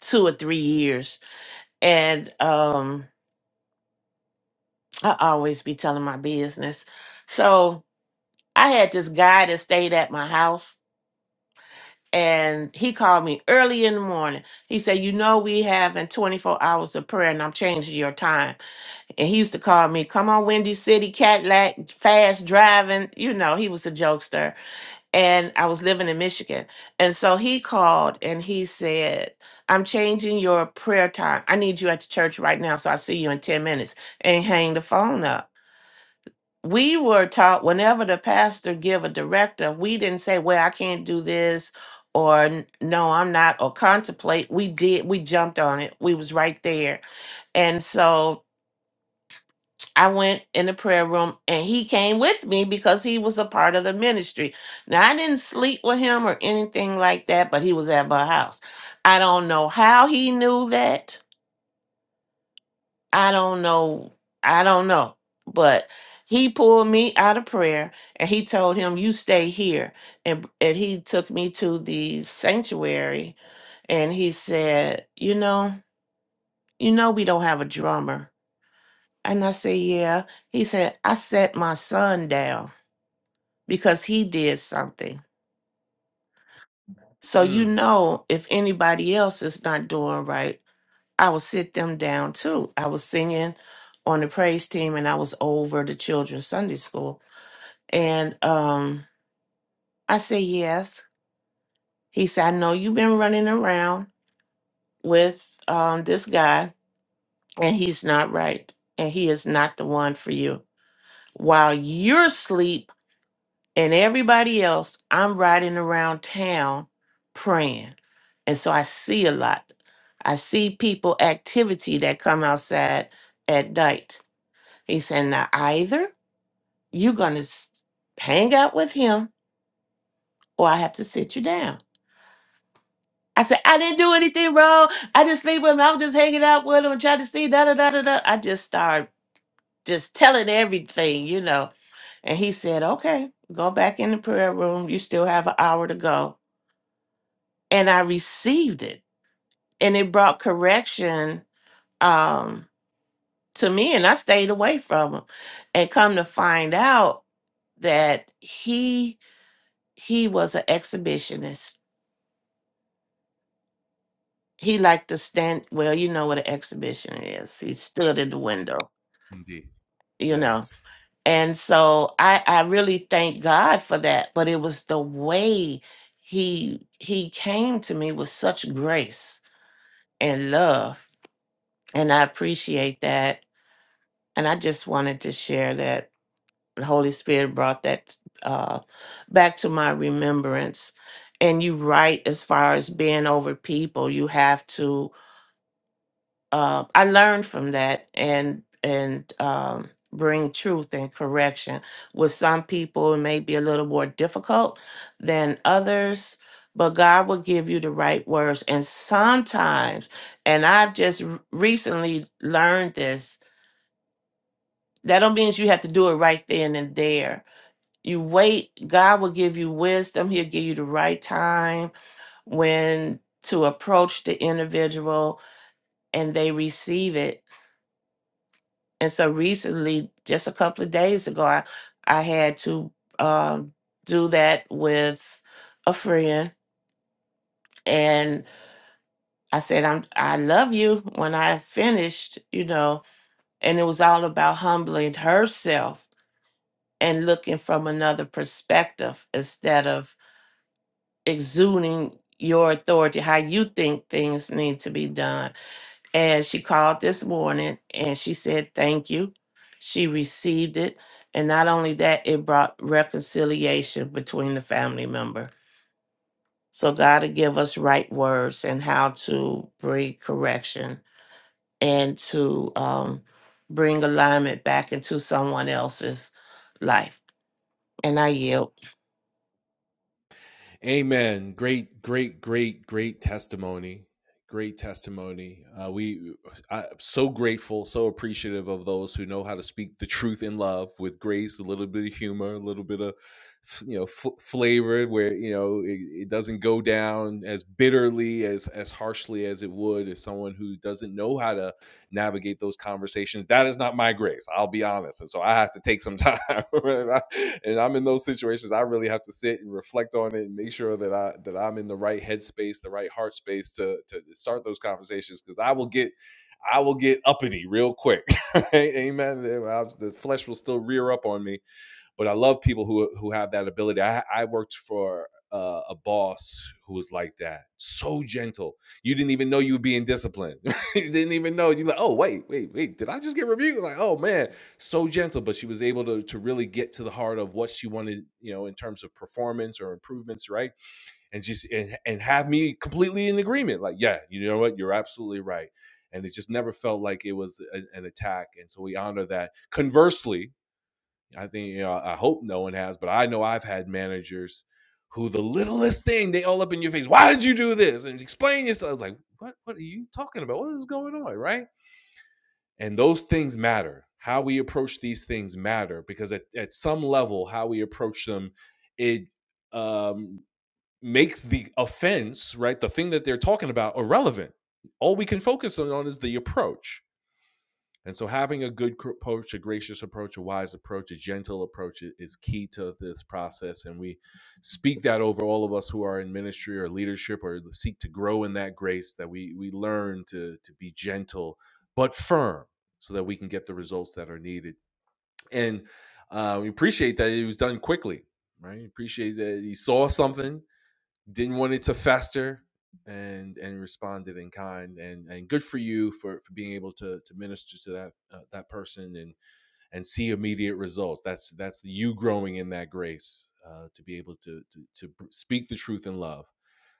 G: two or three years. And um I always be telling my business. So I had this guy that stayed at my house and he called me early in the morning. He said, You know, we having 24 hours of prayer and I'm changing your time. And he used to call me, Come on, Windy City, Cadillac, fast driving. You know, he was a jokester and I was living in Michigan. And so he called and he said, I'm changing your prayer time. I need you at the church right now. So I see you in 10 minutes and hang the phone up. We were taught whenever the pastor give a directive, we didn't say, well, I can't do this or no, I'm not or contemplate. We did. We jumped on it. We was right there. And so I went in the prayer room and he came with me because he was a part of the ministry. Now, I didn't sleep with him or anything like that, but he was at my house. I don't know how he knew that. I don't know. I don't know. But he pulled me out of prayer and he told him, You stay here. And, and he took me to the sanctuary and he said, "You know, you know, we don't have a drummer." And I said, "Yeah." He said, "I set my son down." because he did something. So you
A: Mm,
G: know, if anybody else is not doing right, I will sit them down too. I was singing on the praise team and I was over the children's Sunday school. And um I said yes. He said, I know you've been running around with um this guy and he's not right. And he is not the one for you. While you're asleep and everybody else, I'm riding around town praying and so I see a lot. I see people activity that come outside at night. He said, now either you're gonna s- hang out with him, or I have to sit you down. I said, I didn't do anything wrong. I just sleep with him. I was just hanging out with him, trying to see da da da da da. I just started just telling everything, you know. And he said, okay, go back in the prayer room. You still have an hour to go. And I received it, and it brought correction. Um, to me and I stayed away from him. And come to find out that he he was an exhibitionist. He liked to stand well, you know what an exhibition is. He stood in the window,
A: indeed.
G: you know.
A: Yes.
G: And so I I really thank God for that, but it was the way he he came to me with such grace and love. And I appreciate that. And I just wanted to share that the Holy Spirit brought that uh, back to my remembrance. And you right as far as being over people, you have to. Uh, I learned from that and and um, bring truth and correction. With some people, it may be a little more difficult than others, but God will give you the right words. And sometimes, and I've just r- recently learned this. That don't mean you have to do it right then and there you wait, God will give you wisdom. He'll give you the right time when to approach the individual and they receive it. And so recently, just a couple of days ago, I, I had to um, do that with a friend. And I said, I'm, I love you when I finished, you know, and it was all about humbling herself and looking from another perspective instead of exuding your authority, how you think things need to be done. And she called this morning and she said, Thank you. She received it. And not only that, it brought reconciliation between the family member. So God will give us right words and how to bring correction and to um, bring alignment back into someone else's life. And I yield.
A: Amen. Great, great, great, great testimony. Great testimony. Uh, we I'm so grateful, so appreciative of those who know how to speak the truth in love with grace, a little bit of humor, a little bit of you know f- flavor, where you know it, it doesn't go down as bitterly as as harshly as it would if someone who doesn't know how to navigate those conversations. That is not my grace. I'll be honest. And so I have to take some time. and, I, and I'm in those situations. I really have to sit and reflect on it and make sure that I that I'm in the right headspace, the right heart space to to start those conversations because I will get I will get uppity real quick. right? Amen. The flesh will still rear up on me but I love people who who have that ability. I I worked for uh, a boss who was like that, so gentle. You didn't even know you were being disciplined. you didn't even know. You like, oh wait, wait, wait. Did I just get rebuked? Like, oh man, so gentle. But she was able to to really get to the heart of what she wanted, you know, in terms of performance or improvements, right? And just and, and have me completely in agreement. Like, yeah, you know what? You're absolutely right. And it just never felt like it was an, an attack. And so we honor that. Conversely, I think you know, I hope no one has, but I know I've had managers who the littlest thing they all up in your face. Why did you do this? And explain yourself. Like what? What are you talking about? What is going on? Right? And those things matter. How we approach these things matter because at, at some level, how we approach them, it um, makes the offense right, the thing that they're talking about, irrelevant. All we can focus on is the approach and so, having a good approach, a gracious approach, a wise approach, a gentle approach is key to this process. And we speak that over all of us who are in ministry or leadership or seek to grow in that grace that we, we learn to, to be gentle but firm so that we can get the results that are needed. And uh, we appreciate that it was done quickly, right? We Appreciate that he saw something didn't want it to fester and and responded in kind and and good for you for for being able to to minister to that uh, that person and and see immediate results that's that's you growing in that grace uh, to be able to to to speak the truth in love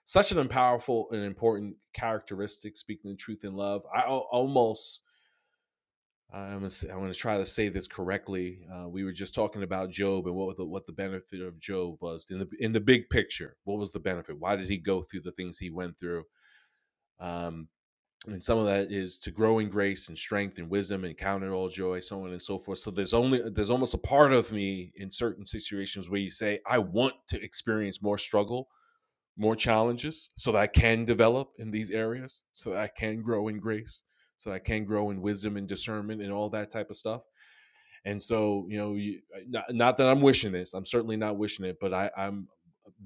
A: such an powerful and important characteristic speaking the truth in love i almost I'm gonna I'm gonna try to say this correctly. Uh, we were just talking about Job and what the, what the benefit of Job was in the in the big picture. What was the benefit? Why did he go through the things he went through? Um, and some of that is to grow in grace and strength and wisdom and count it all joy, so on and so forth. So there's only there's almost a part of me in certain situations where you say I want to experience more struggle more challenges so that I can develop in these areas, so that I can grow in grace, so that I can grow in wisdom and discernment and all that type of stuff. And so, you know, you, not, not that I'm wishing this, I'm certainly not wishing it, but I, I'm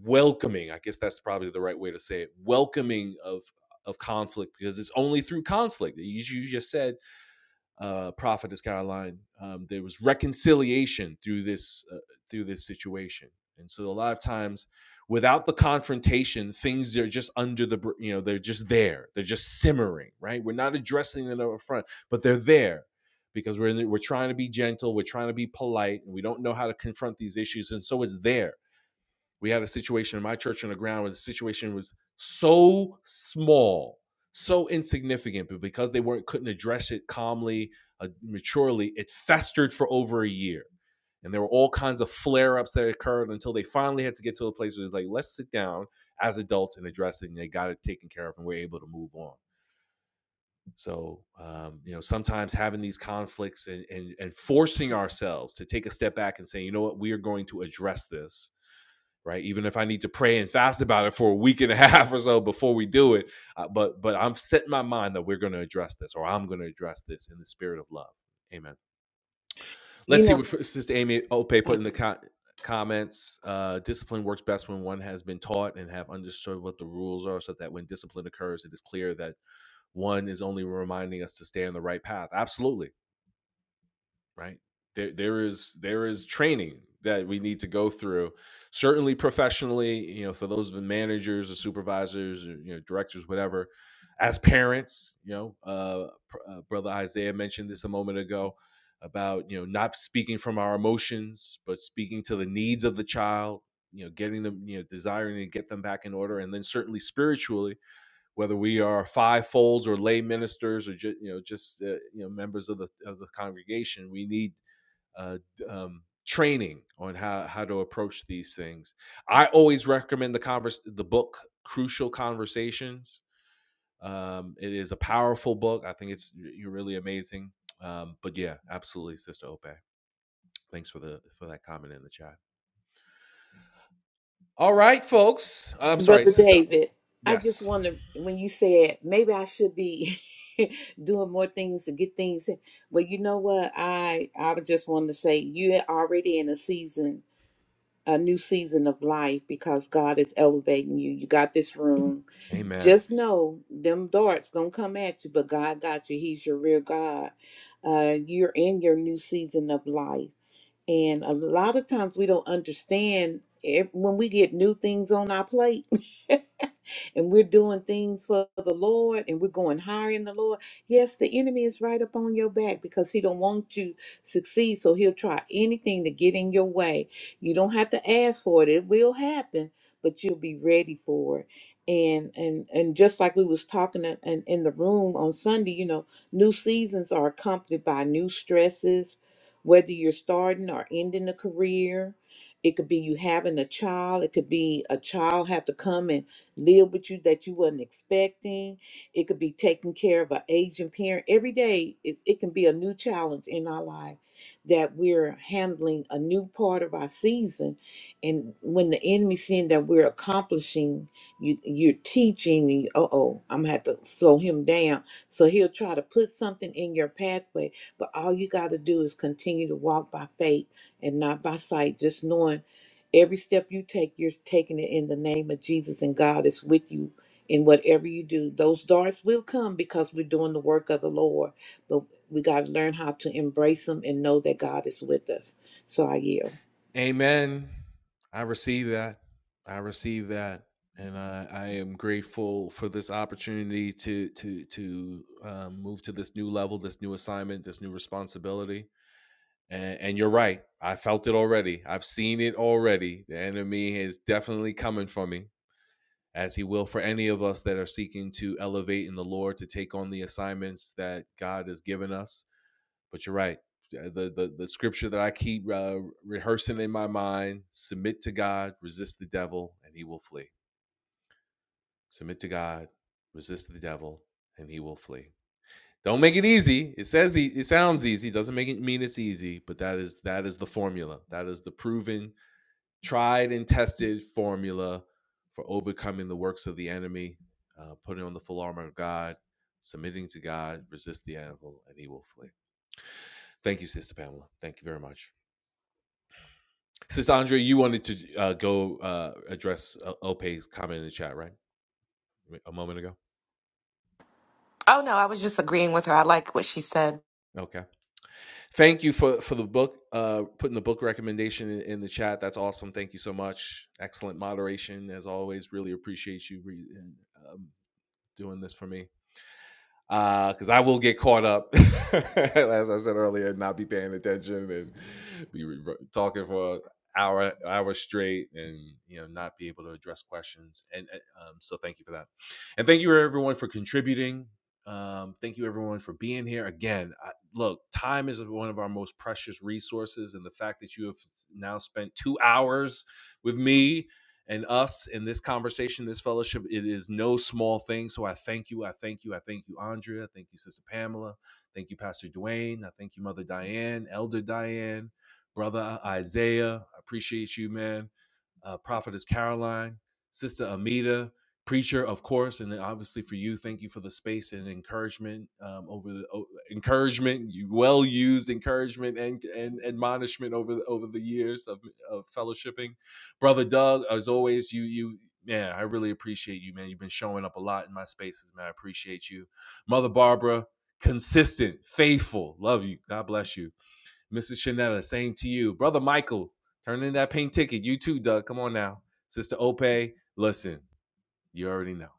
A: welcoming. I guess that's probably the right way to say it. Welcoming of of conflict because it's only through conflict. As you just said, uh, prophetess Caroline. Um, there was reconciliation through this uh, through this situation, and so a lot of times, without the confrontation, things are just under the you know they're just there. They're just simmering, right? We're not addressing them up front, but they're there because we're in the, we're trying to be gentle, we're trying to be polite, and we don't know how to confront these issues, and so it's there we had a situation in my church on the ground where the situation was so small, so insignificant, but because they weren't couldn't address it calmly, uh, maturely, it festered for over a year. And there were all kinds of flare ups that occurred until they finally had to get to a place where it's like, let's sit down as adults and address it. And they got it taken care of and we're able to move on. So, um, you know, sometimes having these conflicts and, and, and forcing ourselves to take a step back and say, you know what, we are going to address this right even if i need to pray and fast about it for a week and a half or so before we do it uh, but but i'm set my mind that we're going to address this or i'm going to address this in the spirit of love amen let's
C: You
A: see
C: know,
A: what sister amy ope put in the co- comments uh, discipline works best when one has been taught and have understood what the rules are so that when discipline occurs it is clear that one is only reminding us to stay on the right path absolutely right there there is there is training that we need to go through certainly professionally you know for those managers or supervisors or you know directors whatever as parents you know uh, uh brother isaiah mentioned this a moment ago about you know not speaking from our emotions but speaking to the needs of the child you know getting them you know desiring to get them back in order and then certainly spiritually whether we are fivefolds or lay ministers or just you know just uh, you know members of the of the congregation, we need uh, um, training on how how to approach these things. I always recommend the converse the book Crucial Conversations. Um, it is a powerful book. I think it's you're really amazing. Um, but yeah, absolutely, Sister Ope. Thanks for the for that comment in the chat. All right, folks. I'm sorry,
C: Brother
A: Sister.
C: David, I just
A: Yes.
C: want to, when you said maybe I should be doing more things to get things in. Well, you know what? I I would just want to say you're already in a season, a new season of life because God is elevating you. You got this room.
A: Amen.
C: Just know them darts gonna come at you, but God got you. He's your real God. Uh, you're in your new season of life and a lot of times we don't understand if, when we get new things on our plate and we're doing things for the Lord and we're going higher in the Lord. Yes, the enemy is right up on your back because he don't want you succeed. So he'll try anything to get in your way. You don't have to ask for it. It will happen, but you'll be ready for it. And and and just like we was talking in, in in the room on Sunday, you know, new seasons are accompanied by new stresses whether you're starting or ending a career it could be you having a child it could be a child have to come and live with you that you wasn't expecting it could be taking care of an aging parent every day it, it can be a new challenge in our life that we're handling a new part of our season and when the enemy seeing that we're accomplishing you you're teaching and you, uh-oh i'm gonna have to slow him down so he'll try to put something in your pathway but all you got to do is continue to walk by faith and not by sight, just knowing every step you take, you're taking it in the name of Jesus, and God is with you in whatever you do. Those darts will come because we're doing the work of the Lord, but we got to learn how to embrace them and know that God is with us. So I yield.
A: Amen. I receive that. I receive that, and I, I am grateful for this opportunity to to to um, move to this new level, this new assignment, this new responsibility. And, and you're right. I felt it already. I've seen it already. The enemy is definitely coming for me, as he will for any of us that are seeking to elevate in the Lord to take on the assignments that God has given us but you're right. Uh, The the, the scripture that I keep uh, rehearsing in my mind: submit to God, resist the devil, and he will flee. Submit to God, resist the devil, and he will flee. Don't make it easy. It says e- it sounds easy. Doesn't make it mean it's easy. But that is that is the formula. That is the proven, tried and tested formula for overcoming the works of the enemy. Uh, putting on the full armor of God, submitting to God, resist the devil, and he will flee. Thank you, Sister Pamela. Thank you very much. Since Andre, you wanted to uh, go uh, address uh, Ope's comment in the chat, right? A moment ago.
B: Oh, no, I was just agreeing with her. I like what she said.
A: Okay. Thank you for for the book, uh, putting the book recommendation in, in the chat. That's awesome. Thank you so much. Excellent moderation as always. Really appreciate you re- um, doing this for me. Uh, because I will get caught up, as I said earlier, and not be paying attention and be re- talking for an hour hour straight, and you know not be able to address questions. And uh, um, so, thank you for that, and thank you everyone for contributing. Um, thank you everyone for being here again. I, look, time is one of our most precious resources, and the fact that you have now spent two hours with me and us in this conversation, this fellowship, it is no small thing. So I thank you. I thank you. I thank you, Andrea. thank you, Sister Pamela. Thank you, Pastor Dwayne. I thank you, Mother Diane, Elder Diane, Brother Isaiah. I appreciate you, man uh, Prophetess Caroline, Sister Amita, Preacher, of course, and then obviously for you, thank you for the space and encouragement um, over the o- encouragement, you well used encouragement and and admonishment over the, over the years of, of fellowshipping, brother Doug. As always, you you man, I really appreciate you, man. You've been showing up a lot in my spaces, man. I appreciate you, Mother Barbara, consistent, faithful, love you. God bless you. Mrs. Chanetta, same to you. Brother Michael, turn in that pink ticket. You too, Doug. Come on now. Sister Ope, listen, you already know.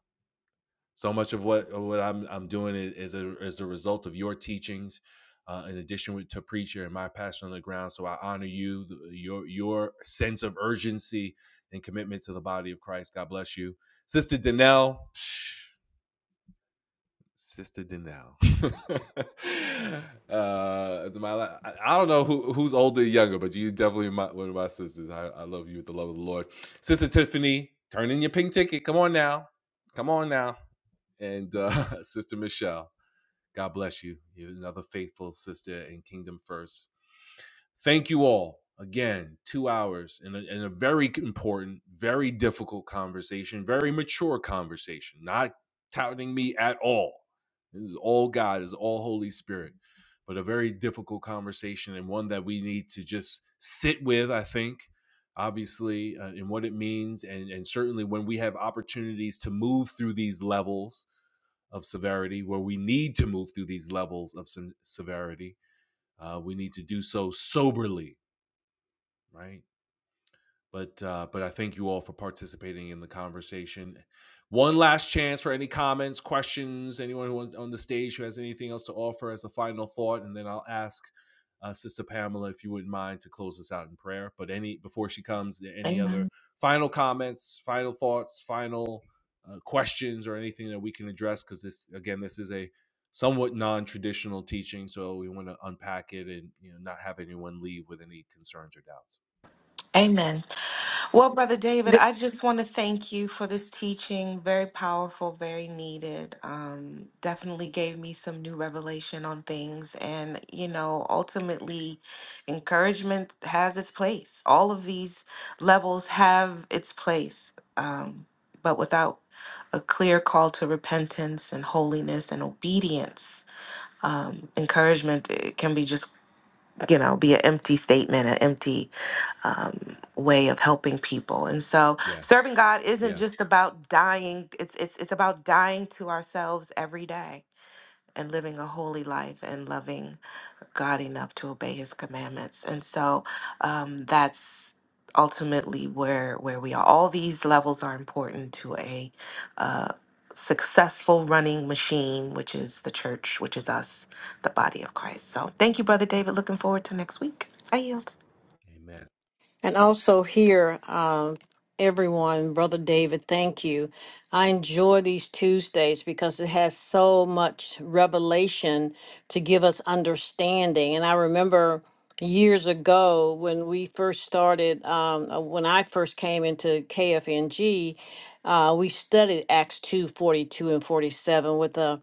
A: So much of what of what I'm I'm doing is, is a is a result of your teachings, uh, in addition to preacher and my passion on the ground. So I honor you, your your sense of urgency and commitment to the body of Christ. God bless you, Sister Danelle. psh- Sister Denell. uh, my I I don't know who who's older and younger, but you definitely my, one of my sisters. I, I love you with the love of the Lord. Sister Tiffany, turn in your pink ticket. Come on now, come on now. And uh, Sister Michelle, God bless you. You're another faithful sister in Kingdom First Thank you all again. Two hours in a, and a very important, very difficult conversation, very mature conversation. Not touting me at all. This is all God. This is all Holy Spirit. But a very difficult conversation and one that we need to just sit with. I think obviously uh, and what it means and and certainly when we have opportunities to move through these levels of severity where we need to move through these levels of some severity uh, we need to do so soberly, right? But uh, but I thank you all for participating in the conversation. One last chance for any comments, questions, anyone who wants on the stage who has anything else to offer as a final thought, and then I'll ask uh, Sister Pamela if you wouldn't mind to close us out in prayer. But any before she comes, any
B: Amen.
A: other final comments, final thoughts, final uh, questions, or anything that we can address? Because this again, this is a somewhat non-traditional teaching, so we want to unpack it and you know not have anyone leave with any concerns or doubts.
B: Amen. Well, Brother David,
D: Good.
B: I just want to thank you for this teaching. Very powerful, very needed. Um, definitely gave me some new revelation on things. And, you know, ultimately, encouragement has its place. All of these levels have its place. Um, but without a clear call to repentance and holiness and obedience, um, encouragement it can be just, you know, be an empty statement, an empty um, way of helping people. And so
A: Yeah,
B: serving God isn't
A: yeah.
B: just about dying. It's it's it's about dying to ourselves every day and living a holy life and loving God enough to obey His commandments. And so um, that's ultimately where where we are. All these levels are important to a uh, successful running machine, which is the church, which is us, the body of Christ. So thank you, brother David. Looking forward to next week. I yield.
A: Amen.
D: And also here, um, everyone, Brother David, thank you. I enjoy these Tuesdays because it has so much revelation to give us understanding. And I remember years ago when we first started, um, uh, when I first came into KFNG, uh, we studied Acts 2 42 and 47 with a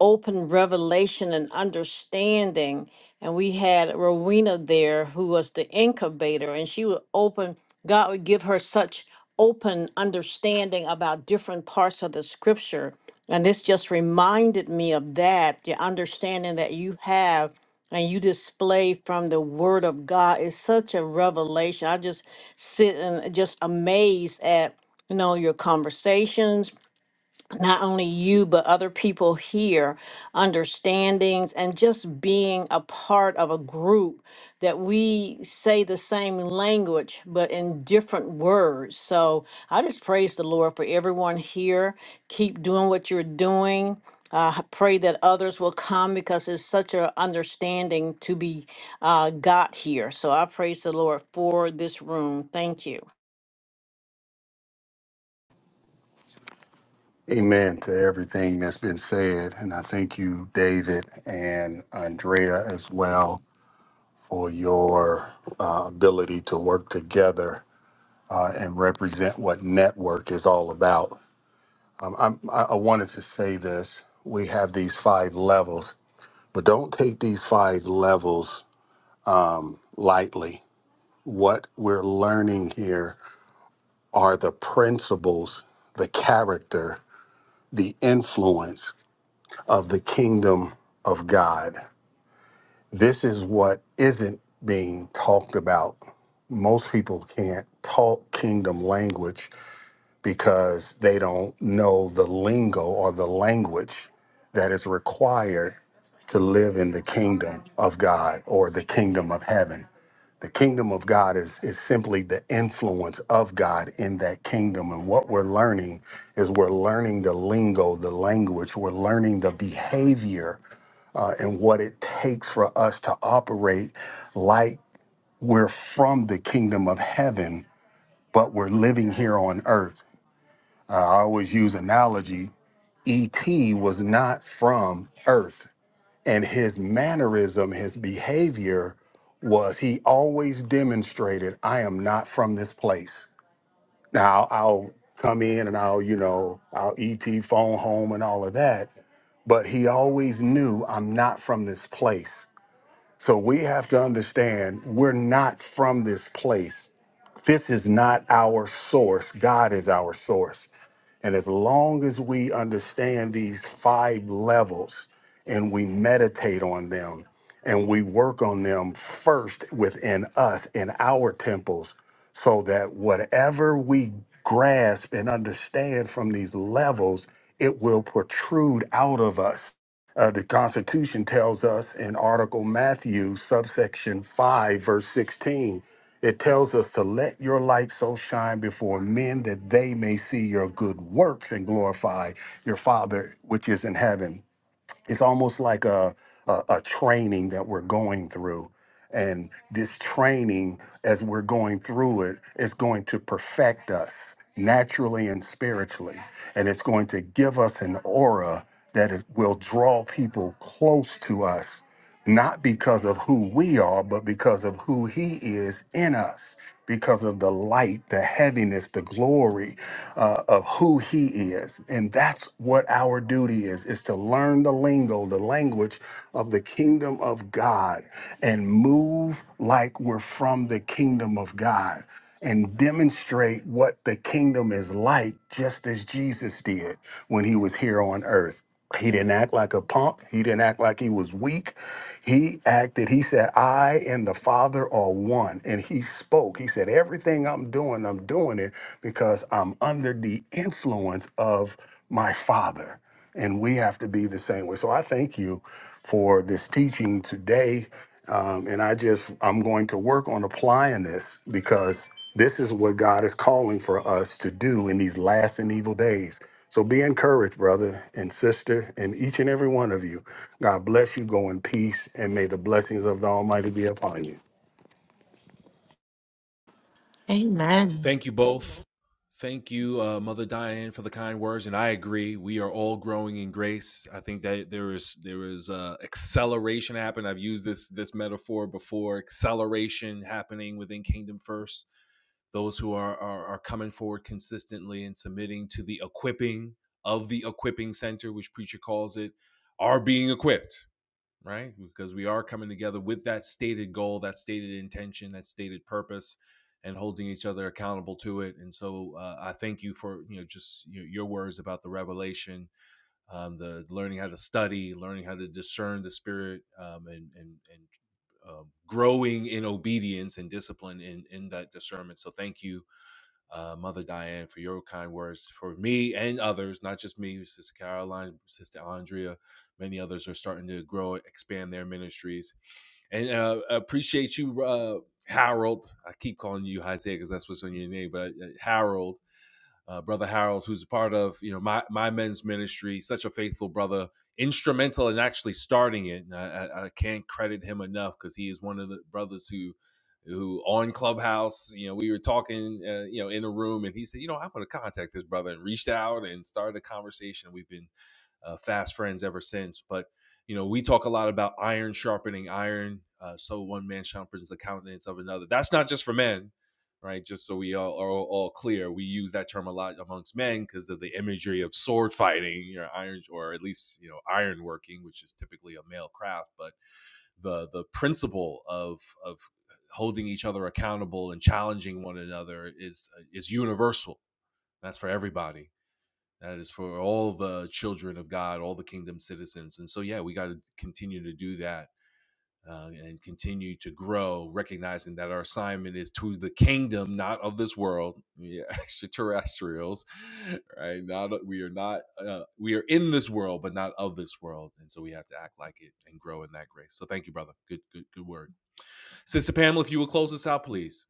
D: open revelation and understanding. And we had Rowena there, who was the incubator, and she would open, God would give her such open understanding about different parts of the scripture. And this just reminded me of that the understanding that you have and you display from the word of God is such a revelation. I just sit and just amazed at you know your conversations not only you but other people here understandings and just being a part of a group that we say the same language but in different words so i just praise the lord for everyone here keep doing what you're doing uh, I pray that others will come because it's such an understanding to be uh, got here so i praise the lord for this room thank you
F: Amen to everything that's been said, and I thank you, David and Andrea, as well for your uh, ability to work together uh, and represent what network is all about Um, I'm- I, I wanted to say this. We have these five levels, but don't take these five levels lightly. What we're learning here are the principles, the character, the influence of the kingdom of God. This is what isn't being talked about. Most people can't talk kingdom language because they don't know the lingo or the language that is required to live in the kingdom of God or the kingdom of heaven. The kingdom of God is, is simply the influence of God in that kingdom. And what we're learning is we're learning the lingo, the language, we're learning the behavior uh, and what it takes for us to operate like we're from the kingdom of heaven, but we're living here on earth. Uh, I always use analogy. E.T. was not from Earth, and his mannerism, his behavior was he always demonstrated, I am not from this place. Now, I'll come in and I'll, you know, I'll E.T. phone home and all of that, but he always knew, I'm not from this place. So we have to understand we're not from this place. This is not our source. God is our source. And as long as we understand these five levels and we meditate on them and we work on them first within us in our temples, so that whatever we grasp and understand from these levels, it will protrude out of us. Uh, the Constitution tells us in Article Matthew, subsection 5, verse 16. It tells us to let your light so shine before men that they may see your good works and glorify your Father which is in heaven. It's almost like a, a, a training that we're going through. And this training, as we're going through it, is going to perfect us naturally and spiritually. And it's going to give us an aura that is, will draw people close to us not because of who we are, but because of who He is in us, because of the light, the heaviness, the glory uh, of who He is. And that's what our duty is, is to learn the lingo, the language of the kingdom of God and move like we're from the kingdom of God and demonstrate what the kingdom is like, just as Jesus did when he was here on earth. He didn't act like a punk. He didn't act like he was weak. He acted, he said, I and the Father are one. And he spoke. He said, Everything I'm doing, I'm doing it because I'm under the influence of my Father and we have to be the same way. So I thank you for this teaching today, um, and I just I'm going to work on applying this because this is what God is calling for us to do in these last and evil days. So be encouraged, brother and sister, and each and every one of you. God bless you. Go in peace, and may the blessings of the Almighty be upon you.
B: Amen.
A: Thank you both. Thank you, uh, Mother Diane, for the kind words, and I agree. We are all growing in grace. I think that there is there is uh, acceleration happening. I've used this this metaphor before. Acceleration happening within Kingdom First. Those who are are, are coming forward consistently and submitting to the equipping of the equipping center, which preacher calls it, are being equipped right? Because we are coming together with that stated goal, that stated intention, that stated purpose, and holding each other accountable to it. And so uh, I thank you for you know just you know, your words about the revelation, um, the learning how to study, learning how to discern the spirit, um, and and and. Uh, growing in obedience and discipline in in that discernment. So thank you uh, Mother Diane, for your kind words for me and others, not just me, Sister Caroline, Sister Andrea. Many others are starting to grow, expand their ministries. And uh, appreciate you, uh, Harold. I keep calling you Isaiah because that's what's on your name, but uh, Harold uh, brother Harold, who's a part of you know my my men's ministry, such a faithful brother, instrumental in actually starting it. And I, I, can't credit him enough because he is one of the brothers who who on Clubhouse, you know, we were talking, uh, you know, in a room, and he said, you know, I'm going to contact this brother, and reached out and started a conversation. We've been uh, fast friends ever since. But you know, we talk a lot about iron sharpening iron. Uh, so one man sharpens the countenance of another. That's not just for men, right? Just so we all are all, all clear, we use that term a lot amongst men because of the imagery of sword fighting, you know, iron or at least you know iron working, which is typically a male craft. But the the principle of of holding each other accountable and challenging one another is is universal. That's for everybody that is for all the children of God, all the kingdom citizens. And so, yeah, we got to continue to do that uh, and continue to grow, recognizing that our assignment is to the kingdom, not of this world, yeah, extraterrestrials, right? Not we are not uh, we are in this world, but not of this world, and so we have to act like it and grow in that grace. So, thank you, brother. Good, good, good word, Sister Pamela. If you will close us out, please.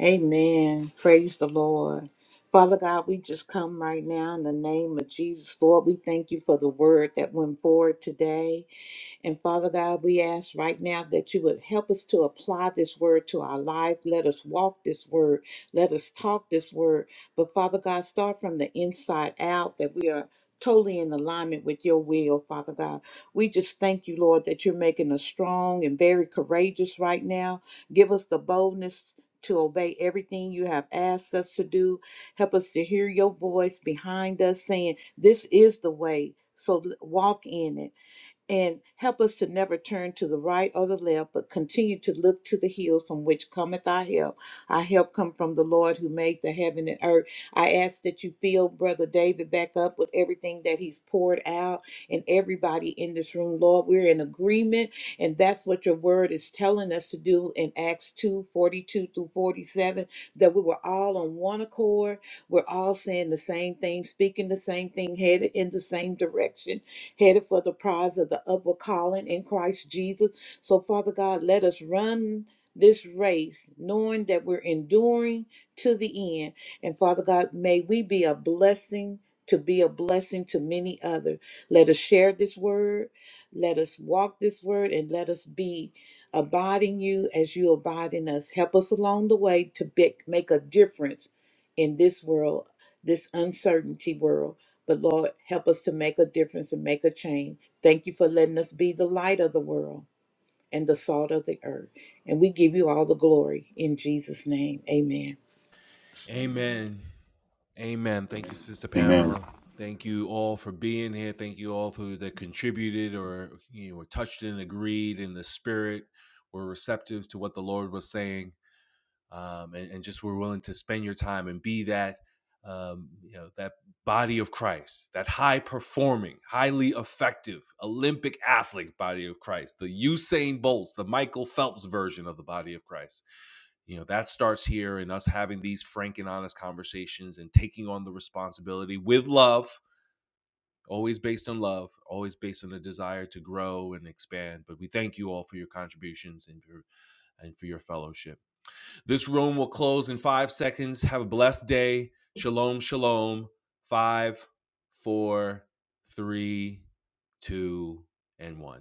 C: Amen. Praise the Lord. Father God, we just come right now in the name of Jesus, Lord. We thank you for the word that went forward today. And Father God, we ask right now that you would help us to apply this word to our life. Let us walk this word. Let us talk this word. But Father God, start from the inside out that we are totally in alignment with your will, Father God. We just thank you, Lord, that you're making us strong and very courageous right now. Give us the boldness. To obey everything you have asked us to do. Help us to hear your voice behind us saying, This is the way. So l- walk in it and help us to never turn to the right or the left, but continue to look to the hills from which cometh our help. Our help come from the Lord who made the heaven and earth. I ask that you fill Brother David back up with everything that he's poured out and everybody in this room. Lord, we're in agreement, and that's what your word is telling us to do in Acts 2 42 through 47, that we were all on one accord. We're all saying the same thing, speaking the same thing, headed in the same direction headed for the prize of the upward calling in Christ Jesus. So, Father God, let us run this race knowing that we're enduring to the end. And, Father God, may we be a blessing to be a blessing to many others. Let us share this word. Let us walk this word and let us be abiding you as you abide in us. Help us along the way to be, make a difference in this world this uncertainty world. But Lord, help us to make a difference and make a change. Thank you for letting us be the light of the world and the salt of the earth. And we give you all the glory in Jesus' name. Amen.
A: Amen. Amen. Thank you, Sister
F: Amen.
A: Pamela. Thank you all for being here. Thank you all who that contributed or you know, touched and agreed in the spirit, were receptive to what the Lord was saying um, and, and just were willing to spend your time and be that um, you know that body of Christ, that high performing, highly effective Olympic athlete body of Christ, the Usain Bolts, the Michael Phelps version of the body of Christ. You know that starts here in us having these frank and honest conversations and taking on the responsibility with love, always based on love, always based on a desire to grow and expand. But we thank you all for your contributions and for and for your fellowship. This room will close in five seconds. Have a blessed day. Shalom, shalom. Five, four, three, two, and one.